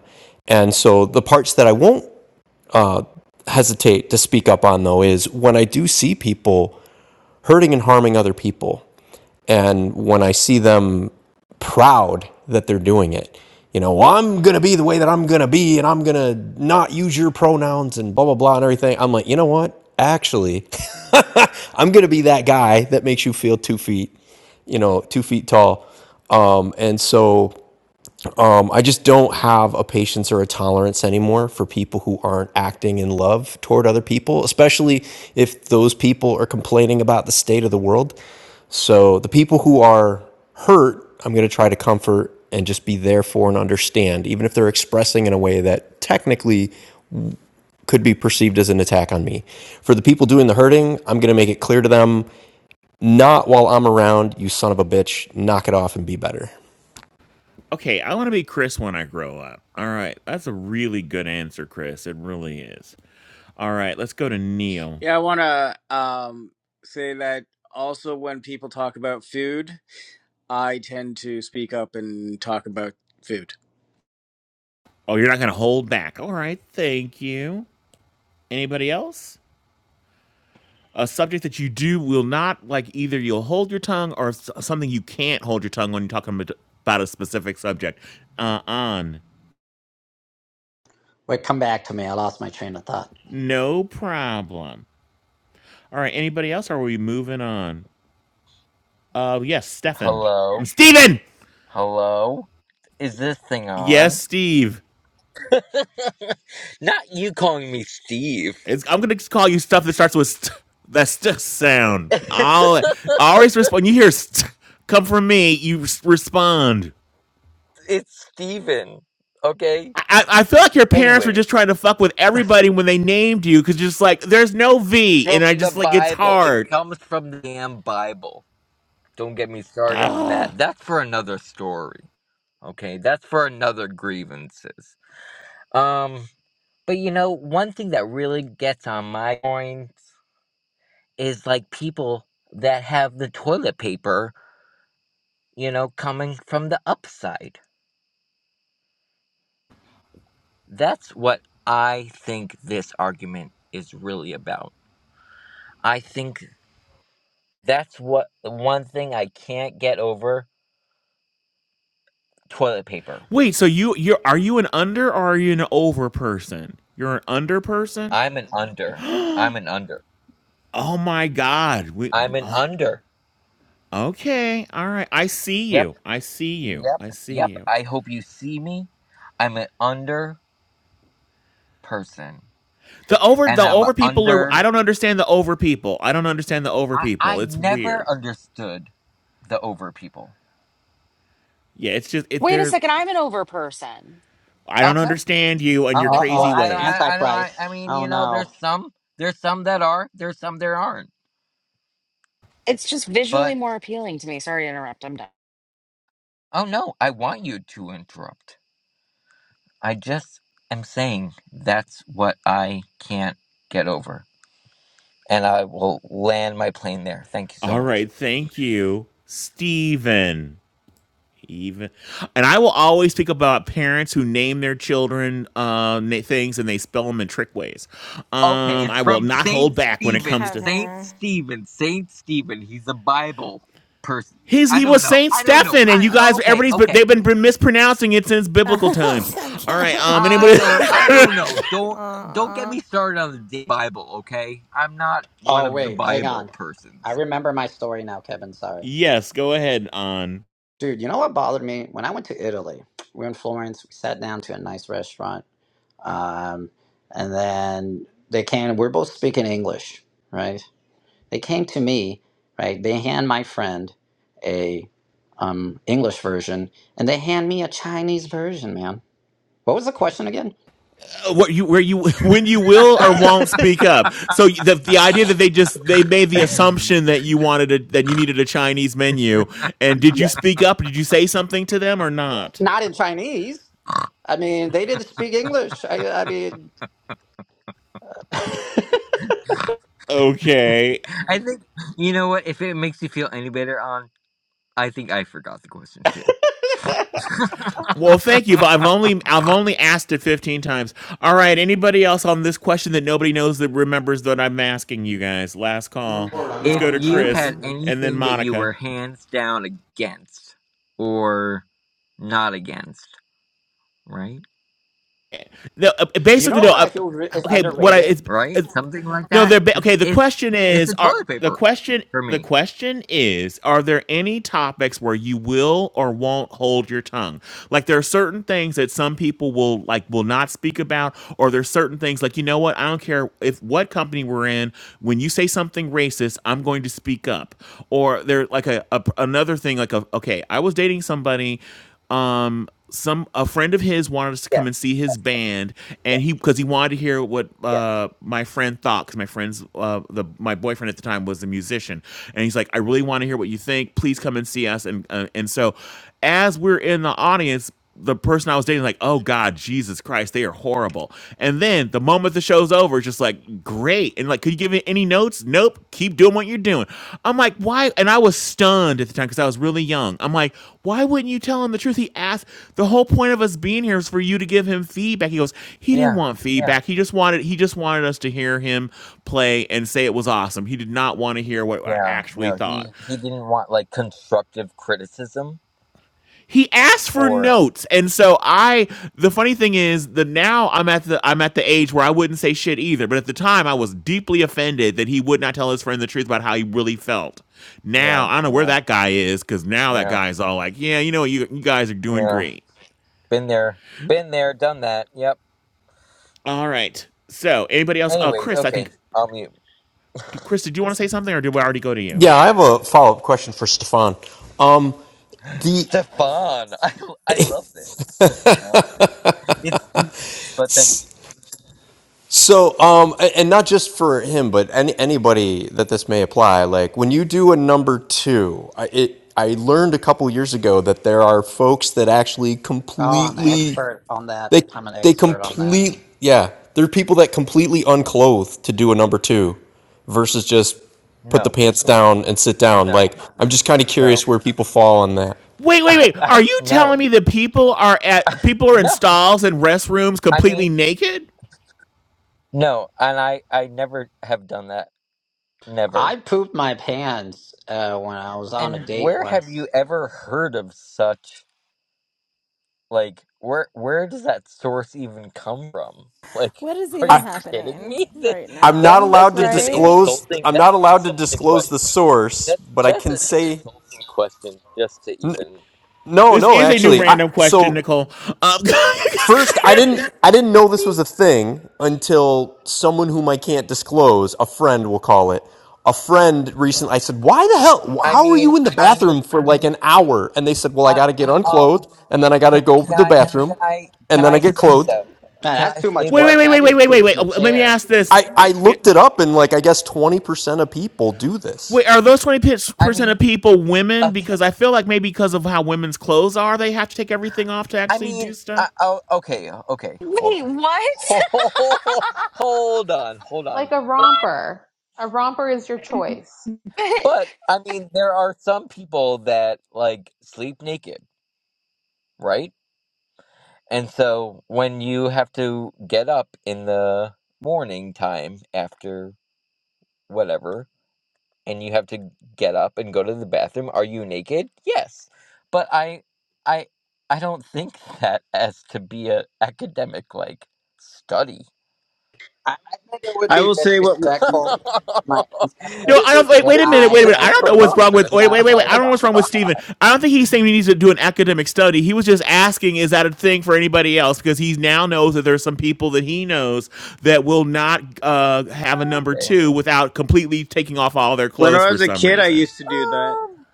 Speaker 9: And so the parts that I won't hesitate to speak up on though is when I do see people hurting and harming other people. And when I see them proud that they're doing it, you know, "Well, I'm going to be the way that I'm going to be and I'm going to not use your pronouns and blah, blah, blah, and everything. I'm like, you know what? Actually, *laughs* I'm going to be that guy that makes you feel two feet, you know, two feet tall. Um, and so I just don't have a patience or a tolerance anymore for people who aren't acting in love toward other people, especially if those people are complaining about the state of the world. So the people who are hurt, I'm going to try to comfort and just be there for and understand, even if they're expressing in a way that technically could be perceived as an attack on me. For the people doing the hurting, I'm going to make it clear to them not while I'm around, you son of a bitch, knock it off and be better.
Speaker 1: Okay, I want to be Chris when I grow up. All right, that's a really good answer, Chris. It really is. All right, let's go to Neil.
Speaker 11: yeah i want to um, say that also when people talk about food i tend to speak up and talk about food
Speaker 1: Oh, you're not going to hold back. All right, thank you. Anybody else? A subject that you do will not like either you'll hold your tongue or s- something you can't hold your tongue when you're talking about about a specific subject. Uh on.
Speaker 5: Wait, come back to me. I lost my train of thought.
Speaker 1: No problem. All right, anybody else? Or are we moving on? Uh yes, Stefan.
Speaker 10: Hello,
Speaker 1: I'm Steven.
Speaker 10: hello. Is this thing
Speaker 1: Yes,
Speaker 10: on?
Speaker 1: Steve.
Speaker 10: *laughs* Not you calling me Steve.
Speaker 1: It's, I'm gonna call you stuff that starts with st- that st-
Speaker 10: *laughs*
Speaker 1: sound. I'll I always respond. When You hear st- come from me. You s- respond.
Speaker 10: it's Steven. Okay.
Speaker 1: I, I feel like your parents were
Speaker 10: Anyways.
Speaker 1: just trying to fuck with everybody when they named you because just like there's no V
Speaker 10: from
Speaker 1: and I
Speaker 10: the
Speaker 1: just like it's
Speaker 10: Bible. It
Speaker 1: hard.
Speaker 10: comes from the damn Bible. Don't get me started on
Speaker 1: Ugh.
Speaker 10: that. That's for another story. Okay, that's for another grievances. Um, but you know, one thing that really gets on my point is like people that have the toilet paper, you know, coming from the upside. That's what I think this argument is really about. I think that's what one thing I can't get over toilet paper
Speaker 1: Wait, so you you are you an under or are you an over person? You're an under person.
Speaker 10: I'm an under. I'm an under.
Speaker 1: Oh my god. We,
Speaker 10: I'm an
Speaker 1: oh,
Speaker 10: under.
Speaker 1: okay, all right. I see
Speaker 10: Yep,
Speaker 1: you. I see you.
Speaker 10: yep,
Speaker 1: I see
Speaker 10: yep.
Speaker 1: you.
Speaker 10: I hope you see me. I'm an under person.
Speaker 1: The over
Speaker 10: And
Speaker 1: the
Speaker 10: I'm an
Speaker 1: over people are. I
Speaker 10: under.
Speaker 1: don't understand the over people. I don't understand the over
Speaker 10: I,
Speaker 1: people.
Speaker 10: I
Speaker 1: It's
Speaker 10: never
Speaker 1: weird.
Speaker 10: understood the over people.
Speaker 1: Yeah, it's just it.
Speaker 2: Wait a
Speaker 1: They're.
Speaker 2: second, I'm an over person.
Speaker 1: I don't
Speaker 10: Okay,
Speaker 1: understand you and your
Speaker 10: okay.
Speaker 5: Uh
Speaker 10: Well,
Speaker 1: crazy
Speaker 5: oh,
Speaker 10: I
Speaker 5: that's
Speaker 10: don't,
Speaker 1: ways.
Speaker 10: I, I don't, I,
Speaker 5: Antichrist.
Speaker 10: I mean,
Speaker 5: Oh
Speaker 10: you know,
Speaker 5: no.
Speaker 10: there's some, there's some that are, there's some there aren't.
Speaker 2: It's just visually
Speaker 10: But,
Speaker 2: more appealing to me. Sorry to interrupt. I'm done.
Speaker 10: oh no, I want you to interrupt. I just am saying that's what I can't get over. and I will land my plane there. Thank you so
Speaker 1: All
Speaker 10: much.
Speaker 1: right, thank you, Steven. Even, and I will always think about parents who name their children uh, na- things and they spell them in trick ways.
Speaker 10: Okay,
Speaker 1: Um,
Speaker 10: it's
Speaker 1: I will
Speaker 10: from
Speaker 1: not
Speaker 10: Saint
Speaker 1: hold back when it
Speaker 10: Stephen.
Speaker 1: comes
Speaker 10: It's
Speaker 1: to
Speaker 10: Saint
Speaker 3: Kevin.
Speaker 10: Stephen. Saint Stephen. He's a Bible person.
Speaker 1: his.
Speaker 10: I
Speaker 1: He
Speaker 10: don't
Speaker 1: was
Speaker 10: know.
Speaker 1: Saint
Speaker 10: I don't know.
Speaker 1: Stephen, and
Speaker 10: I
Speaker 1: you guys,
Speaker 10: okay,
Speaker 1: everybody's but
Speaker 10: okay.
Speaker 1: they've been been mispronouncing it since biblical
Speaker 3: *laughs*
Speaker 1: times. All right,
Speaker 3: Kevin.
Speaker 1: um,
Speaker 10: I
Speaker 1: anybody?
Speaker 10: don't I don't know. Don't don't get
Speaker 3: Aw.
Speaker 10: me started on the d- Bible, okay? I'm not one
Speaker 5: Oh
Speaker 10: of the
Speaker 5: wait, hang
Speaker 10: Bible
Speaker 5: on.
Speaker 10: persons.
Speaker 5: I
Speaker 10: *laughs*
Speaker 5: remember my story now, Kevin.
Speaker 1: *laughs*
Speaker 5: Sorry.
Speaker 1: yes, go ahead. On.
Speaker 5: Dude, you know what bothered me? When I went to Italy, we were in Florence, we sat down to a nice restaurant. Um, and then they came, we're both speaking English, right? They came to me, right? They hand my friend a um, English version and they hand me a Chinese version, man. What was the question again?
Speaker 1: what you where you *laughs* when you will or won't speak up. So the the idea that they just they made the
Speaker 10: I
Speaker 1: assumption that you wanted a, that you needed a Chinese menu, and did you
Speaker 5: Yeah.
Speaker 1: speak up? Did you say something to them or not?
Speaker 5: Not in Chinese. I mean, they didn't speak English. I, I mean, *laughs*
Speaker 1: Okay.
Speaker 10: think you know what, if it makes you feel any better on I think I forgot the question too.
Speaker 1: Well, thank you. I've
Speaker 10: *laughs*
Speaker 1: only I've only asked it fifteen times. All right. Anybody else on this question that nobody knows that remembers that I'm asking you guys? Last call. Let's
Speaker 10: If
Speaker 1: go to
Speaker 10: you
Speaker 1: Chris
Speaker 10: had
Speaker 1: and then
Speaker 10: anything that you
Speaker 1: Monica.
Speaker 10: were hands down against or not against, right?
Speaker 1: No, uh,
Speaker 5: you
Speaker 1: basically,
Speaker 5: know
Speaker 1: no.
Speaker 5: what
Speaker 1: Uh,
Speaker 5: I feel re- is
Speaker 1: okay, what I
Speaker 5: underrated?
Speaker 1: it's,
Speaker 10: Right?
Speaker 1: it's
Speaker 10: Something like
Speaker 1: no,
Speaker 10: that.
Speaker 1: they're ba-
Speaker 10: It's
Speaker 1: okay. The
Speaker 10: it's
Speaker 1: question
Speaker 10: it's the
Speaker 1: is, are
Speaker 10: toilet
Speaker 1: the
Speaker 10: paper
Speaker 1: question
Speaker 10: for
Speaker 1: the
Speaker 10: me.
Speaker 1: question is, are there any topics where you will or won't hold your tongue? Like there are certain things that some people will like will not speak about, or there's certain things like you know what, I don't care if what company we're in. When you say something racist, I'm going to speak up. Or there like a, a another thing like a, okay, I was dating somebody um some a friend of his wanted us to come
Speaker 10: Yes,
Speaker 1: and see
Speaker 10: yes,
Speaker 1: his band
Speaker 10: yes,
Speaker 1: and he because he wanted to hear what
Speaker 10: yes.
Speaker 1: uh my friend thought because my friend's uh the my boyfriend at the time was a musician and he's like i really want to hear what you think please come and see us and uh, and so as we're in the audience the person I was dating, like, oh God, Jesus Christ, they are horrible. And then the moment the show's over, it's just like, great. And like, could you give me any notes? Nope. Keep doing what you're doing. I'm like, why? And I was stunned at the time because I was really young. I'm like, why wouldn't you tell him the truth? He asked, the whole point of us being here is for you to give him feedback. He goes, he didn't
Speaker 10: Yeah,
Speaker 1: want
Speaker 10: yeah,
Speaker 1: feedback. He just wanted, he just wanted us to hear him play and say it was awesome. He did not want to hear what I
Speaker 10: yeah.
Speaker 1: actually
Speaker 10: No, he
Speaker 1: thought.
Speaker 10: he didn't want like constructive criticism
Speaker 1: he asked for
Speaker 10: or
Speaker 1: notes and so i the funny thing is that now i'm at the i'm at the age where i wouldn't say shit either but at the time i was deeply offended that he would not tell his friend the truth about how he really felt now
Speaker 10: yeah,
Speaker 1: i don't know where
Speaker 10: yeah,
Speaker 1: that guy is because now that
Speaker 10: yeah,
Speaker 1: guy's all like yeah you know you, you guys are doing
Speaker 10: yeah.
Speaker 1: great
Speaker 10: Been there, been there, done that. Yep.
Speaker 1: all right so anybody else uh
Speaker 10: Anyways,
Speaker 1: chris i
Speaker 10: okay.
Speaker 1: think
Speaker 10: I'll mute.
Speaker 1: chris did you want to say something or did we already go to you
Speaker 9: Yeah, I have a follow up question for Stefan. Um,
Speaker 10: *laughs*
Speaker 9: the
Speaker 10: Stefan, I I love this. It's deep, but thank you.
Speaker 9: so um, a- and not just for him, but any, anybody that this may apply. Like when you do a number two, I, it I learned a couple years ago that there are folks that actually
Speaker 5: Oh, I'm an
Speaker 9: completely
Speaker 5: expert on that.
Speaker 9: they
Speaker 5: I'm an
Speaker 9: they
Speaker 5: expert on that.
Speaker 9: complete yeah there are people that completely unclothe to do a number two versus just put the
Speaker 10: No,
Speaker 9: pants down and sit down.
Speaker 10: no,
Speaker 9: Like I'm just kind of
Speaker 10: no.
Speaker 9: curious where people fall on that.
Speaker 1: Wait,
Speaker 10: *laughs*
Speaker 1: wait,
Speaker 10: I,
Speaker 1: wait.
Speaker 10: I
Speaker 1: Are you telling
Speaker 10: no,
Speaker 1: me that people are at people are in
Speaker 10: no.
Speaker 1: stalls and restrooms
Speaker 10: I mean,
Speaker 1: completely naked?
Speaker 10: no, and I I never have done that. Never.
Speaker 5: I pooped my pants uh, when I was on a
Speaker 10: And
Speaker 5: date
Speaker 10: where have
Speaker 5: once.
Speaker 10: you ever heard of such like where where does that source even come from? *laughs* Like,
Speaker 3: What is
Speaker 10: are
Speaker 3: even
Speaker 10: you kidding
Speaker 3: happening
Speaker 10: me? *laughs* That,
Speaker 3: right
Speaker 9: I'm
Speaker 10: that
Speaker 9: not
Speaker 3: now?
Speaker 10: that's
Speaker 9: allowed to
Speaker 10: just an
Speaker 3: Right?
Speaker 9: disclose.
Speaker 10: insulting.
Speaker 9: I'm
Speaker 10: That's
Speaker 9: not
Speaker 10: an
Speaker 9: allowed to
Speaker 10: insulting
Speaker 9: disclose the
Speaker 10: question.
Speaker 9: source,
Speaker 10: That's
Speaker 9: but I
Speaker 10: that's
Speaker 9: can
Speaker 10: an
Speaker 9: say
Speaker 10: insulting question just to even.
Speaker 9: no,
Speaker 1: This
Speaker 9: no.
Speaker 1: is a new
Speaker 9: Actually, I,
Speaker 1: random question,
Speaker 9: so
Speaker 1: Nicole. Um,
Speaker 9: first, I didn't. I didn't know this was a thing until someone whom I can't disclose, a friend, we'll call it. A friend recently, I said, "Why the hell?
Speaker 10: I
Speaker 9: How are
Speaker 10: mean,
Speaker 9: you in the
Speaker 10: I mean,
Speaker 9: bathroom for like an hour?" And they said, "Well, I
Speaker 10: uh,
Speaker 9: got to get
Speaker 10: um.
Speaker 9: unclothed, and then I got to
Speaker 10: can
Speaker 9: go to
Speaker 10: can
Speaker 9: the
Speaker 10: I can
Speaker 9: bathroom,
Speaker 10: I
Speaker 9: and
Speaker 10: can
Speaker 9: then I
Speaker 10: I
Speaker 9: get
Speaker 10: say
Speaker 9: clothed."
Speaker 10: though?
Speaker 5: Man,
Speaker 10: Can
Speaker 5: that's
Speaker 10: I
Speaker 5: too
Speaker 1: *laughs*
Speaker 10: say
Speaker 5: much
Speaker 1: wait, wait,
Speaker 5: work.
Speaker 10: though?
Speaker 1: wait,
Speaker 5: I
Speaker 1: wait, wait,
Speaker 5: just
Speaker 1: wait, wait,
Speaker 5: pooped in
Speaker 1: wait.
Speaker 5: the
Speaker 1: Oh, Let me
Speaker 5: chair.
Speaker 1: ask this.
Speaker 9: I, I
Speaker 1: It-
Speaker 9: looked
Speaker 1: it-
Speaker 9: it up, and like I guess twenty percent of people do this.
Speaker 1: wait, are those
Speaker 10: I
Speaker 1: 20%
Speaker 10: mean,
Speaker 1: of people women?
Speaker 10: okay,
Speaker 1: Because I feel like maybe because of how women's clothes are, they have to take everything off to
Speaker 10: I
Speaker 1: actually do
Speaker 10: mean,
Speaker 1: stuff.
Speaker 10: I, oh, okay, okay, hold
Speaker 2: Wait,
Speaker 10: on, *laughs*
Speaker 2: what?
Speaker 10: hold on, hold on.
Speaker 14: Like a
Speaker 10: We're-
Speaker 14: romper. A romper is your choice.
Speaker 2: *laughs* but
Speaker 10: But I mean, there are some people that like sleep naked, right? And so when you have to get up in the morning time after whatever, and you have to get up and go to the bathroom are you naked yes but i i i don't think *laughs* that as to be a academic like study
Speaker 5: I, I think it would
Speaker 11: i
Speaker 5: be
Speaker 11: will say what
Speaker 10: *laughs*
Speaker 5: disrespectful to my
Speaker 1: No,
Speaker 5: ancestors
Speaker 10: this
Speaker 1: I
Speaker 10: is
Speaker 1: don't. Wait,
Speaker 5: if
Speaker 1: wait a
Speaker 10: this
Speaker 1: minute.
Speaker 10: is
Speaker 1: Wait
Speaker 5: I
Speaker 1: a
Speaker 10: this
Speaker 1: minute. I
Speaker 10: is
Speaker 5: like
Speaker 1: don't know what's wrong
Speaker 5: pooped
Speaker 1: with.
Speaker 10: preposterous
Speaker 1: Wait,
Speaker 10: *laughs*
Speaker 5: without
Speaker 1: wait, wait,
Speaker 10: oh
Speaker 1: wait. I
Speaker 5: clothes
Speaker 10: my
Speaker 1: don't know
Speaker 5: on.
Speaker 1: what's wrong with Stephen.
Speaker 10: god
Speaker 1: I don't think he's saying he needs to do an academic study. He was just asking, is that a thing for anybody else? Because he now knows that there's some people that he knows that will not uh, have a number
Speaker 10: okay
Speaker 1: two without completely taking off all their
Speaker 11: when
Speaker 1: clothes
Speaker 11: i
Speaker 1: for
Speaker 11: was a
Speaker 1: some
Speaker 11: kid i
Speaker 1: reason.
Speaker 11: used to do that
Speaker 10: um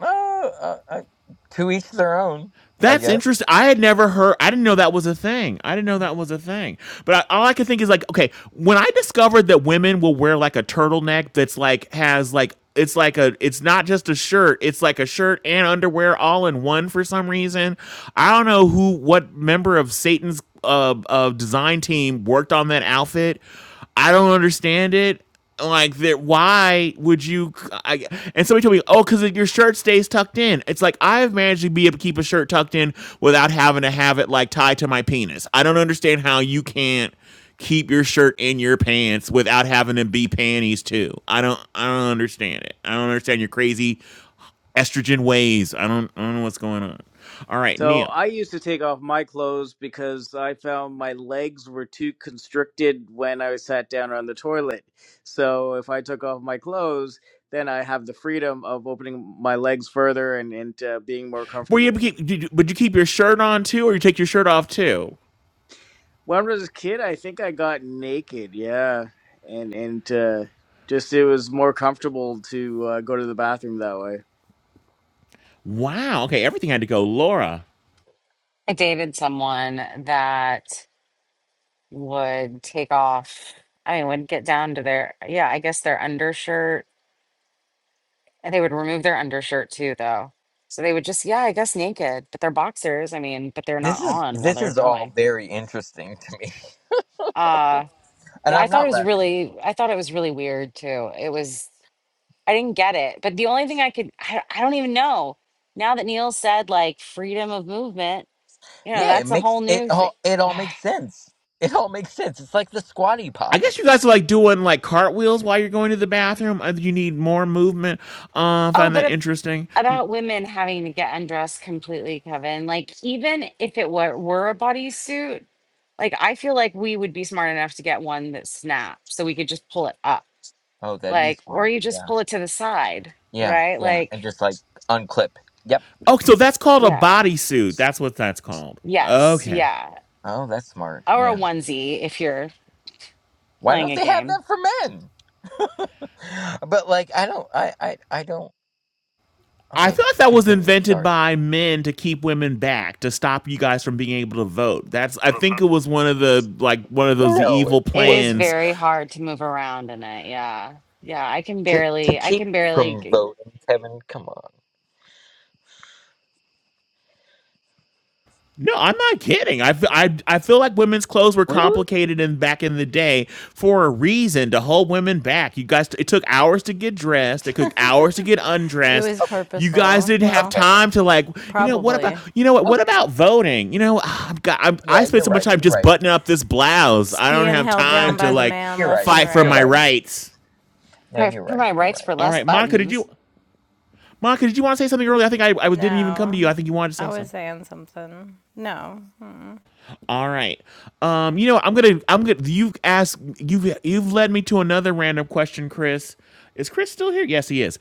Speaker 10: uh, uh, uh, to each their own i
Speaker 1: That's
Speaker 10: guess
Speaker 1: interesting. I had never heard. I didn't know that was a thing. I didn't know that was a thing. But I, all I could think is like, okay, when I discovered that women will wear like a turtleneck that's like has like it's like a it's not just a shirt. It's like a shirt and underwear all in one for some reason. I don't know who what member of Satan's uh, uh design team worked on that outfit. I don't understand it like that why would you I, and somebody told me oh because your shirt stays tucked in it's like i've managed to be able to keep a shirt tucked in without having to have it like tied to my penis i don't understand how you can't keep your shirt in your pants without having to be panties too i don't i don't understand it i don't understand your crazy estrogen ways i don't i don't know what's going on all right
Speaker 11: So
Speaker 1: neil
Speaker 11: I used to take off my clothes because I found my legs were too constricted when I sat down on the toilet. So if I took off my clothes, then I have the freedom of opening my legs further and, and uh, being more
Speaker 1: were you able
Speaker 11: comfortable.
Speaker 1: to keep did you, would you keep your shirt on too or you take your shirt off too
Speaker 11: When I was a kid, I think I got naked. Yeah, and and uh, just it was more comfortable to uh, go to the bathroom that way.
Speaker 1: wow okay everything had to go laura
Speaker 2: I dated someone that would take off, I mean, would get down to their, yeah, I guess their undershirt. And they would remove their undershirt too, though. So they would just, yeah, I guess naked, but they're boxers. I mean, but they're not
Speaker 10: this is
Speaker 2: on while
Speaker 10: this
Speaker 2: they're
Speaker 10: is all
Speaker 2: going.
Speaker 10: very interesting to me
Speaker 2: Uh,
Speaker 10: *laughs* and
Speaker 2: yeah, I
Speaker 10: i'm
Speaker 2: thought it
Speaker 10: not
Speaker 2: was
Speaker 10: laughing
Speaker 2: really, I thought it was really weird too. It was. I didn't get it. But the only thing I could, I, I don't even know. Now that Neil said like freedom of movement, you know,
Speaker 10: Yeah, it
Speaker 2: that's a whole
Speaker 10: makes it
Speaker 2: new thing.
Speaker 10: all it all
Speaker 2: *sighs*
Speaker 10: makes sense. It all makes sense. It's like the squatty
Speaker 1: I
Speaker 10: potty.
Speaker 1: guess you guys are like doing like cartwheels while you're going to the bathroom. Uh, You need more movement. Uh,
Speaker 2: Oh,
Speaker 1: find
Speaker 2: but
Speaker 1: that
Speaker 2: ab-
Speaker 1: interesting.
Speaker 2: about women having to get undressed completely, Kevin. Like, even if it were, were a bodysuit, like, I feel like we would be smart enough to get one that snaps so we could just pull it up.
Speaker 10: Oh, that'd be
Speaker 2: Like, or
Speaker 10: smart.
Speaker 2: you just
Speaker 10: Yeah.
Speaker 2: pull it to the side,
Speaker 10: Yeah,
Speaker 2: right?
Speaker 10: yeah. And
Speaker 2: Like,
Speaker 10: just like unclip. Yep.
Speaker 1: Oh, so that's called a
Speaker 2: yeah,
Speaker 1: bodysuit. That's what that's called.
Speaker 2: yes,
Speaker 1: Okay.
Speaker 2: yeah.
Speaker 10: Oh, that's smart.
Speaker 2: Or a
Speaker 10: Yeah.
Speaker 2: onesie if you're
Speaker 10: Why
Speaker 2: playing
Speaker 10: don't
Speaker 2: a
Speaker 10: they have
Speaker 2: game.
Speaker 10: that for men? *laughs* but like I don't I I I don't
Speaker 1: I
Speaker 10: Okay,
Speaker 1: feel like that was
Speaker 10: continue.
Speaker 1: invented
Speaker 10: Sorry.
Speaker 1: by men to keep women back, to stop you guys from being able to vote. That's I think it was one of the like one of those
Speaker 10: No, it
Speaker 1: evil
Speaker 2: It is
Speaker 1: plans
Speaker 10: wouldn't.
Speaker 2: very hard to move around in it. Yeah. Yeah. I can
Speaker 10: To to
Speaker 2: barely, I
Speaker 10: keep
Speaker 2: can
Speaker 10: you
Speaker 2: barely
Speaker 10: from
Speaker 2: g-
Speaker 10: voting, Kevin, come on.
Speaker 1: No, I'm not kidding. I, f- I, I feel like women's clothes were
Speaker 10: Really?
Speaker 1: complicated in back in the day for a reason to hold women back. You guys, it took hours to get dressed. It took
Speaker 3: *laughs*
Speaker 1: hours to get
Speaker 3: it
Speaker 1: undressed.
Speaker 3: was
Speaker 10: Okay.
Speaker 1: You guys
Speaker 3: purposeful.
Speaker 1: didn't have
Speaker 3: Well,
Speaker 10: Okay.
Speaker 1: time to like, you know, what about,
Speaker 3: probably.
Speaker 1: you know what,
Speaker 10: Okay.
Speaker 1: what about voting? You know, ah, I've got, I'm,
Speaker 10: Yeah,
Speaker 1: I
Speaker 10: Yeah,
Speaker 1: spent
Speaker 10: you're
Speaker 1: so much
Speaker 10: right.
Speaker 1: time
Speaker 10: You're
Speaker 1: just
Speaker 10: right.
Speaker 1: buttoning up this blouse.
Speaker 3: It's
Speaker 1: I don't
Speaker 3: being
Speaker 1: have
Speaker 3: held
Speaker 1: time
Speaker 3: down
Speaker 1: to
Speaker 3: by the
Speaker 1: like
Speaker 3: man
Speaker 10: You're
Speaker 3: left
Speaker 10: right.
Speaker 3: and
Speaker 1: fight for
Speaker 10: You're
Speaker 1: my
Speaker 3: right.
Speaker 10: right.
Speaker 1: rights.
Speaker 10: No,
Speaker 2: pray
Speaker 10: you're
Speaker 2: for
Speaker 10: right.
Speaker 2: my
Speaker 10: You're
Speaker 2: rights
Speaker 10: right.
Speaker 2: for
Speaker 1: All
Speaker 2: less
Speaker 1: right, Monica, did
Speaker 2: buttons.
Speaker 1: you, Monica, did you want to say something earlier? I think I, I didn't even come to you.
Speaker 3: No,
Speaker 1: I think you wanted to
Speaker 3: I
Speaker 1: say
Speaker 3: was
Speaker 1: something.
Speaker 3: saying something. No, mm-mm,
Speaker 1: All right. Um, you know, I'm gonna I'm gonna you've asked you've you've led me to another random question, Chris. Is Chris still here? Yes, he is.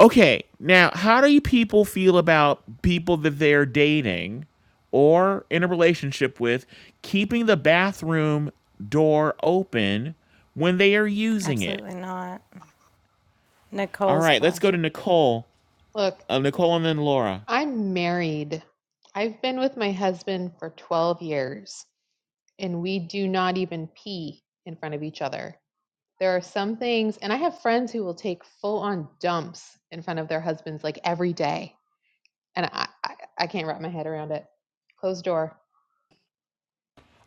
Speaker 1: Okay, now how do you people feel about people that they're dating or in a relationship with keeping the bathroom door open when they are using it?
Speaker 3: absolutely not.
Speaker 1: All
Speaker 3: Nicole's
Speaker 1: right, let's go to
Speaker 3: flashing.
Speaker 1: Nicole.
Speaker 14: Look,
Speaker 1: Uh, Nicole and then Laura.
Speaker 14: I'm married. I've been with my husband for 12 years, and we do not even pee in front of each other. There are some things, and I have friends who will take full on dumps in front of their husbands like every day. And I, I, I can't wrap my head around it. Closed door.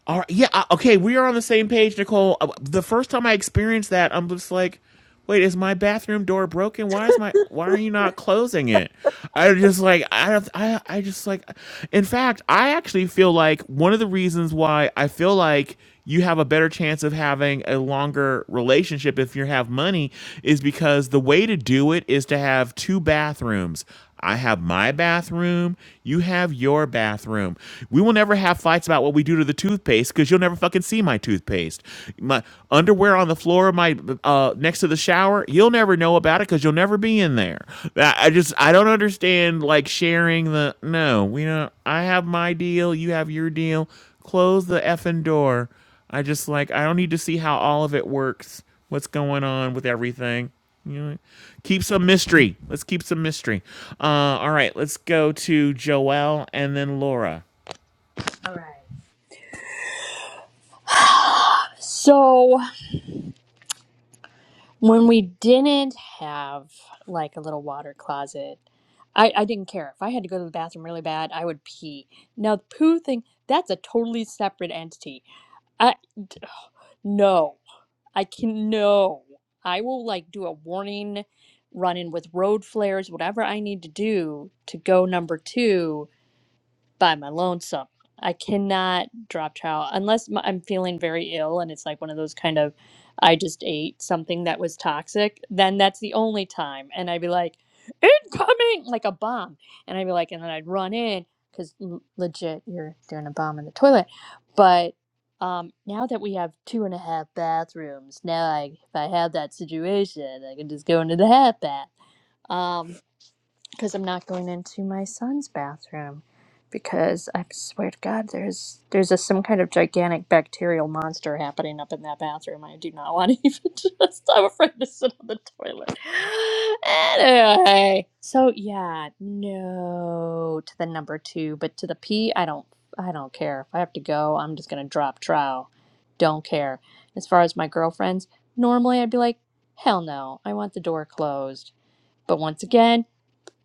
Speaker 1: All right, yeah, uh, okay, we are on the same page, Nicole. Uh, The first time I experienced that, I'm just like, wait, is my bathroom door broken? Why is my why are you not closing it? I just like I have I I just like in fact, I actually feel like one of the reasons why I feel like you have a better chance of having a longer relationship if you have money is because the way to do it is to have two bathrooms. I have my bathroom, you have your bathroom. We will never have fights about what we do to the toothpaste cuz you'll never fucking see my toothpaste. My underwear on the floor my uh next to the shower, you'll never know about it cuz you'll never be in there. I I just I don't understand like sharing the no, we don't I have my deal, you have your deal Close the effing door. I just like I don't need to see how all of it works. What's going on with everything? You know, keep some mystery. Let's keep some mystery. Uh, all right, let's go to Joelle and then Laura.
Speaker 4: all right. *sighs* so when we didn't have like a little water closet, I, I didn't care. If I had to go to the bathroom really bad, I would pee. Now the poo thing, that's a totally separate entity. I no. I can no. I will like do a warning, run in with road flares, whatever I need to do to go number two by my lonesome. I cannot drop trout unless my, I'm feeling very ill and it's like one of those kind of I just ate something that was toxic. Then that's the only time, and I'd be like, incoming, like a bomb, and I'd be like, and then I'd run in because l- legit, you're doing a bomb in the toilet. But um, now that we have two and a half bathrooms, now I if I have that situation, I can just go into the half bath. Um, because I'm not going into my son's bathroom because I swear to God, there's there's a, some kind of gigantic bacterial monster happening up in that bathroom. I do not want to *laughs* even just. I'm afraid to sit on the toilet. Anyway, so yeah, no to the number two, but to the P, I don't. I don't care. If I have to go, I'm just gonna drop trow. Don't care. As far as my girlfriends, normally I'd be like, hell no, I want the door closed. But once again,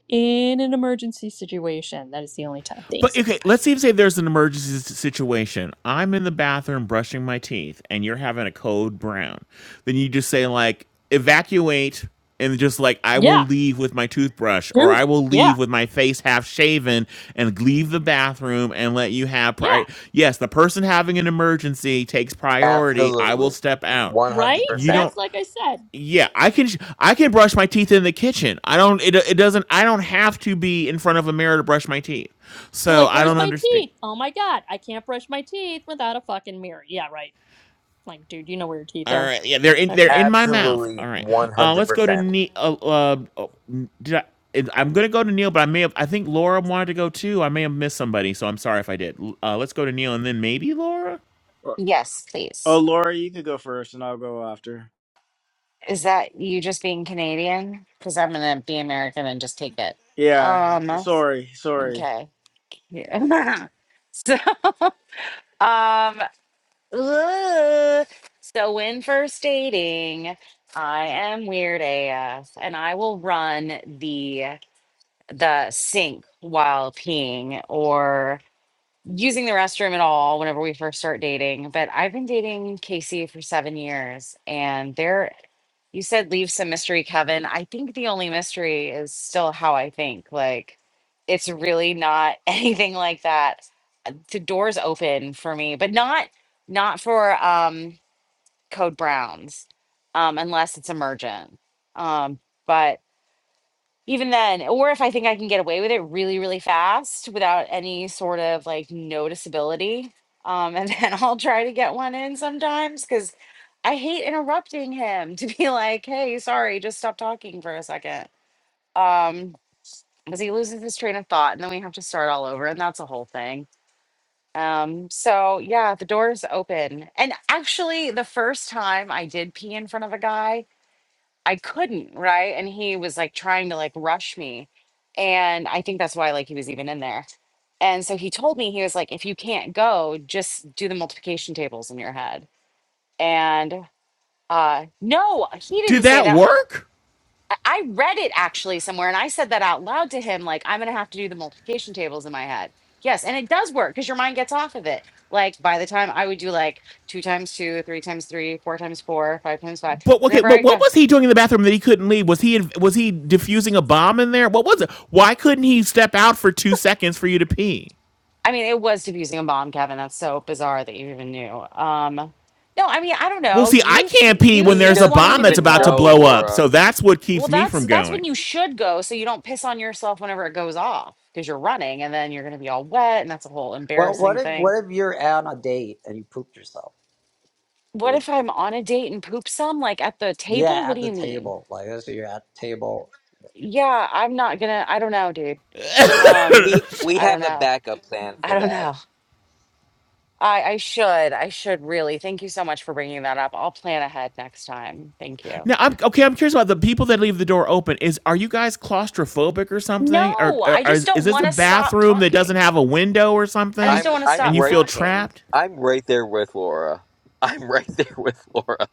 Speaker 4: in an emergency situation. That is the only time things.
Speaker 1: But
Speaker 4: Okay,
Speaker 1: okay,
Speaker 4: bye.
Speaker 1: let's even say there's an emergency s- situation. I'm in the bathroom brushing my teeth, and you're having a code brown. Then you just say like evacuate, and just like I will
Speaker 4: Yeah,
Speaker 1: leave with my toothbrush, or I
Speaker 4: dude.
Speaker 1: will
Speaker 4: Yeah,
Speaker 1: leave with my face half shaven, and leave the bathroom, and let you have
Speaker 4: yeah.
Speaker 1: pri. Yes, the person having an emergency takes priority. I will
Speaker 10: Absolutely.
Speaker 1: step out.
Speaker 4: Right?
Speaker 1: You
Speaker 10: 100%.
Speaker 1: don't
Speaker 4: That's like I said.
Speaker 1: yeah, I can I can brush my teeth in the kitchen. I don't it, it doesn't I don't have to be in front of a mirror to brush my teeth.
Speaker 4: You're
Speaker 1: So
Speaker 4: like,
Speaker 1: I
Speaker 4: where's
Speaker 1: don't
Speaker 4: my
Speaker 1: understand.
Speaker 4: teeth? Oh my god, I can't brush my teeth without a fucking mirror. Yeah, right. Like, dude, you know where your teeth
Speaker 1: All
Speaker 4: are.
Speaker 1: right, yeah, they're in they're
Speaker 4: Okay,
Speaker 1: in my
Speaker 4: thanks.
Speaker 1: mouth.
Speaker 10: Absolutely
Speaker 1: All right, uh, let's go to
Speaker 10: 100%.
Speaker 1: Neil. Uh, uh, oh, did I? it- I'm gonna go to Neil, but I may have. I think Laura wanted to go too. I may have missed somebody, so I'm sorry if I did. Uh, let's go to Neil and then maybe Laura.
Speaker 2: Yes,
Speaker 11: Oh,
Speaker 2: please.
Speaker 11: Laura, you could go first, and I'll go after.
Speaker 2: Is that you just being Canadian? Because I'm going to be American and just take it.
Speaker 11: Yeah,
Speaker 2: Um,
Speaker 11: sorry, sorry.
Speaker 2: okay. Yeah. *laughs* so, *laughs* um, ugh. so when first dating, I am weird AF and I will run the the sink while peeing or using the restroom at all whenever we first start dating. But I've been dating Casey for seven years, and there, you said leave some mystery, Kevin. I think the only mystery is still how I think. Like, it's really not *laughs* anything like that. Uh, The door's open for me, but not not for um code browns um unless it's emergent um but even then or if i think i can get away with it really really fast without any sort of like noticeability um and *laughs* then i'll try to get one in sometimes because i hate interrupting him *laughs* to be like hey sorry just stop talking for a second," um because he loses his train of thought and then we have to start all over and that's a whole thing um so yeah the door is open and actually the first time i did pee in front of a guy I couldn't, right? And he was like trying to like rush me. And I think that's why like he was even in there. And so he told me he was like if you can't go, just do the multiplication tables in your head. And uh no, he
Speaker 1: Did
Speaker 2: didn't say
Speaker 1: that
Speaker 2: that. I
Speaker 1: work?
Speaker 2: I read it actually somewhere and I said that out loud to him like I'm going to have to do the multiplication tables in my head. Yes, and it does work cuz your mind gets off of it. Like by the time I would do like 2 times 2, 3 times 3, 4 times 4, 5 times 5.
Speaker 1: But okay,
Speaker 2: Whenever I
Speaker 1: but what
Speaker 2: go.
Speaker 1: was he doing in the bathroom that he couldn't leave? Was he was he defusing a bomb in there? What was it? Why couldn't he step out for two seconds for you to pee?
Speaker 2: I mean, it was diffusing a bomb, Kevin. That's so bizarre that you even knew. Um, no, I mean, I don't
Speaker 1: Well,
Speaker 2: know.
Speaker 1: see, I
Speaker 2: Youth,
Speaker 1: can't pee when
Speaker 2: youth,
Speaker 10: He
Speaker 1: there's
Speaker 2: just
Speaker 1: a
Speaker 10: doesn't
Speaker 2: wanting
Speaker 1: bomb
Speaker 2: to
Speaker 1: that's
Speaker 2: be
Speaker 10: even
Speaker 1: about to
Speaker 10: know,
Speaker 2: close.
Speaker 1: blow up,
Speaker 10: Laura.
Speaker 1: so that's what
Speaker 2: Well,
Speaker 1: keeps me
Speaker 2: that's
Speaker 1: from
Speaker 2: that's when
Speaker 1: going.
Speaker 2: you should go, so you don't piss on yourself whenever it goes off because you're running, and then you're gonna be all wet, and that's a whole
Speaker 5: Well, what
Speaker 2: embarrassing
Speaker 5: if
Speaker 2: thing.
Speaker 5: what if you're on a date and you pooped yourself?
Speaker 2: What if I'm on a date and poop some, like at the
Speaker 5: Yeah,
Speaker 2: table? What do
Speaker 5: at the
Speaker 2: you mean?
Speaker 5: table. Like let's say you're at the table.
Speaker 2: Yeah, I'm not gonna. I don't know, dude.
Speaker 1: *laughs*
Speaker 2: Um,
Speaker 10: We we
Speaker 2: I don't
Speaker 10: have a
Speaker 2: know.
Speaker 10: backup plan for
Speaker 2: I don't
Speaker 10: that.
Speaker 2: know. I I should. I should really. Thank you so much for bringing that up. I'll plan ahead next time. Thank you.
Speaker 1: now, I'm okay. I'm curious about the people that leave the door open. Is are you guys claustrophobic or something? Or,
Speaker 2: No,
Speaker 1: or
Speaker 2: I just
Speaker 1: is, is
Speaker 2: don't
Speaker 1: this
Speaker 2: want
Speaker 1: a
Speaker 2: to stop
Speaker 1: bathroom that doesn't
Speaker 2: talking.
Speaker 1: have a window or
Speaker 2: I just
Speaker 1: something,
Speaker 2: don't
Speaker 10: I'm
Speaker 2: want to
Speaker 10: I'm
Speaker 1: and
Speaker 2: stop
Speaker 1: you
Speaker 10: right
Speaker 1: feel
Speaker 2: talking.
Speaker 1: trapped?
Speaker 10: I'm right there with Laura. *laughs* I'm right there with Laura.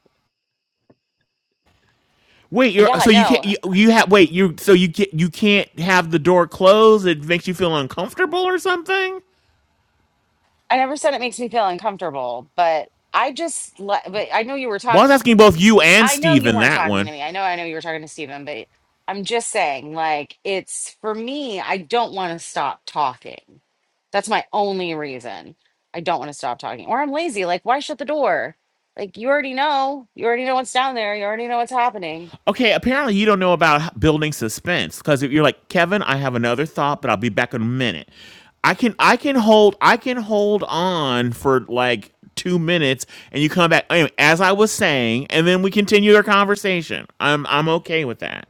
Speaker 1: Wait, you're
Speaker 2: Yeah,
Speaker 1: so you can't
Speaker 2: no.
Speaker 1: you, you have wait you so you can not you can't have the door closed. It makes you feel uncomfortable or something.
Speaker 2: I never said it makes me feel uncomfortable, but I just le- but I know you were
Speaker 1: Well, I
Speaker 2: talking
Speaker 1: was asking both you and
Speaker 2: I know
Speaker 1: Steve
Speaker 2: you
Speaker 1: in
Speaker 2: weren't
Speaker 1: that
Speaker 2: talking to
Speaker 1: one.
Speaker 2: me. I know I know you were talking to Stephen, but I'm just saying like it's for me, I don't want to stop talking. That's my only reason. I don't want to stop talking. Or I'm lazy. Like why shut the door? Like you already know. You already know what's down there. You already know what's happening.
Speaker 1: Okay, apparently you don't know about building suspense because you're like Kevin. I have another thought, but I'll be back in a minute. I can I can hold I can hold on for like two minutes, and you come back anyway, as I was saying, and then we continue our conversation. I'm I'm okay with that.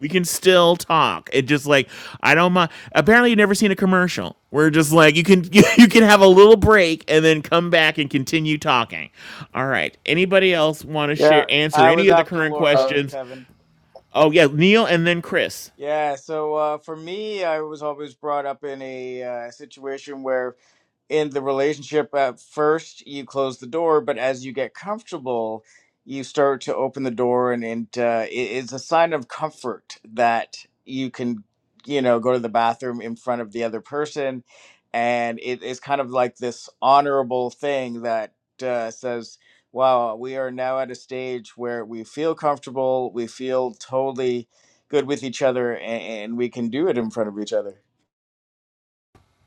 Speaker 1: We can still talk. It just like I don't mind. Apparently, you've never seen a commercial where just like you can *laughs* you, you can have a little break and then come back and continue talking. All right. Anybody else want to share
Speaker 11: Yeah,
Speaker 1: answer
Speaker 11: I
Speaker 1: any
Speaker 11: was
Speaker 1: of the
Speaker 11: after
Speaker 1: current
Speaker 10: Oh,
Speaker 11: Laura,
Speaker 1: questions?
Speaker 11: Kevin.
Speaker 1: Oh yeah, Neil and then Chris.
Speaker 11: Yeah, so uh, for me, I was always brought up in a uh, situation where in the relationship at first you close the door but as you get comfortable you start to open the door and, and uh, it is a sign of comfort that you can you know go to the bathroom in front of the other person and it is kind of like this honorable thing that uh, says wow we are now at a stage where we feel comfortable we feel totally good with each other and, and we can do it in front of each other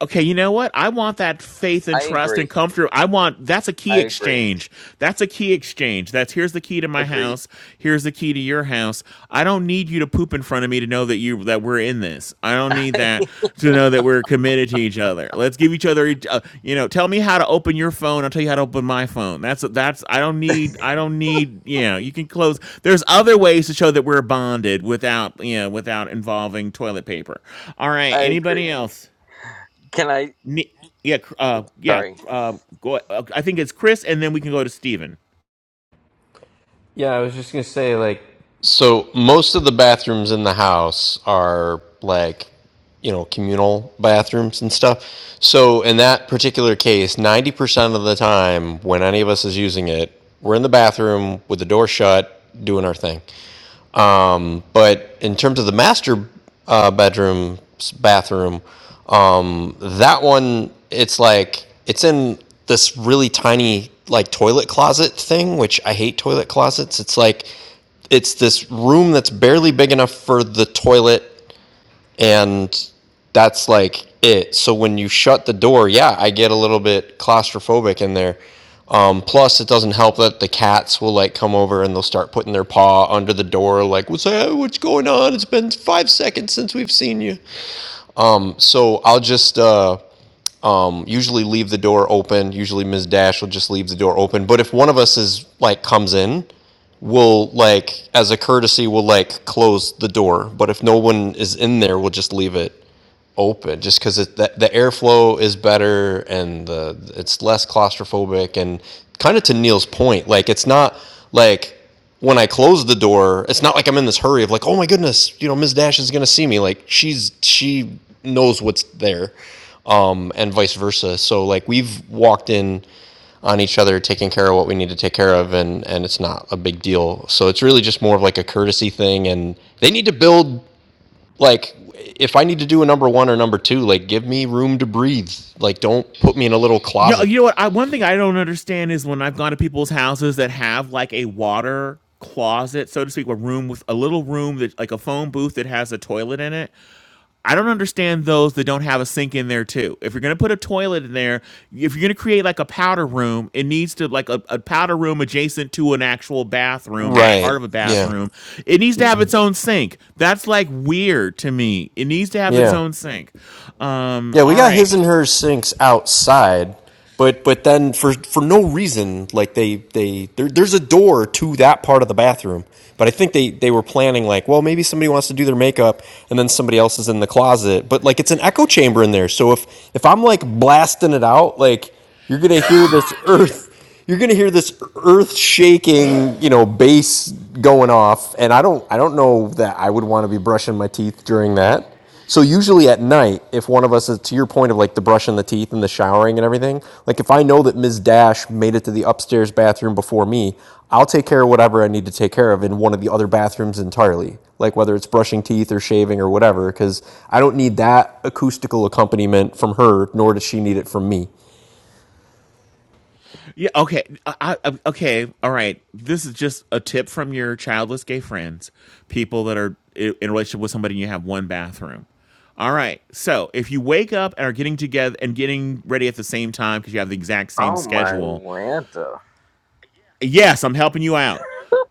Speaker 1: okay, you know what? I want that faith and
Speaker 10: I
Speaker 1: trust
Speaker 10: agree.
Speaker 1: and comfort. I want that's a key
Speaker 10: I agree.
Speaker 1: exchange. That's a key exchange. That's here's the key to my
Speaker 10: Agreed.
Speaker 1: house. Here's the key to your house. I don't need you to poop in front of me to know that you that we're in this. I
Speaker 10: *laughs*
Speaker 1: don't need
Speaker 10: I,
Speaker 1: that to know that we're committed to each other. Let's give each other, uh, you know, tell me how to open your phone. I'll tell you how to open my phone. That's that's. I don't need. I don't need. You know, you can close. There's other ways to show that we're bonded without you know without involving toilet paper. All right.
Speaker 10: I agree.
Speaker 1: Anybody else?
Speaker 10: Can I
Speaker 1: Ni- yeah, cr- uh, yeah.
Speaker 10: sorry.
Speaker 1: Uh, go. Uh, I think it's Chris, and then we can go to Steven.
Speaker 9: Yeah, I was just gonna say like So most of the bathrooms in the house are like, you know, communal bathrooms and stuff. So in that particular case, 90% of the time when any of us is using it, we're in the bathroom with the door shut doing our thing. Um, but in terms of the master uh, bedroom bathroom, um, that one it's like it's in this really tiny like toilet closet thing, which I hate toilet closets. It's like it's this room that's barely big enough for the toilet and that's like it so when you shut the door yeah i get a little bit claustrophobic in there um, plus it doesn't help that the cats will like come over and they'll start putting their paw under the door like what's, uh, what's going on it's been five seconds since we've seen you so i'll just uh, um, usually leave the door open. Usually Ms. Dash will just leave the door open. But if one of us is like comes in, we'll like as a courtesy we'll like close the door. But if no one is in there, we'll just leave it open just because the, the airflow is better and the it's less claustrophobic and kind of to neil's point like it's not like when i close the door it's not like i'm in this hurry of like oh my goodness you know ms dash is going to see me like she's she knows what's there um, and vice versa. So like we've walked in on each other, taking care of what we need to take care of, and and it's not a big deal. So it's really just more of like a courtesy thing, and they need to build like if I need to do a number one or number two, like give me room to breathe. Like don't put me in a little
Speaker 1: You know,
Speaker 9: closet.
Speaker 1: you know what? I, one thing I don't understand is when I've gone to people's houses that have like a water closet, so to speak, a room with a little room that like a phone booth that has a toilet in it. I don't understand those that don't have a sink in there too. If you're gonna put a toilet in there, if you're gonna create like a powder room, it needs to like a, a powder room adjacent to an actual bathroom or
Speaker 9: Right.
Speaker 1: part of a
Speaker 9: Yeah.
Speaker 1: bathroom. It needs to have its own sink. That's like weird to me. It needs to have its
Speaker 9: Yeah.
Speaker 1: own sink. Um,
Speaker 9: Yeah, we
Speaker 1: all
Speaker 9: got his
Speaker 1: right.
Speaker 9: and hers sinks outside, but but then for for no reason, like they they there, there's a door to that part of the bathroom, but I think they they were planning like, well, maybe somebody wants to do their makeup, and then somebody else is in the closet, but like it's an echo chamber in there, so if if I'm like blasting it out, like you're gonna
Speaker 1: *laughs*
Speaker 9: hear this earth. You're gonna hear this earth-shaking, you know, bass going off, and I don't, I don't know that I would want to be brushing my teeth during that. So usually at night, if one of us is to your point of like the brushing the teeth and the showering and everything, like if I know that Ms. Dash made it to the upstairs bathroom before me, I'll take care of whatever I need to take care of in one of the other bathrooms entirely, like whether it's brushing teeth or shaving or whatever, because I don't need that acoustical accompaniment from her, nor does she need it from me.
Speaker 1: Yeah. Okay. I, I, okay. All right. This is just a tip from your childless gay friends, people that are in a relationship with somebody and you have one bathroom. All right. So if you wake up and are getting together and getting ready at the same time because you have the exact same
Speaker 10: Oh my
Speaker 1: schedule,
Speaker 10: Lanta.
Speaker 1: Yes, I'm helping you out.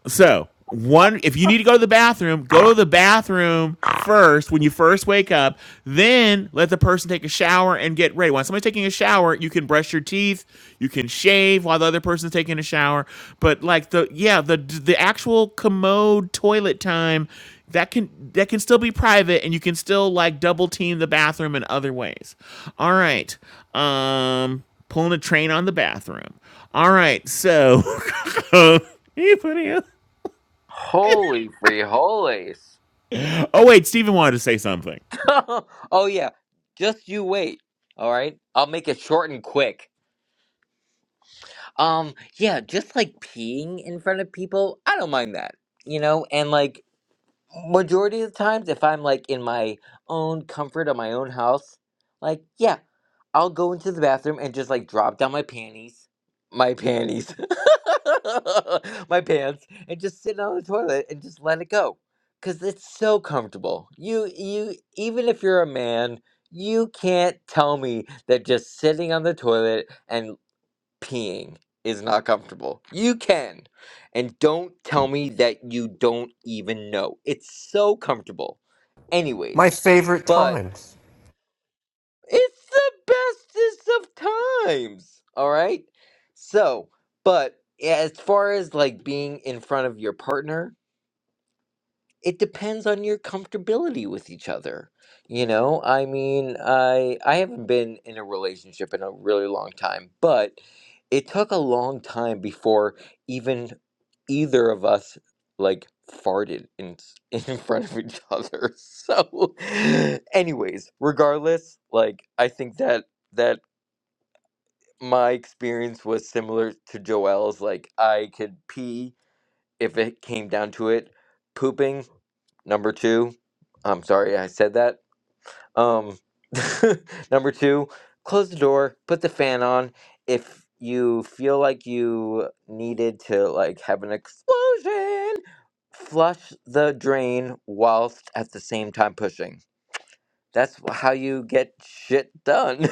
Speaker 1: So, one, if you need to go to the bathroom, go to the bathroom first when you first wake up. Then let the person take a shower and get ready. While somebody's taking a shower, you can brush your teeth, you can shave while the other person's taking a shower. But like the yeah, the the actual commode toilet time that can that can still be private and you can still like double team the bathroom in other ways. All right. Um pulling a train on the bathroom. All right. So *laughs* Huh? Hey,
Speaker 10: Holy free holies.
Speaker 1: Oh, wait, Steven wanted to say something.
Speaker 10: *laughs* oh yeah. Just you wait. All right? I'll make it short and quick. Um, yeah, just like peeing in front of people, I don't mind that, you know? And like majority of the times if I'm like in my own comfort of my own house, like yeah, I'll go into the bathroom and just like drop down my panties, my panties, *laughs* my pants, and just sit on the toilet and just let it go. Cause it's so comfortable. You you even if you're a man, you can't tell me that just sitting on the toilet and peeing is not comfortable. You can. And don't tell me that you don't even know. It's so comfortable.
Speaker 9: My
Speaker 10: Anyways,
Speaker 9: favorite
Speaker 10: but
Speaker 9: times.
Speaker 10: it's the bestest of times. All right? So, but as far as like being in front of your partner, it depends on your comfortability with each other you know i mean i i haven't been in a relationship in a really long time but it took a long time before even either of us like farted in s- *laughs* in front of each other *laughs* so anyways regardless like i think that that my experience was similar to Joel's like I could pee if it came down to it, pooping number two. I'm sorry I said that. Um, *laughs* number two, close the door, put the fan on. If you feel like you needed to like have an explosion, flush the drain whilst at the same time pushing. That's wh- how you get shit done.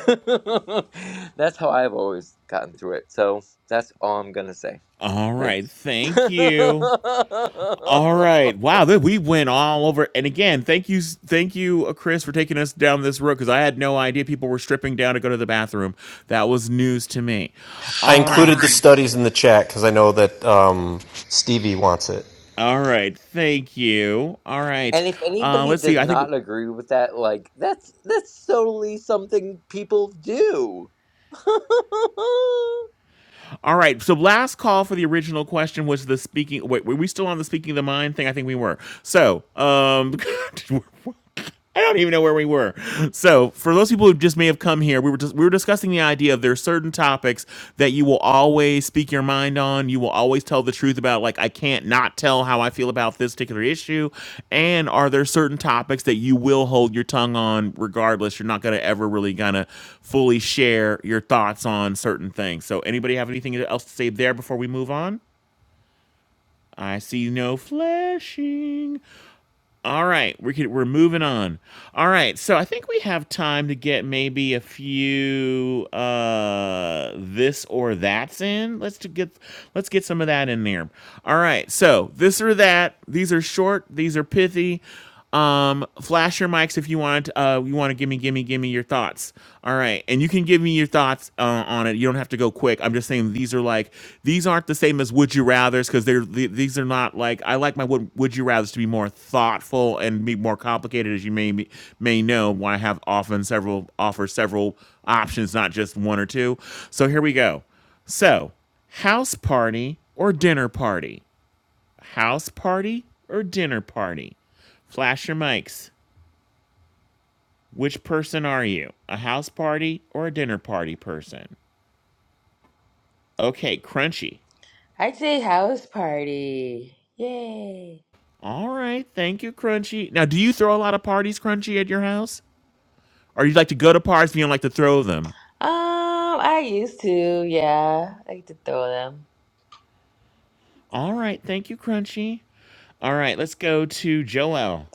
Speaker 10: *laughs* that's how I've always gotten through it. So that's all I'm gonna say.
Speaker 1: All right,
Speaker 10: Thanks. *laughs*
Speaker 1: thank
Speaker 10: and
Speaker 1: you. All right, wow, we went all over. And again, thank you, thank you, uh, Chris, for taking us down this road because I had no idea people were stripping down to go to the bathroom. That was news to me.
Speaker 9: I
Speaker 1: All right,
Speaker 9: included the studies in the chat because I know that um, Stevie wants it.
Speaker 1: all right, thank you. All right,
Speaker 10: if
Speaker 1: uh,
Speaker 10: anybody
Speaker 1: let's see.
Speaker 10: does
Speaker 1: I think.
Speaker 10: not agree with that, like that's that's solely something people do.
Speaker 1: All right, so last call for the original question was the speaking. Wait, were we still on the speaking of the mind thing? I think we were. So, um, *laughs* I don't even know where we were. So, for those people who just may have come here, we were just, we were discussing the idea of there are certain topics that you will always speak your mind on. You will always tell the truth about. Like, I can't not tell how I feel about this particular issue. And are there certain topics that you will hold your tongue on, regardless? You're not going to ever really going to fully share your thoughts on certain things. So, anybody have anything else to say there before we move on? I see no flashing. All right, we could, we're moving on. All right, so I think we have time to get maybe a few uh this or that's in. Let's to get let's get some of that in there. All right, so this or that. These are short. These are pithy. Um, flash your mics if you want. Uh, you want to give me, give me, give me your thoughts. All right, and you can give me your thoughts uh, on it. You don't have to go quick. I'm just saying these are like these aren't the same as would you rather's because they're th- these are not like I like my would would you rather's to be more thoughtful and be more complicated as you may be- may know. Why I have often several offer several options, not just one or two. So here we go. So house party or dinner party? House party or dinner party? Flash your mics. Which person are you? A house party or a dinner party person? Okay, Crunchy.
Speaker 15: I'd say house party. Yay.
Speaker 1: All right, thank you, Crunchy. Now, do you throw a lot of parties, Crunchy, at your house? Or you like to go to parties, but you don't like to throw them?
Speaker 15: Um, I used to, yeah. I used to throw them.
Speaker 1: All right, thank you, Crunchy. All right, let's go to Joel.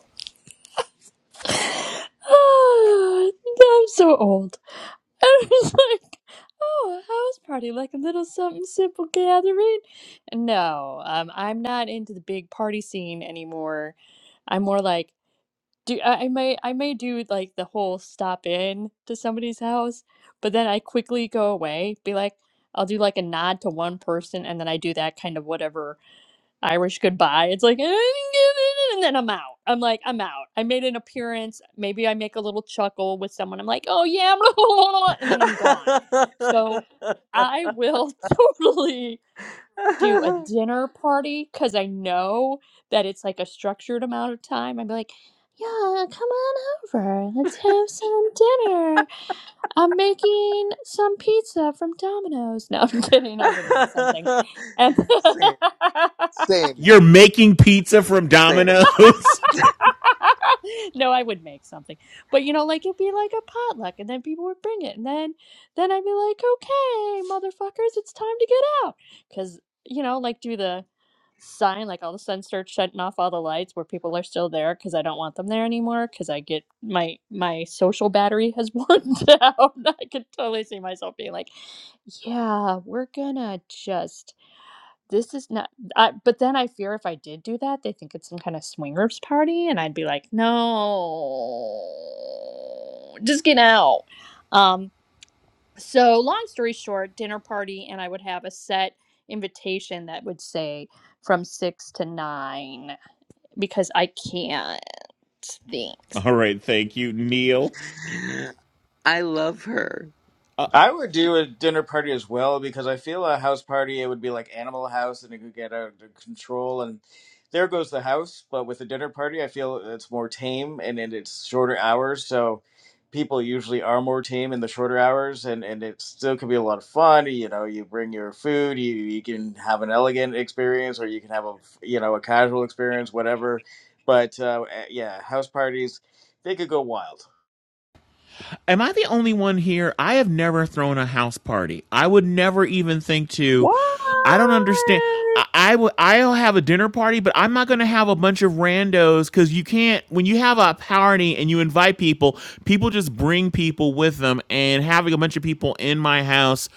Speaker 4: *sighs* Oh, I'm so old. *laughs* I was like, oh, a house party, like a little something simple gathering. No, um, I'm not into the big party scene anymore. I'm more like do I, I may I may do like the whole stop in to somebody's house, but then I quickly go away, be like I'll do like a nod to one person and then I do that kind of whatever Irish goodbye. It's like *laughs* and then I'm out. I'm like I'm out. I made an appearance. Maybe I make a little chuckle with someone. I'm like, "Oh yeah," *laughs* and then I'm gone. So I will *laughs* totally do a dinner party because I know that it's like a structured amount of time. I'd be like, yeah, come on over. Let's have some dinner. I'm making some pizza from Domino's. No, I'm *laughs* kidding. I would make something. And
Speaker 10: same, same,
Speaker 4: *laughs*
Speaker 1: You're making pizza from
Speaker 10: same.
Speaker 1: Domino's?
Speaker 4: *laughs* no, I would make something. But you know, like it'd be like a potluck and then people would bring it and then then I'd be like, "Okay, motherfuckers, it's time to get out." Cuz you know, like do the sign like all of a sudden start shutting off all the lights where people are still there cuz I don't want them there anymore cuz I get my my social battery has *laughs* worn down. I could totally see myself being like, "Yeah, we're going to just this is not I, but then i fear if i did do that they think it's some kind of swingers party and i'd be like no just get out um so long story short dinner party and i would have a set invitation that would say from six to nine because i can't
Speaker 1: *laughs*
Speaker 4: thanks
Speaker 1: All right, thank you, Neil. Uh,
Speaker 11: I would do a dinner party as well because I feel a house party it would be like Animal House and it could get out of control and there goes the house. But with a dinner party, I feel it's more tame and, and it's shorter hours, so people usually are more tame in the shorter hours and and it still can be a lot of fun. You know, you bring your food, you you can have an elegant experience or you can have a you know a casual experience, whatever. But uh, eh, yeah, house parties they could go wild.
Speaker 1: Am I the only one here? I have never thrown a house party. I would never even think to.
Speaker 10: What?
Speaker 1: I don't understand. I, I will. I'll have a dinner party, but I'm not going to have a bunch of randos because you can't. When you have a party and you invite people, people just bring people with them. And having a bunch of people in my house,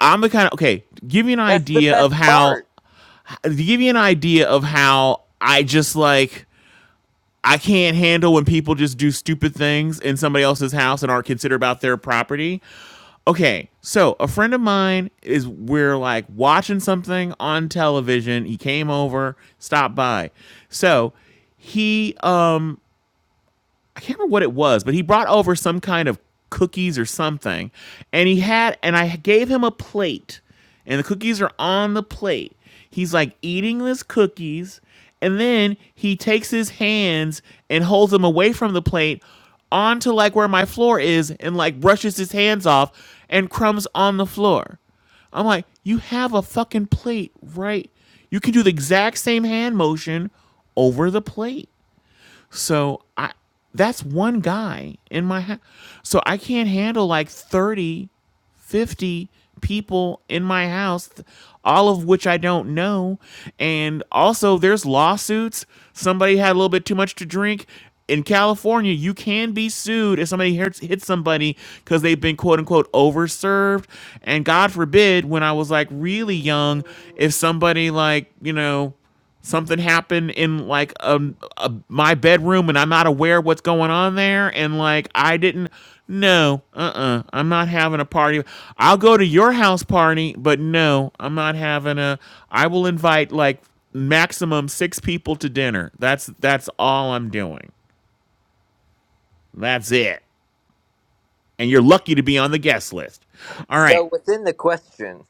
Speaker 1: I'm the kind of okay. Give you an
Speaker 10: That's the
Speaker 1: idea
Speaker 10: best
Speaker 1: of how.
Speaker 10: part.
Speaker 1: To give you an idea of how I just like I can't handle when people just do stupid things in somebody else's house and aren't considerate about their property. Okay, so a friend of mine is we're like watching something on television. He came over, stopped by. So he um I can't remember what it was, but he brought over some kind of cookies or something, and he had, and I gave him a plate, and the cookies are on the plate. He's like eating his cookies, and then he takes his hands and holds them away from the plate onto like where my floor is, and like brushes his hands off, and crumbs on the floor. I'm like, you have a fucking plate, right? You can do the exact same hand motion over the plate. So I that's one guy in my house. So I can't handle like 30, 50 people in my house, all of which I don't know. And also there's lawsuits. Somebody had a little bit too much to drink. In California, you can be sued if somebody hits, hits somebody because they've been quote unquote overserved. And God forbid, when I was like really young, if somebody like, you know, something happened in like um a, my bedroom and I'm not aware of what's going on there and like I didn't no uh-uh I'm not having a party I'll go to your house party but no I'm not having a I will invite like maximum 6 people to dinner that's that's all I'm doing that's it and you're lucky to be on the guest list all right
Speaker 10: So within the question,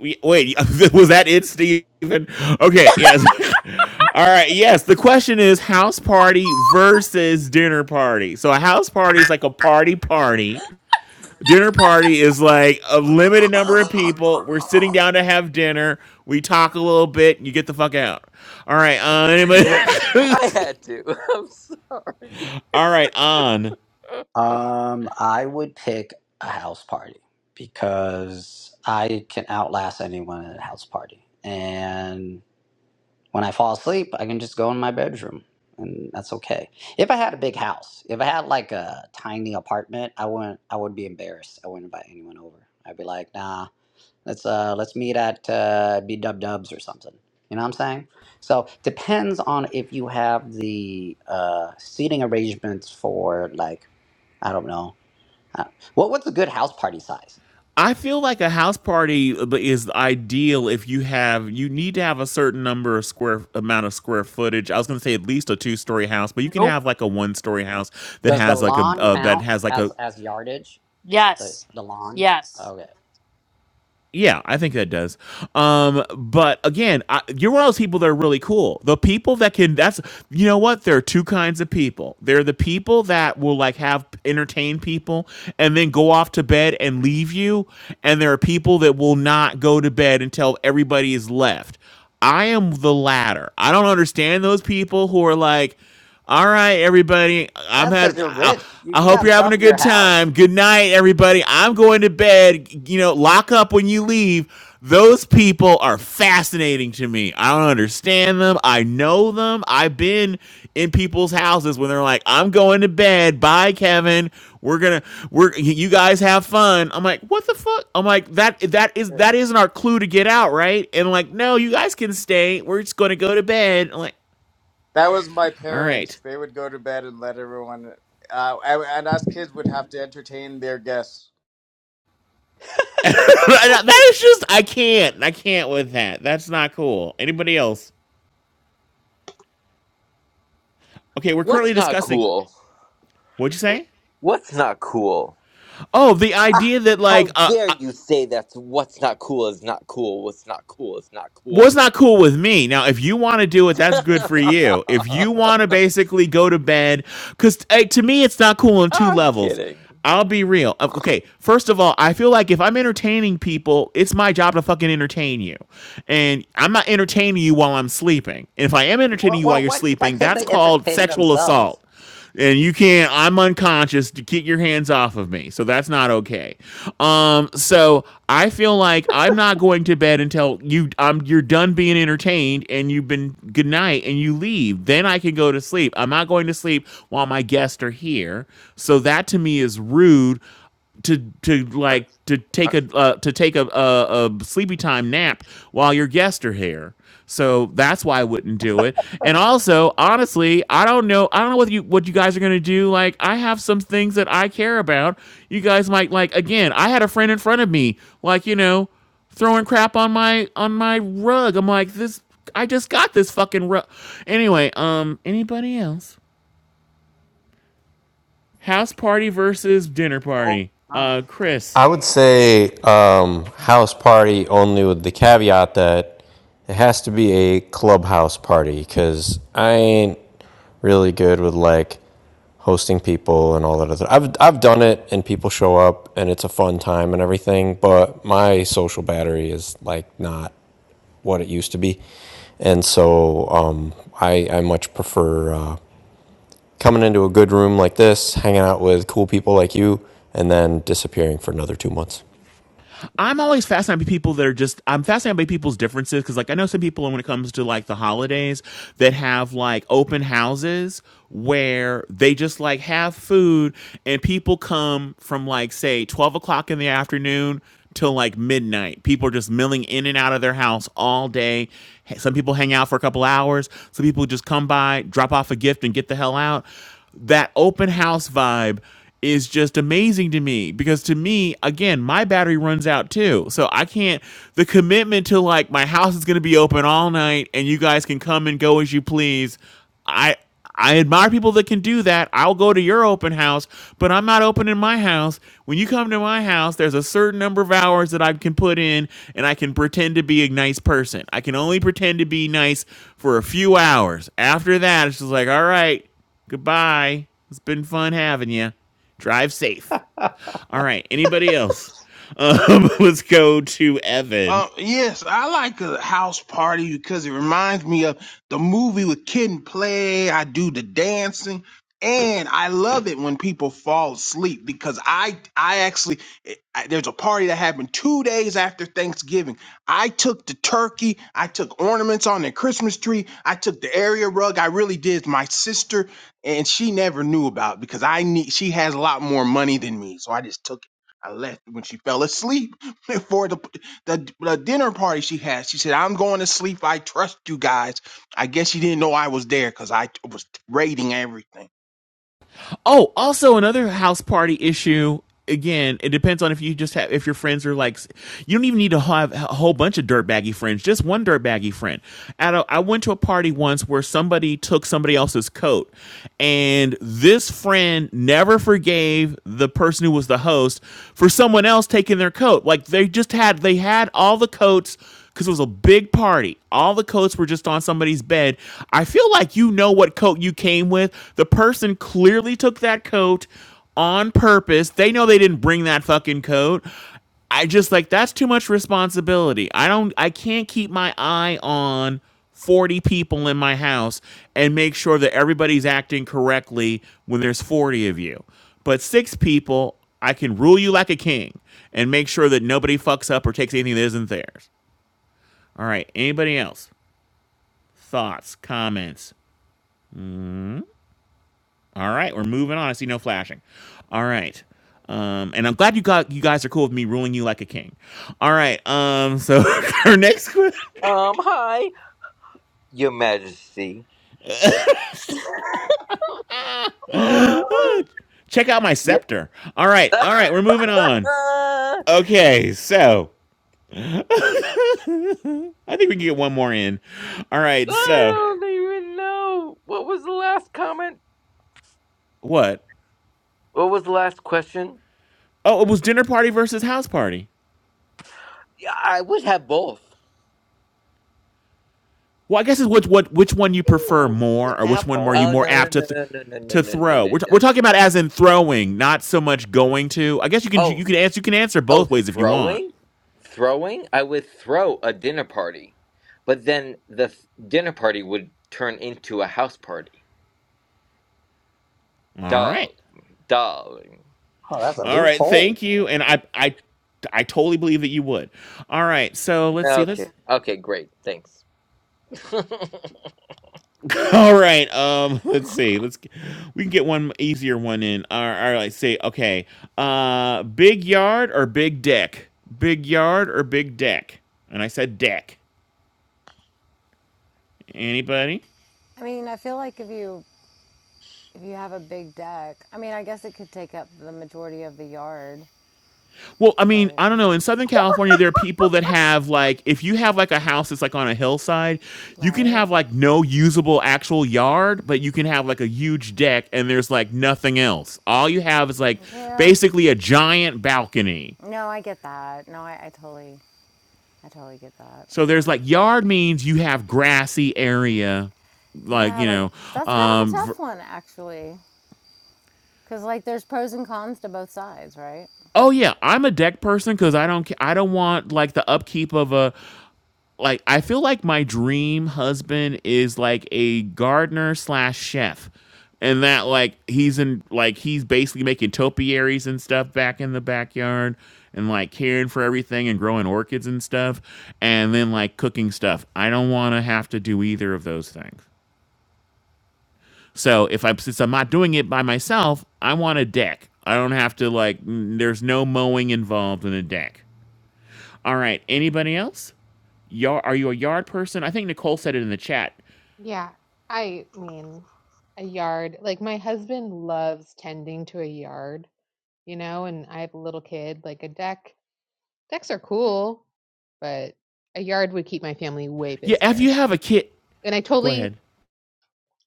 Speaker 1: Wait, *laughs* was that it, Stephen? Okay, yes. *laughs* All right, yes. The question is house party versus dinner party. So a house party is like a party party. Dinner party is like a limited number of people. We're sitting down to have dinner. We talk a little bit. You get the fuck out. All right, uh,
Speaker 10: *laughs*
Speaker 1: anybody?
Speaker 10: I had to. *laughs* I'm so-
Speaker 1: *laughs* All right, on.
Speaker 5: Um, I would pick a house party because I can outlast anyone at a house party. And when I fall asleep, I can just go in my bedroom and that's okay. If I had a big house, if I had like a tiny apartment, I wouldn't I would be embarrassed. I wouldn't invite anyone over. I'd be like, nah, Let's uh let's meet at uh, B Dub Dubs or something. You know what I'm saying? So depends on if you have the uh, seating arrangements for like I don't know uh, what what's a good house party size?
Speaker 1: I feel like a house party is ideal if you have you need to have a certain number of square amount of square footage. I was going to say at least a two story house, but you can
Speaker 4: Nope.
Speaker 1: have like a one story house that
Speaker 5: Does the
Speaker 1: has like a
Speaker 5: lawn
Speaker 1: uh, that
Speaker 5: count
Speaker 1: has like a
Speaker 5: as as yardage? The
Speaker 4: Yes.
Speaker 5: the lawn?
Speaker 4: Yes.
Speaker 5: Okay,
Speaker 1: Yeah, I think that does. Um, but again, I, you're one of those people that are really cool. The people that can that's you know what? There are two kinds of people. There are the people that will like have entertain people and then go off to bed and leave you, and there are people that will not go to bed until everybody is left. I am the latter. I don't understand those people who are like all right, everybody. I'm
Speaker 5: that's because
Speaker 1: had.
Speaker 5: you're
Speaker 1: I,
Speaker 5: rich. You,
Speaker 1: I
Speaker 5: you
Speaker 1: hope
Speaker 5: got
Speaker 1: you're having
Speaker 5: stuff
Speaker 1: a
Speaker 5: in your
Speaker 1: good
Speaker 5: house.
Speaker 1: time. Good night, everybody. I'm going to bed. You know, lock up when you leave. Those people are fascinating to me. I don't understand them. I know them. I've been in people's houses when they're like, "I'm going to bed. Bye, Kevin. We're gonna. We're you guys have fun." I'm like, "What the fuck?" I'm like, "That that is that isn't our clue to get out, right?" And like, "No, you guys can stay. We're just going to go to bed." I'm like,
Speaker 11: That was my
Speaker 1: "All right."
Speaker 11: parents. They would go to bed and let everyone, uh, and and us kids would have to entertain their guests.
Speaker 1: *laughs* that is just I can't. I can't with that. That's not cool. Anybody else? Okay, we're currently
Speaker 10: What's not
Speaker 1: discussing.
Speaker 10: cool?
Speaker 1: What'd you say?
Speaker 10: What's not cool?
Speaker 1: Oh, the
Speaker 10: Ah,
Speaker 1: idea that like
Speaker 10: how
Speaker 1: uh,
Speaker 10: dare
Speaker 1: uh,
Speaker 10: you say that's what's not cool is not cool. What's not cool is not
Speaker 1: was
Speaker 10: cool.
Speaker 1: not cool with me. Now, if you want to do it, that's good for you. If you
Speaker 10: *laughs*
Speaker 1: want to basically go to bed, because uh, to me, it's not cool on two
Speaker 10: I'm
Speaker 1: levels.
Speaker 10: kidding.
Speaker 1: I'll be real. Uh, Okay, first of all, I feel like if I'm entertaining people, it's my job to fucking entertain you. And I'm not entertaining you while I'm sleeping. And if I am
Speaker 5: Well,
Speaker 1: entertaining you while
Speaker 5: well,
Speaker 1: you're
Speaker 5: why why
Speaker 1: sleeping,
Speaker 5: can't
Speaker 1: that's
Speaker 5: they
Speaker 1: called
Speaker 5: entertain
Speaker 1: sexual
Speaker 5: themselves?
Speaker 1: assault. and you can't i'm unconscious to get your hands off of me so that's not okay um so i feel like i'm not going to bed until you um you're done being entertained and you've been good night and you leave then i can go to sleep i'm not going to sleep while my guests are here so that to me is rude to to like to take a
Speaker 10: *sighs*
Speaker 1: uh, to take a, a a sleepy time nap while your guests are here. So that's why I wouldn't do it. And also, honestly, I don't know. I don't know what you what you guys are gonna do. Like, I have some things that I care about. You guys might like again. I had a friend in front of me, like you know, throwing crap on my on my rug. I'm like this. I just got this fucking rug. Anyway, um, anybody else? House party versus dinner
Speaker 16: Oh,
Speaker 1: party.
Speaker 16: i
Speaker 1: Uh, Chris.
Speaker 9: I would say um, house party only with the caveat that it has to be a clubhouse party because I ain't really good with like hosting people and all that other. I've I've done it and people show up and it's a fun time and everything, but my social battery is like not what it used to be, and so um, I I much prefer uh, coming into a good room like this, hanging out with cool people like you, and then disappearing for another two months.
Speaker 1: I'm always fascinated by people that are just I'm fascinated by people's differences because like I know some people when it comes to like the holidays that have like open houses where they just like have food and people come from like say 12 o'clock in the afternoon till like midnight. People are just milling in and out of their house all day. Some people hang out for a couple hours. Some people just come by, drop off a gift, and get the hell out. That open house vibe is just amazing to me because to me again my battery runs out too so i can't the commitment to like my house is going to be open all night and you guys can come and go as you please i i admire people that can do that i'll go to your open house but i'm not open in my house when you come to my house there's a certain number of hours that i can put in and i can pretend to be a nice person i can only pretend to be nice for a few hours after that it's just like all right goodbye it's been fun having you Drive safe. All right. Anybody else? *laughs* Um, let's go to Evan.
Speaker 16: Uh, yes, I like a house party because it reminds me of the movie with Kid and Play. I do the dancing, and I love it when people fall asleep because I I actually I, there's a party that happened two days after Thanksgiving. I took the turkey, I took ornaments on the Christmas tree, I took the area rug. I really did. My sister and she never knew about it because I need she has a lot more money than me, so I just took it. I left when she fell asleep *laughs* before the the, the dinner party she had. She said, I'm going to sleep. I trust you guys. I guess she didn't know I was there because I t- was rating everything.
Speaker 1: Oh, also another house party issue. Again, it depends on if you just have if your friends are like you don't even need to have a whole bunch of dirtbaggy friends, just one dirtbaggy friend. At a, I went to a party once where somebody took somebody else's coat, and this friend never forgave the person who was the host for someone else taking their coat. Like they just had they had all the coats because it was a big party. All the coats were just on somebody's bed. I feel like you know what coat you came with. The person clearly took that coat on purpose. They know they didn't bring that fucking coat. I just like that's too much responsibility. I don't I can't keep my eye on 40 people in my house and make sure that everybody's acting correctly when there's 40 of you. But six people, I can rule you like a king and make sure that nobody fucks up or takes anything that isn't theirs. All right. Anybody else? Thoughts, comments? All right, we're moving on. I see no flashing. All right. Um, and I'm glad you got you guys are cool with me ruling you like a king. All right. Um, so *laughs* our next que-
Speaker 10: Your Majesty. *laughs*
Speaker 1: *laughs* check out my
Speaker 10: Yeah.
Speaker 1: scepter. All right, all right, we're moving on.
Speaker 10: Uh,
Speaker 1: Okay, so I think we can get one more in. All right,
Speaker 10: I
Speaker 1: so
Speaker 10: don't even know. What was the last comment?
Speaker 1: what?
Speaker 10: What was the last question?
Speaker 1: Oh, it was dinner party versus house party.
Speaker 10: Yeah, I would have both.
Speaker 1: Well, I guess it's what what which one you prefer
Speaker 5: Ooh, you
Speaker 1: more,
Speaker 5: can
Speaker 1: or which
Speaker 5: have
Speaker 1: one were
Speaker 5: both.
Speaker 1: you
Speaker 10: Oh
Speaker 1: more
Speaker 10: no no
Speaker 1: apt to
Speaker 10: no
Speaker 1: th-
Speaker 10: no no no no
Speaker 1: to
Speaker 10: no no no
Speaker 1: throw? We're, t-
Speaker 10: no
Speaker 1: we're
Speaker 10: no.
Speaker 1: talking about
Speaker 10: no.
Speaker 1: as in throwing, not so much going to. I guess you can
Speaker 10: Oh,
Speaker 1: you can answer you can answer
Speaker 10: Oh,
Speaker 1: both ways if you want.
Speaker 10: throwing? Throwing? I would throw a dinner party, but then the th- dinner party would turn into a house party.
Speaker 1: All right,
Speaker 10: Darling, darling.
Speaker 5: Oh, that's a
Speaker 10: *laughs*
Speaker 1: all right.
Speaker 5: loophole.
Speaker 1: Thank you, and I I I totally believe that you would. All right, so let's see.
Speaker 10: Okay,
Speaker 1: Let's
Speaker 10: okay, great, thanks. *laughs*
Speaker 1: *laughs* all right. Um, let's see. Let's we can get one easier one in. All right. All right let's see. Okay. Uh, big yard or big deck? Big yard or big deck? And I said deck. Anybody?
Speaker 3: I mean, I feel like if you if you have a big deck, I mean, I guess it could take up the majority of the yard,
Speaker 1: Well, I mean,
Speaker 3: but
Speaker 1: I don't know. In Southern California, there are people that have like, if you have like a house that's like on a hillside, you can
Speaker 3: right?
Speaker 1: have like no usable actual yard, but you can have like a huge deck and there's like nothing else. All you have is like
Speaker 3: Yeah.
Speaker 1: basically a giant balcony.
Speaker 3: No, I get that. No, I, I totally, I totally get that.
Speaker 1: So there's
Speaker 3: Hmm.
Speaker 1: like yard means you have grassy area, like
Speaker 3: Yeah,
Speaker 1: you
Speaker 3: like
Speaker 1: know.
Speaker 3: that's kind of a
Speaker 1: Um, ver-
Speaker 3: tough one actually, because like there's pros and cons to both sides, right?
Speaker 1: oh yeah, I'm a deck person because I don't ca- I don't want like the upkeep of a like I feel like my dream husband is like a gardener slash chef, and that like he's in like he's basically making topiaries and stuff back in the backyard, and like caring for everything and growing orchids and stuff, and then like cooking stuff. I don't want to have to do either of those things. So if I'm since I'm not doing it by myself, I want a deck. I don't have to like. mm, There's no mowing involved in a deck. All right. Anybody else? Yard, are you a yard person? I think Nicole said it in the chat.
Speaker 14: Yeah. I mean, a yard. Like my husband loves tending to a yard, you know, and I have a little kid, like a deck Decks are cool, but a yard would keep my family way
Speaker 1: Yeah, if
Speaker 14: busier.
Speaker 1: you have a kid,
Speaker 14: And I
Speaker 1: go
Speaker 14: totally,
Speaker 1: ahead.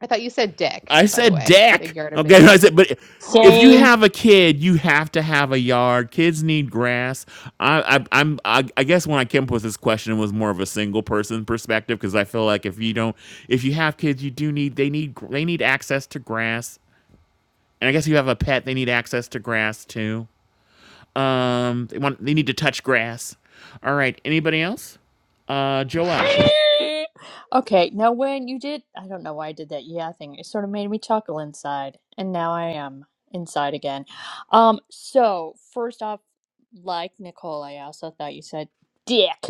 Speaker 14: I thought you said dick,
Speaker 1: I
Speaker 14: by the
Speaker 1: said
Speaker 14: way. Big
Speaker 1: deck.
Speaker 14: yard or big
Speaker 1: Okay, *laughs* I
Speaker 14: dick.
Speaker 1: said, but if you
Speaker 4: same
Speaker 1: have a kid, you have to have a yard. Kids need grass. I, I I'm I, I guess when I came up with this question, it was more of a single person perspective because I feel like if you don't, if you have kids, you do need they need they need access to grass. And I guess if you have a pet, they need access to grass too. Um, they want they need to touch grass. All right, anybody else? Uh, Joel.
Speaker 4: *laughs* Okay, now when you did, I don't know why I did that yeah thing. It sort of made me chuckle inside, and now I am inside again. Um, so first off, like Nicole, I also thought you said dick,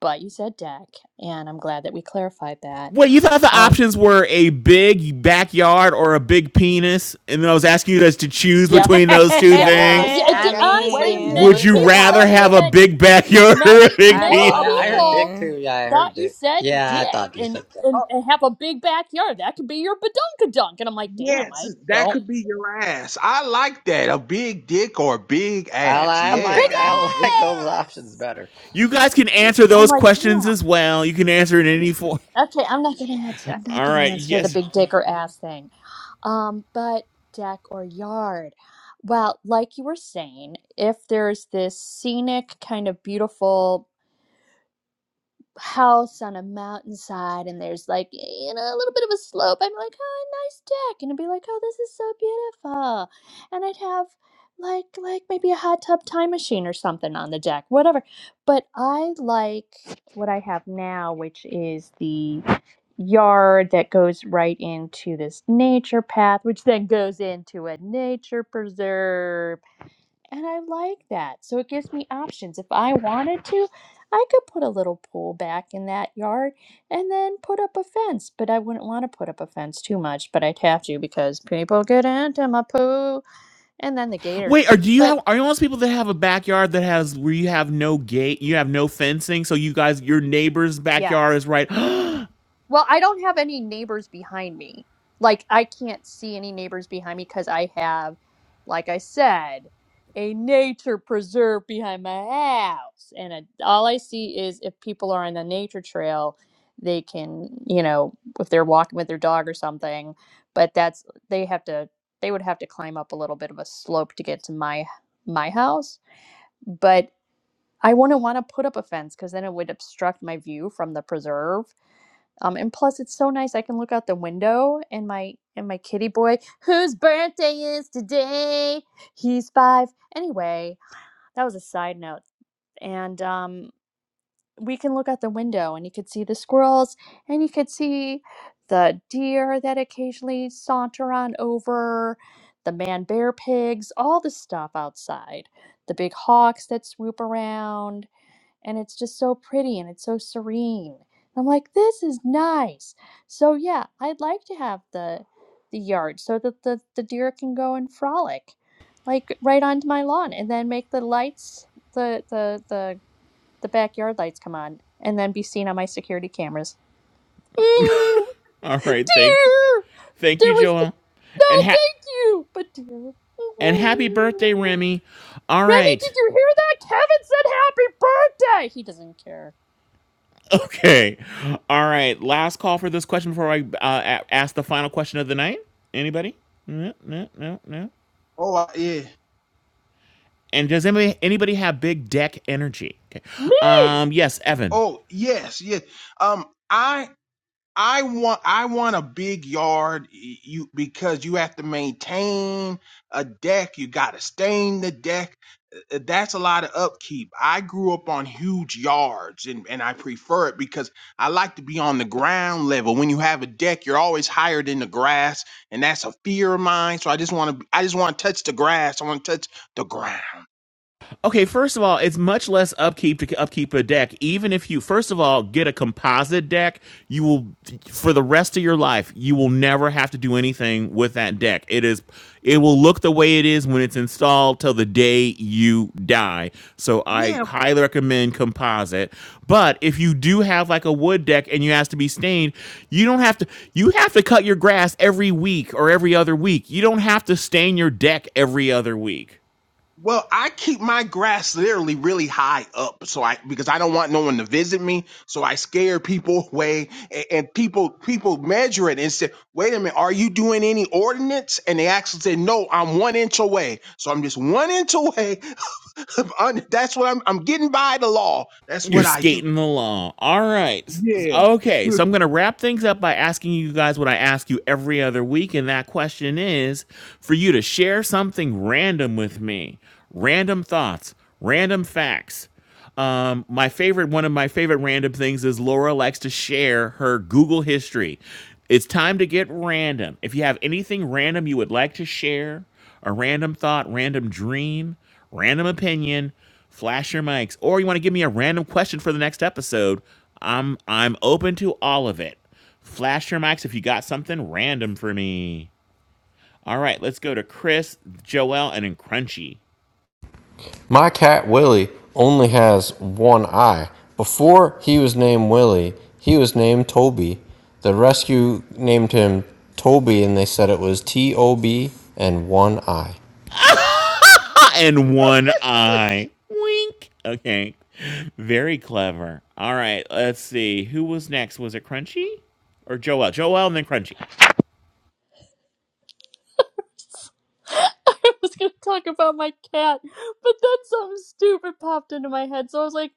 Speaker 4: but you said deck, and I'm glad that we clarified that.
Speaker 1: Wait, you thought the
Speaker 4: Um,
Speaker 1: options were a big backyard or a big penis? And then I was asking you guys to choose
Speaker 4: yep,
Speaker 3: *laughs*
Speaker 1: between those two
Speaker 4: yep.
Speaker 14: Yeah.
Speaker 1: things.
Speaker 4: Yeah, it
Speaker 3: I
Speaker 4: did,
Speaker 14: Yep.
Speaker 4: honestly,
Speaker 14: We
Speaker 3: mean,
Speaker 4: many
Speaker 1: Would
Speaker 14: wouldn't
Speaker 1: you
Speaker 14: put it
Speaker 4: people
Speaker 1: rather
Speaker 14: past
Speaker 4: thought you
Speaker 1: have a
Speaker 14: you.
Speaker 4: said.
Speaker 1: big backyard *laughs* or a
Speaker 4: many
Speaker 3: I
Speaker 1: big
Speaker 5: Oh,
Speaker 4: many
Speaker 1: penis?
Speaker 16: Up,
Speaker 5: I, I heard Dick
Speaker 4: people
Speaker 5: too.
Speaker 3: mean,
Speaker 5: Yeah, I
Speaker 4: thought
Speaker 5: heard
Speaker 4: you
Speaker 5: Dick.
Speaker 4: said
Speaker 5: Yeah,
Speaker 4: dick
Speaker 5: I thought you
Speaker 4: and
Speaker 5: said that.
Speaker 4: and, and have a big backyard that could be your badunkadunk and i'm like damn
Speaker 16: yes,
Speaker 4: i
Speaker 16: that
Speaker 4: don't
Speaker 16: could be your ass. I like that. A big dick or a big
Speaker 5: I,
Speaker 16: ass.
Speaker 5: I
Speaker 4: a big
Speaker 5: like
Speaker 16: Yeah.
Speaker 5: I *laughs* like those options
Speaker 4: ass
Speaker 5: better.
Speaker 1: You guys can answer
Speaker 4: i'm
Speaker 1: those
Speaker 4: like
Speaker 1: questions
Speaker 4: damn
Speaker 1: as well. You can answer in any form.
Speaker 4: okay i'm not gonna answer i'm
Speaker 1: *laughs*
Speaker 4: not
Speaker 1: All
Speaker 4: gonna
Speaker 1: right.
Speaker 4: answer the
Speaker 1: Yes.
Speaker 4: big dick or ass thing um but deck or yard well like you were saying if there's this scenic kind of beautiful house on a mountainside and there's like you know a little bit of a slope i'd be like oh nice deck and i'd be like oh this is so beautiful and i'd have like like maybe a hot tub time machine or something on the deck whatever but i like what i have now which is the yard that goes right into this nature path which then goes into a nature preserve and I like that. So it gives me options. If I wanted to, I could put a little pool back in that yard and then put up a fence. But I wouldn't want to put up a fence too much, but I'd have to because people get into my poo and then the gators.
Speaker 1: Wait. Are do you
Speaker 4: But
Speaker 1: have? Are you one of those people that have a backyard that has where you have no gate, you have no fencing, so you guys, your neighbor's
Speaker 4: yeah.
Speaker 1: backyard is right. *gasps*
Speaker 4: Well, I don't have any neighbors behind me. Like I can't see any neighbors behind me because I have, like I said, a nature preserve behind my house, and it, all I see is if people are on the nature trail, they can, you know, if they're walking with their dog or something. But that's they have to they would have to climb up a little bit of a slope to get to my my house. But I wouldn't want to put up a fence because then it would obstruct my view from the preserve um, and plus, it's so nice. I can look out the window and my and my kitty boy, whose birthday is today. He's five. Anyway, that was a side note. And um, we can look out the window and you could see the squirrels and you could see the deer that occasionally saunter on over, the man bear pigs, all the stuff outside, the big hawks that swoop around and it's just so pretty and it's so serene. I'm like, this is nice. So yeah, I'd like to have the the yard so that the, the deer can go and frolic like right onto my lawn and then make the lights the the the, the backyard lights come on and then be seen on my security cameras. *laughs*
Speaker 1: All
Speaker 4: Mm,
Speaker 1: right. Thank you.
Speaker 4: deer
Speaker 1: Thank you,
Speaker 4: there was
Speaker 1: Joel.
Speaker 4: no
Speaker 1: And ha-
Speaker 4: thank you but deer
Speaker 1: and happy birthday,
Speaker 4: Mm.
Speaker 1: Remy. All
Speaker 4: Remy,
Speaker 1: right.
Speaker 4: did you hear that? Kevin said happy birthday! He doesn't care.
Speaker 1: Okay. All right. Last call for this question before I uh, a- ask the final question of the night. Anybody? No, no, no, no.
Speaker 16: Oh, I- yeah.
Speaker 1: And does anybody anybody have big deck energy? Okay.
Speaker 4: Me!
Speaker 1: Um. Yes, Evan.
Speaker 16: Oh, yes, yes. Um, I I want I want a big yard you because you have to maintain a deck, you got to stain the deck. Uh, That's a lot of upkeep. I grew up on huge yards and and I prefer it because I like to be on the ground level. When you have a deck, you're always higher than the grass, and that's a fear of mine. So I just want to I just want to touch the grass. I want to touch the ground.
Speaker 1: Okay, first of all, it's much less upkeep to upkeep a deck. Even if you, first of all, get a composite deck, you will, for the rest of your life, you will never have to do anything with that deck. It is, it will look the way it is when it's installed till the day you die. So I
Speaker 16: Yeah.
Speaker 1: highly recommend composite. But if you do have like a wood deck and you have to be stained, you don't have to, you have to cut your grass every week or every other week. You don't have to stain your deck every other week.
Speaker 16: Well, I keep my grass literally really high up, so I because I don't want no one to visit me, so I scare people *laughs* away, and, and people people measure it and say, "Wait a minute, are you doing any ordinance?" And they actually say, "No, I'm one inch away, so I'm just one inch away. *laughs* Un- That's what I'm. I'm getting by the law. That's
Speaker 1: You're
Speaker 16: what I do."
Speaker 1: skating along. All right.
Speaker 16: Yeah.
Speaker 1: Okay. So I'm going to wrap things up by asking you guys what I ask you every other week. And that question is for you to share something random with me random thoughts, random facts. Um, my favorite, one of my favorite random things is Laura likes to share her Google history. It's time to get random. If you have anything random you would like to share, a random thought, random dream, random opinion, flash your mics, or you want to give me a random question for the next episode, I'm I'm open to all of it. Flash your mics if you got something random for me. All right, let's go to Chris, Joelle, and then Crunchy.
Speaker 9: My cat Willie only has one eye. Before he was named Willie, he was named Toby. The rescue named him Toby and they said it was T O B and one eye.
Speaker 1: *laughs* and one eye. Wink. Okay. Very clever. All right, let's see. Who was next? Was it Crunchy or Joelle? Joelle and then Crunchy.
Speaker 4: *laughs* I was gonna talk about my cat, but then something stupid popped into my head. So I was like,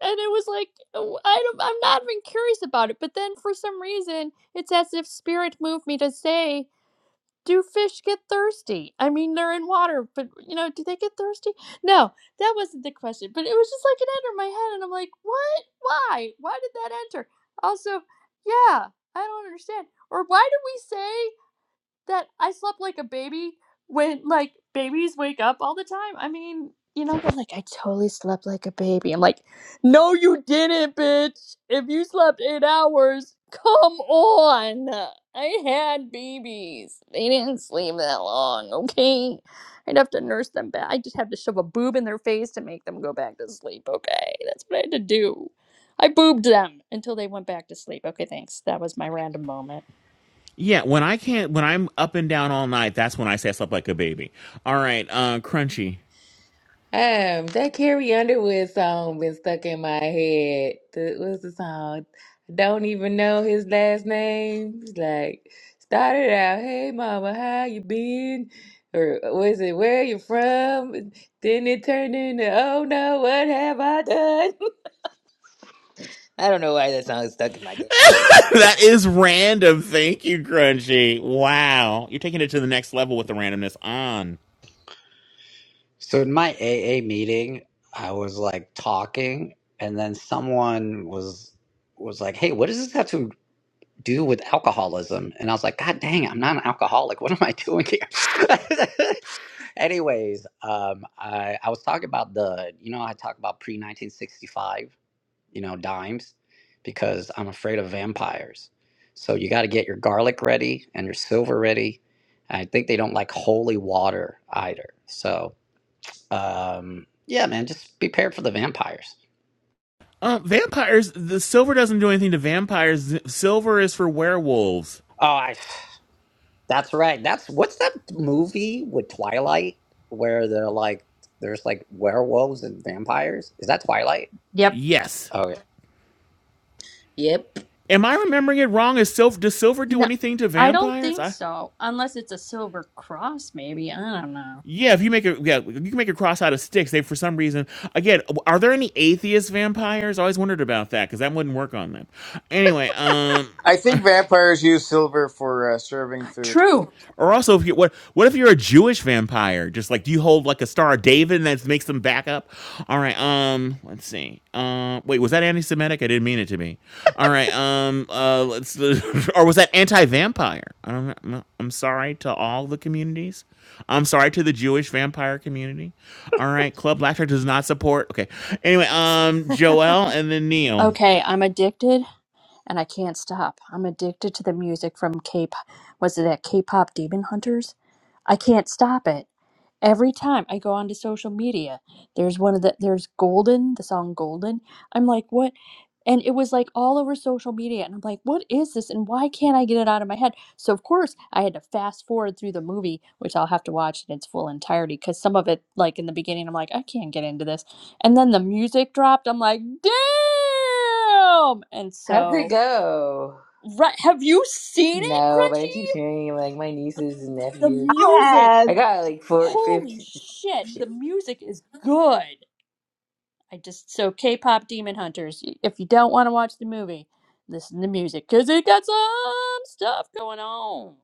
Speaker 4: and it was like, oh, I don't, I'm not even curious about it. But then for some reason, it's as if spirit moved me to say, do fish get thirsty? I mean, they're in water, but you know, do they get thirsty? No, that wasn't the question. But it was just like it entered my head, and I'm like, what? Why? Why did that enter? Also, yeah, I don't understand. Or why do we say? that I slept like a baby when like babies wake up all the time. I mean, you know, they're like, I totally slept like a baby. I'm like, no, you didn't, bitch. If you slept eight hours, come on. I had babies. They didn't sleep that long, okay? I'd have to nurse them back. I just have to shove a boob in their face to make them go back to sleep, okay? That's what I had to do. I boobed them until they went back to sleep. Okay, thanks. That was my random moment.
Speaker 1: Yeah, when I can't, when I'm up and down all night, that's when I say I slept like a baby. All right, uh, Crunchy.
Speaker 15: Um, that Carrie Underwood song been stuck in my head. The, what's the song? I don't even know his last name. It's like started out, hey mama, how you been? Or was it where you from? Then it turned into oh no, what have I done? *laughs* I don't know why that song is stuck in my head.
Speaker 1: *laughs* that is random. Thank you, Grungy. Wow. You're taking it to the next level with the randomness on.
Speaker 5: So in my AA meeting, I was like talking, and then someone was was like, "Hey, what does this have to do with alcoholism?" And I was like, "God dang, I'm not an alcoholic. What am I doing here?" *laughs* Anyways, um, I I was talking about the you know I talk about pre 1965 you know, dimes because I'm afraid of vampires. So you got to get your garlic ready and your silver ready. I think they don't like holy water either. So, um, yeah, man, just be prepared for the vampires.
Speaker 1: Uh, vampires, the silver doesn't do anything to vampires. Silver is for werewolves.
Speaker 5: Oh, I, that's right. That's what's that movie with Twilight where they're like, there's like werewolves and vampires? Is that Twilight?
Speaker 4: Yep.
Speaker 1: Yes.
Speaker 5: Oh, yeah.
Speaker 15: Yep.
Speaker 1: Am I remembering it wrong? Is silver, does silver do
Speaker 4: No,
Speaker 1: anything to
Speaker 4: I don't
Speaker 1: vampires?
Speaker 4: think
Speaker 1: I,
Speaker 4: so. Unless it's a silver cross, maybe. I don't know.
Speaker 1: yeah, if you make a yeah, you can make a cross out of sticks. They for some reason again, are there any atheist vampires? I always wondered about that because that wouldn't work on them. Anyway, um,
Speaker 11: I think vampires use silver for uh, serving food.
Speaker 4: True.
Speaker 1: Or also, if you what what if you're a Jewish vampire? Just like do you hold like a Star of David and that makes them back up? All right. Um. Let's see. Uh. Wait. Was that anti-Semitic? I didn't mean it to be. All right. Um. Uh. Let's. *laughs* or was that anti-vampire? I don't. know. no, I'm sorry to all the communities. I'm sorry to the Jewish vampire community. All right. Club Laughter does not support. Okay. Anyway. Um.
Speaker 3: *laughs*
Speaker 1: Joel and then Neil.
Speaker 4: Okay, I'm addicted and I can't stop. I'm addicted to the music from K. pop. Was it that K-pop Demon Hunters? I can't stop it. Every time I go onto social media, there's one of the there's Golden, the song Golden. I'm like, what? And it was like all over social media, and I'm like, what is this? And why can't I get it out of my head? So of course I had to fast forward through the movie, which I'll have to watch in its full entirety because some of it, like in the beginning, I'm like, I can't get into this, and then the music dropped. I'm like, damn! And
Speaker 15: How's it
Speaker 4: so,
Speaker 15: go?
Speaker 4: right, have you seen it,
Speaker 15: No, but I keep
Speaker 4: Crunchy?
Speaker 15: hearing like my nieces and
Speaker 4: The
Speaker 15: nephews.
Speaker 4: music
Speaker 17: have.
Speaker 15: I got like four,
Speaker 4: holy
Speaker 15: fifteen.
Speaker 4: shit, the
Speaker 15: Shit.
Speaker 4: music is good. I just so K-pop Demon Hunters. If you don't want to watch the movie, listen to music because it got some stuff going on.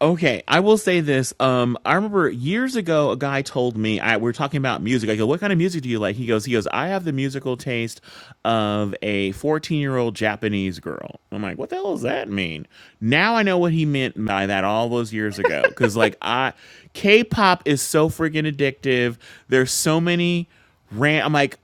Speaker 1: Okay, I will say this. Um, I remember years ago, a guy told me I, we were talking about music. I go, "What kind of music do you like?" He goes, "He goes, I have the musical taste of a fourteen-year-old Japanese girl." I'm like, "What the hell does that mean?" Now I know what he meant by that all those years ago. Because like I, K-pop is so freaking addictive. There's so many ran. I'm like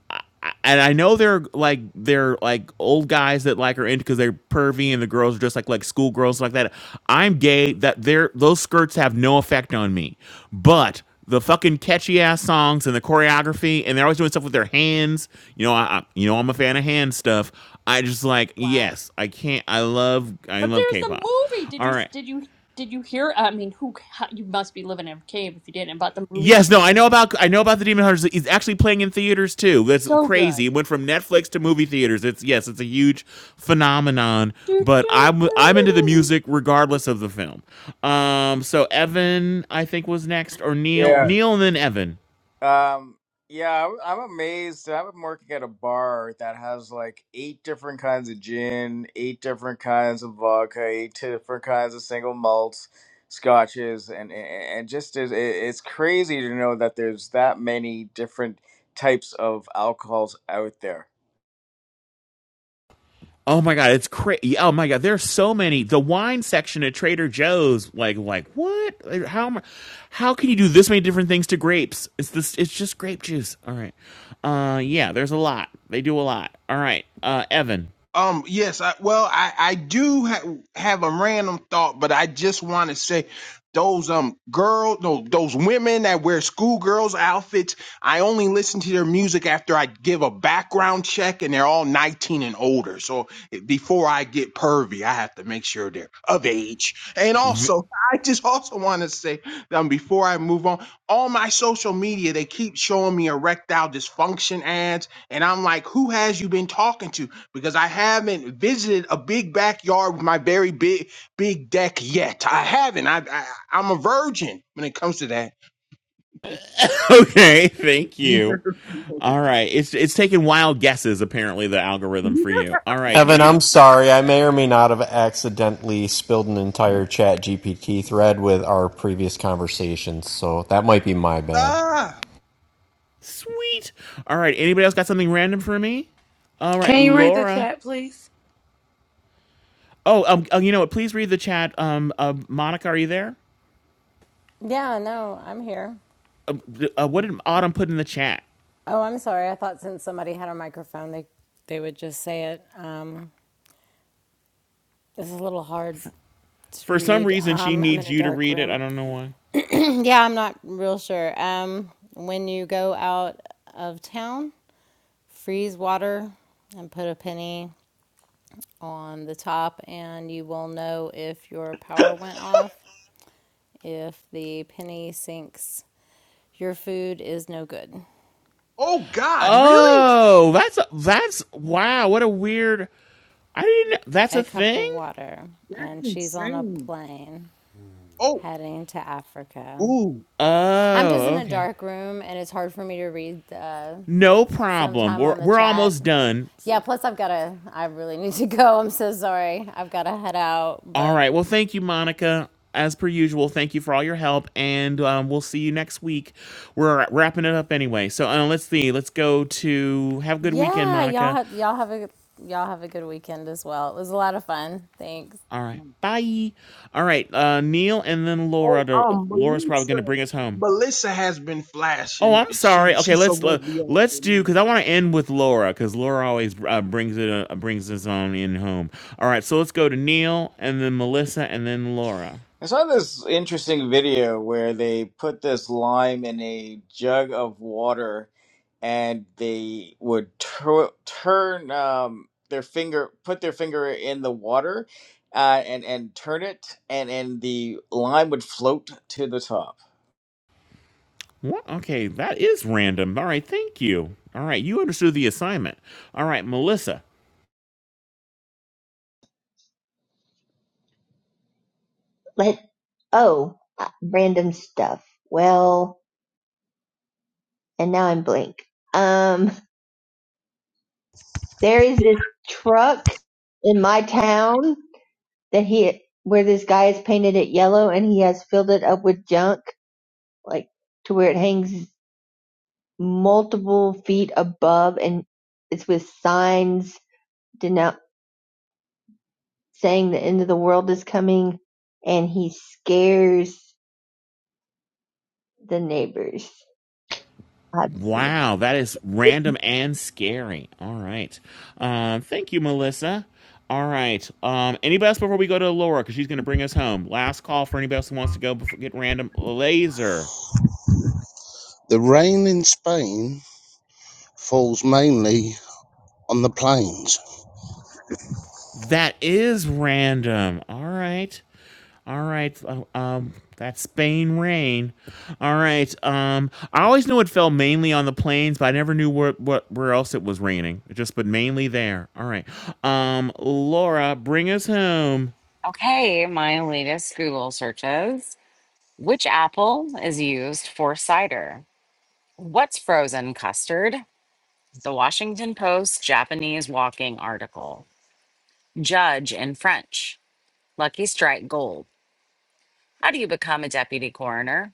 Speaker 1: and I know they're like they're like old guys that like are into because they're pervy and the girls are just like like schoolgirls like that. I'm gay. That they're those skirts have no effect on me, but the fucking catchy ass songs and the choreography and they're always doing stuff with their hands. You know, I, I you know I'm a fan of hand stuff. I just like
Speaker 4: Wow!
Speaker 1: yes, I can't. I love I
Speaker 4: But
Speaker 1: love
Speaker 4: there's the
Speaker 1: K-pop.
Speaker 4: movie. Did
Speaker 1: All
Speaker 4: you
Speaker 1: right.
Speaker 4: did you did you hear? I mean, who how, you must be living in a cave if you didn't about the movie.
Speaker 1: Yes, no, I know about I know about the Demon Hunters. It's actually playing in theaters too. That's
Speaker 4: So
Speaker 1: crazy.
Speaker 4: good.
Speaker 1: It went from Netflix to movie theaters. It's yes, it's a huge phenomenon.
Speaker 4: Do,
Speaker 1: But
Speaker 4: do,
Speaker 1: I'm
Speaker 4: do,
Speaker 1: I'm into the
Speaker 4: do, do.
Speaker 1: music regardless of the film. Um, so Evan, I think was next, or Neil,
Speaker 11: Yeah.
Speaker 1: Neil, and then Evan.
Speaker 11: Um. Yeah, I'm I'm amazed. I'm working at a bar that has like eight different kinds of gin, eight different kinds of vodka, eight different kinds of single malts, scotches, and and and just is it- it's crazy to know that there's that many different types of alcohols out there.
Speaker 1: Oh my god, it's crazy! Oh my god, there's so many. The wine section at Trader Joe's, like, like what? Like, How am I- how can you do this many different things to grapes? It's this. It's just grape juice. All right. Uh, yeah, there's a lot. They do a lot. All right. Uh, Evan.
Speaker 16: Um, yes, I, well, I, I do ha- have a random thought, but I just want to say those, um, girl, no, those women that wear schoolgirls outfits, I only listen to their music after I give a background check and they're all 19 and older. So eh, before I get pervy, I have to make sure they're of age. And also, *laughs* I just also want to say, um, before I move on, all my social media, they keep showing me erectile dysfunction ads. And I'm like, who has you been talking to? because I haven't visited a big backyard with my very big big deck yet. I haven't. I, I I'm a virgin when it comes to that.
Speaker 1: *laughs* Okay, thank
Speaker 16: *laughs*
Speaker 1: you. All right, it's it's taking wild guesses. Apparently, the algorithm for you. All right.
Speaker 9: Evan,
Speaker 1: Any
Speaker 9: I'm sorry. I may or may not have accidentally spilled an entire chat GPT thread with our previous conversations, so that might be my bad.
Speaker 16: ah,
Speaker 1: sweet. All right. Anybody else got something random for me? All right,
Speaker 18: Can you read the
Speaker 1: Laura.
Speaker 18: chat, please?
Speaker 1: Oh, um, uh, you know what? Please read the chat. Um, uh, Monica, are you there?
Speaker 3: yeah, no, I'm here.
Speaker 1: uh, uh, what did Autumn put in the chat?
Speaker 3: Oh, I'm sorry. I thought since somebody had a microphone, they they would just say it. Um, this is a little hard to
Speaker 1: For some
Speaker 3: read.
Speaker 1: reason, she
Speaker 3: Um, I'm in
Speaker 1: needs
Speaker 3: a
Speaker 1: you to
Speaker 3: dark
Speaker 1: read it. I
Speaker 3: room.
Speaker 1: don't know why.
Speaker 3: *clears throat* yeah, I'm not real sure. Um, when you go out of town, freeze water and put a penny on the top, and you will know if your power went off if the penny sinks Your food is no good.
Speaker 16: oh God, really?
Speaker 1: Oh, that's a, that's wow. What a weird. I didn't. That's
Speaker 3: A
Speaker 1: a
Speaker 3: cup of
Speaker 1: thing.
Speaker 3: water.
Speaker 16: That's
Speaker 3: And she's on a
Speaker 16: insane.
Speaker 3: plane
Speaker 16: Oh,
Speaker 3: heading to Africa.
Speaker 16: ooh,
Speaker 3: I'm just
Speaker 1: Oh,
Speaker 3: in a
Speaker 1: okay.
Speaker 3: dark room and it's hard for me to read uh,
Speaker 1: No problem.
Speaker 3: sometime
Speaker 1: We're
Speaker 3: on the
Speaker 1: we're
Speaker 3: chat.
Speaker 1: almost done.
Speaker 3: Yeah, plus I've got to, I really need to *laughs* go. I'm so sorry. I've got to head out.
Speaker 1: All
Speaker 3: But
Speaker 1: right. Well, thank you, Monica. As per usual, thank you for all your help, and um, we'll see you next week. We're wrapping it up anyway. So uh, let's see. Let's go to have a good weekend,
Speaker 3: yeah, y'all,
Speaker 1: Monica.
Speaker 3: ha- y'all, have a, y'all have a good weekend as well. It was a lot of fun. Thanks.
Speaker 1: All right. Bye. All right. Uh, Neil and then
Speaker 16: oh,
Speaker 1: Laura. To,
Speaker 16: um,
Speaker 1: Laura's probably
Speaker 16: Melissa,
Speaker 1: going to bring us home.
Speaker 16: Melissa has been
Speaker 1: Oh,
Speaker 16: flashing.
Speaker 1: I'm
Speaker 16: She
Speaker 1: sorry. Okay,
Speaker 16: she so
Speaker 1: let's
Speaker 16: won't be after
Speaker 1: let's do
Speaker 16: me.
Speaker 1: because I want to end with Laura because Laura always uh, brings it uh, brings us on in home. All right, so let's go to Neil and then Melissa and then Laura.
Speaker 11: I saw this interesting video where they put this lime in a jug of water and they would tur turn um, their finger, put their finger in the water uh, and, and turn it, and, and the lime would float to the top.
Speaker 1: What? Okay, that is random. All right, thank you. All right, you understood the assignment. All right, Melissa.
Speaker 17: Let oh, uh, random stuff. Well, and now I'm blank. Um, there is this truck in my town that he where this guy has painted it yellow and he has filled it up with junk, like to where it hangs multiple feet above, and it's with signs denou- saying the end of the world is coming, and he scares the neighbors. I have to send a
Speaker 1: Wow, that is random and scary. All right. Um, thank you, Melissa. All right. Um, anybody else before we go to Laura? Because she's going to bring us home. Last call for anybody else who wants to go before get random. Laser.
Speaker 19: The rain in Spain falls mainly on the plains.
Speaker 1: That is random. All right. All right. Uh, um, that's Spain rain. All right. Um, I always knew it fell mainly on the plains, but I never knew where what where else it was raining. It just but mainly there. All right. Um, Laura, bring us home.
Speaker 2: Okay, my latest Google searches. Which apple is used for cider? What's frozen custard? The Washington Post Japanese walking article. Judge in French. Lucky Strike Gold. How do you become a deputy coroner?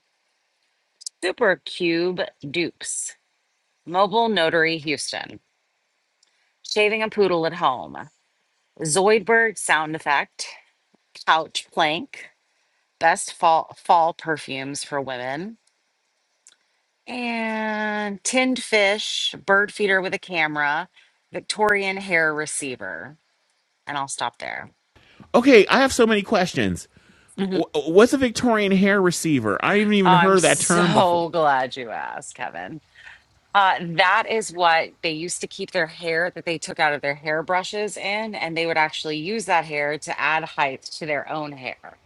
Speaker 2: Supercube dupes. Mobile Notary Houston. Shaving a poodle at home. Zoidberg sound effect. Couch plank. Best fall, fall perfumes for women And tinned fish, bird feeder with a camera, Victorian hair receiver. And I'll stop there.
Speaker 1: Okay, I have so many questions.
Speaker 2: Mhm.
Speaker 1: What's a Victorian hair receiver? I haven't
Speaker 2: Oh,
Speaker 1: even
Speaker 2: I'm
Speaker 1: heard of that term before.
Speaker 2: so glad you asked, Kevin. Uh, that is what they used to keep their hair that they took out of their hairbrushes in, and they would actually use that hair to add height to their own hair.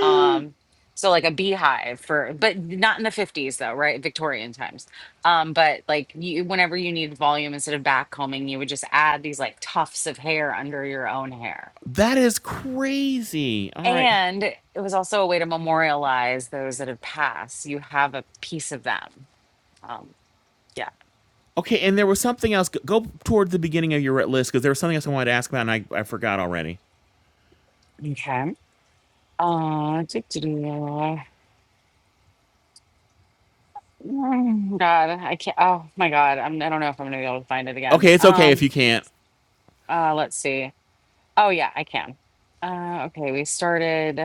Speaker 2: um so like a beehive for but not in the 50s though right victorian times um but like you whenever you needed volume instead of back combing you would just add these like tufts of hair under your own hair
Speaker 1: That is crazy. All right.
Speaker 2: and it was also a way to memorialize those that have passed you have a piece of them um yeah
Speaker 1: Okay, and there was something else. Go- Go toward the beginning of your list because there was something else I wanted to ask about and I, I forgot already.
Speaker 2: okay uh doo-doo-doo. Mm, god i can't oh my god I'm, i don't know if i'm gonna be able to find it again
Speaker 1: Okay, it's okay if
Speaker 2: um
Speaker 1: you can't.
Speaker 2: uh let's see Oh yeah, I can. Uh, okay, we started.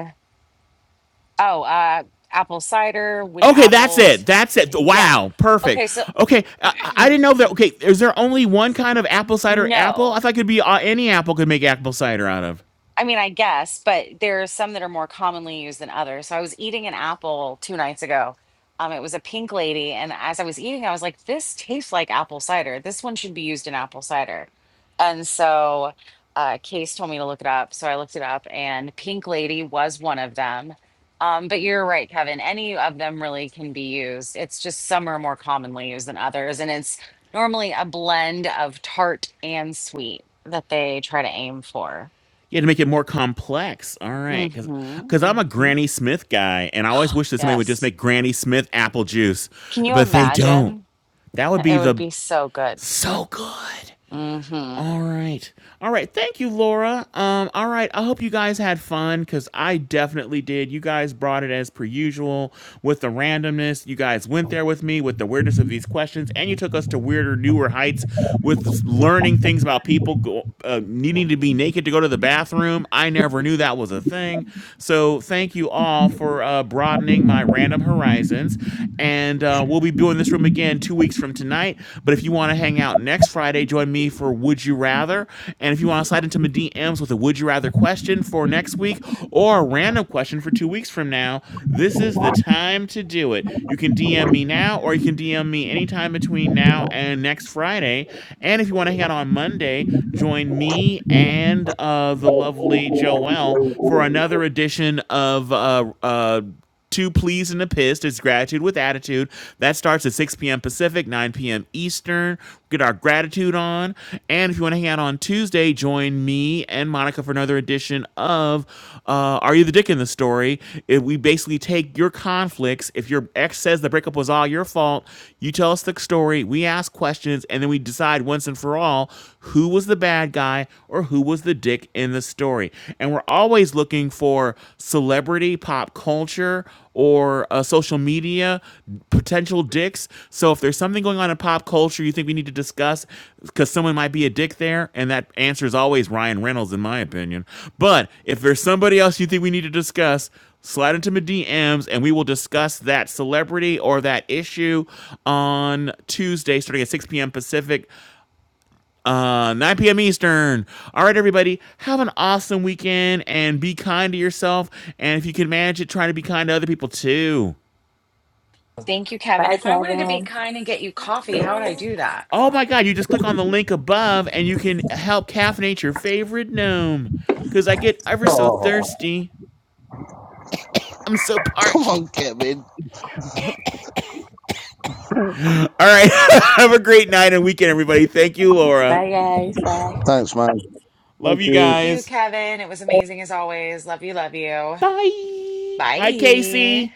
Speaker 2: Oh, uh, apple cider. Which
Speaker 1: Okay, that's it.
Speaker 2: apples?
Speaker 1: That's it.
Speaker 2: Yeah.
Speaker 1: Wow, perfect.
Speaker 2: Okay, so
Speaker 1: Okay, I, I
Speaker 2: *clears throat*
Speaker 1: didn't know that. Okay, is there only one kind of apple cider
Speaker 2: no.
Speaker 1: apple? I thought it could be uh, any apple could make apple cider out of.
Speaker 2: I mean, I guess, but there are some that are more commonly used than others. So I was eating an apple two nights ago. Um, it was a pink lady, and as I was eating, I was like, "This tastes like apple cider. This one should be used in apple cider." And so, uh, Case told me to look it up, so I looked it up, and pink lady was one of them. Um, but you're right, Kevin. Any of them really can be used. It's just some are more commonly used than others, and it's normally a blend of tart and sweet that they try to aim for.
Speaker 1: You had to make it more complex. All right, because because
Speaker 2: Mm-hmm.
Speaker 1: I'm a
Speaker 2: hmm
Speaker 1: Granny Smith guy, and I always
Speaker 2: Oh,
Speaker 1: wish that somebody would just
Speaker 2: yes.
Speaker 1: make Granny Smith apple juice,
Speaker 2: Can you
Speaker 1: but they don't.
Speaker 2: imagine?
Speaker 1: That would
Speaker 2: It
Speaker 1: be
Speaker 2: would
Speaker 1: the
Speaker 2: be so good.
Speaker 1: so good.
Speaker 2: Mm-hmm.
Speaker 1: All right. All right. Thank you, Laura. Um, all right. I hope you guys had fun because I definitely did. You guys brought it as per usual with the randomness. You guys went there with me with the weirdness of these questions, and you took us to weirder, newer heights with learning things about people go, uh, needing to be naked to go to the bathroom. I never knew that was a thing. So thank you all for uh, broadening my random horizons. And uh, we'll be doing this room again again two weeks from tonight. But if you want to hang out next Friday, join me for Would You Rather. And if you want to slide into my DMs with a Would You Rather question for next week or a random question for two weeks from now, this is the time to do it. You can DM me now or you can DM me anytime between now and next Friday. And if you want to hang out on Monday, join me and uh, the lovely Joelle for another edition of uh, uh, Two pleased and a pissed. It's gratitude with attitude. That starts at 6 p.m. Pacific, 9 p.m. Eastern. Get our gratitude on. And if you want to hang out on Tuesday, join me and Monica for another edition of uh, Are You the Dick in the Story? It, we basically take your conflicts. If your ex says the breakup was all your fault, you tell us the story. We ask questions and then we decide once and for all who was the bad guy or who was the dick in the story. And we're always looking for celebrity, pop culture, or uh, social media potential dicks. So if there's something going on in pop culture you think we need to discuss because someone might be a dick there, and that answer is always Ryan Reynolds, in my opinion. But if there's somebody else you think we need to discuss, slide into my DMs and we will discuss that celebrity or that issue on Tuesday starting at 6 p.m. Pacific uh, 9 p.m. Eastern. All right, everybody, have an awesome weekend and be kind to yourself. And if you can manage it, try to be kind to other people too.
Speaker 2: Thank you, Kevin.
Speaker 15: Bye,
Speaker 2: If I wanted to be
Speaker 15: Kevin.
Speaker 2: kind and get you
Speaker 14: Thank
Speaker 2: coffee, how would I
Speaker 14: you.
Speaker 2: do that?
Speaker 1: Oh my God, you just click on the link above and you can help caffeinate your favorite gnome. Because I get ever so thirsty. I'm so
Speaker 19: *laughs* Come
Speaker 1: parched.
Speaker 19: on, Kevin.
Speaker 1: All right, *laughs* have a great night and weekend, everybody. Thank you, Laura.
Speaker 15: Bye, guys. Bye.
Speaker 19: Thanks, mate.
Speaker 1: Love you
Speaker 2: Thank you,
Speaker 1: guys.
Speaker 2: Kevin. It was amazing as always. Love you, love you.
Speaker 1: Bye. Hi,
Speaker 2: Bye.
Speaker 1: Casey.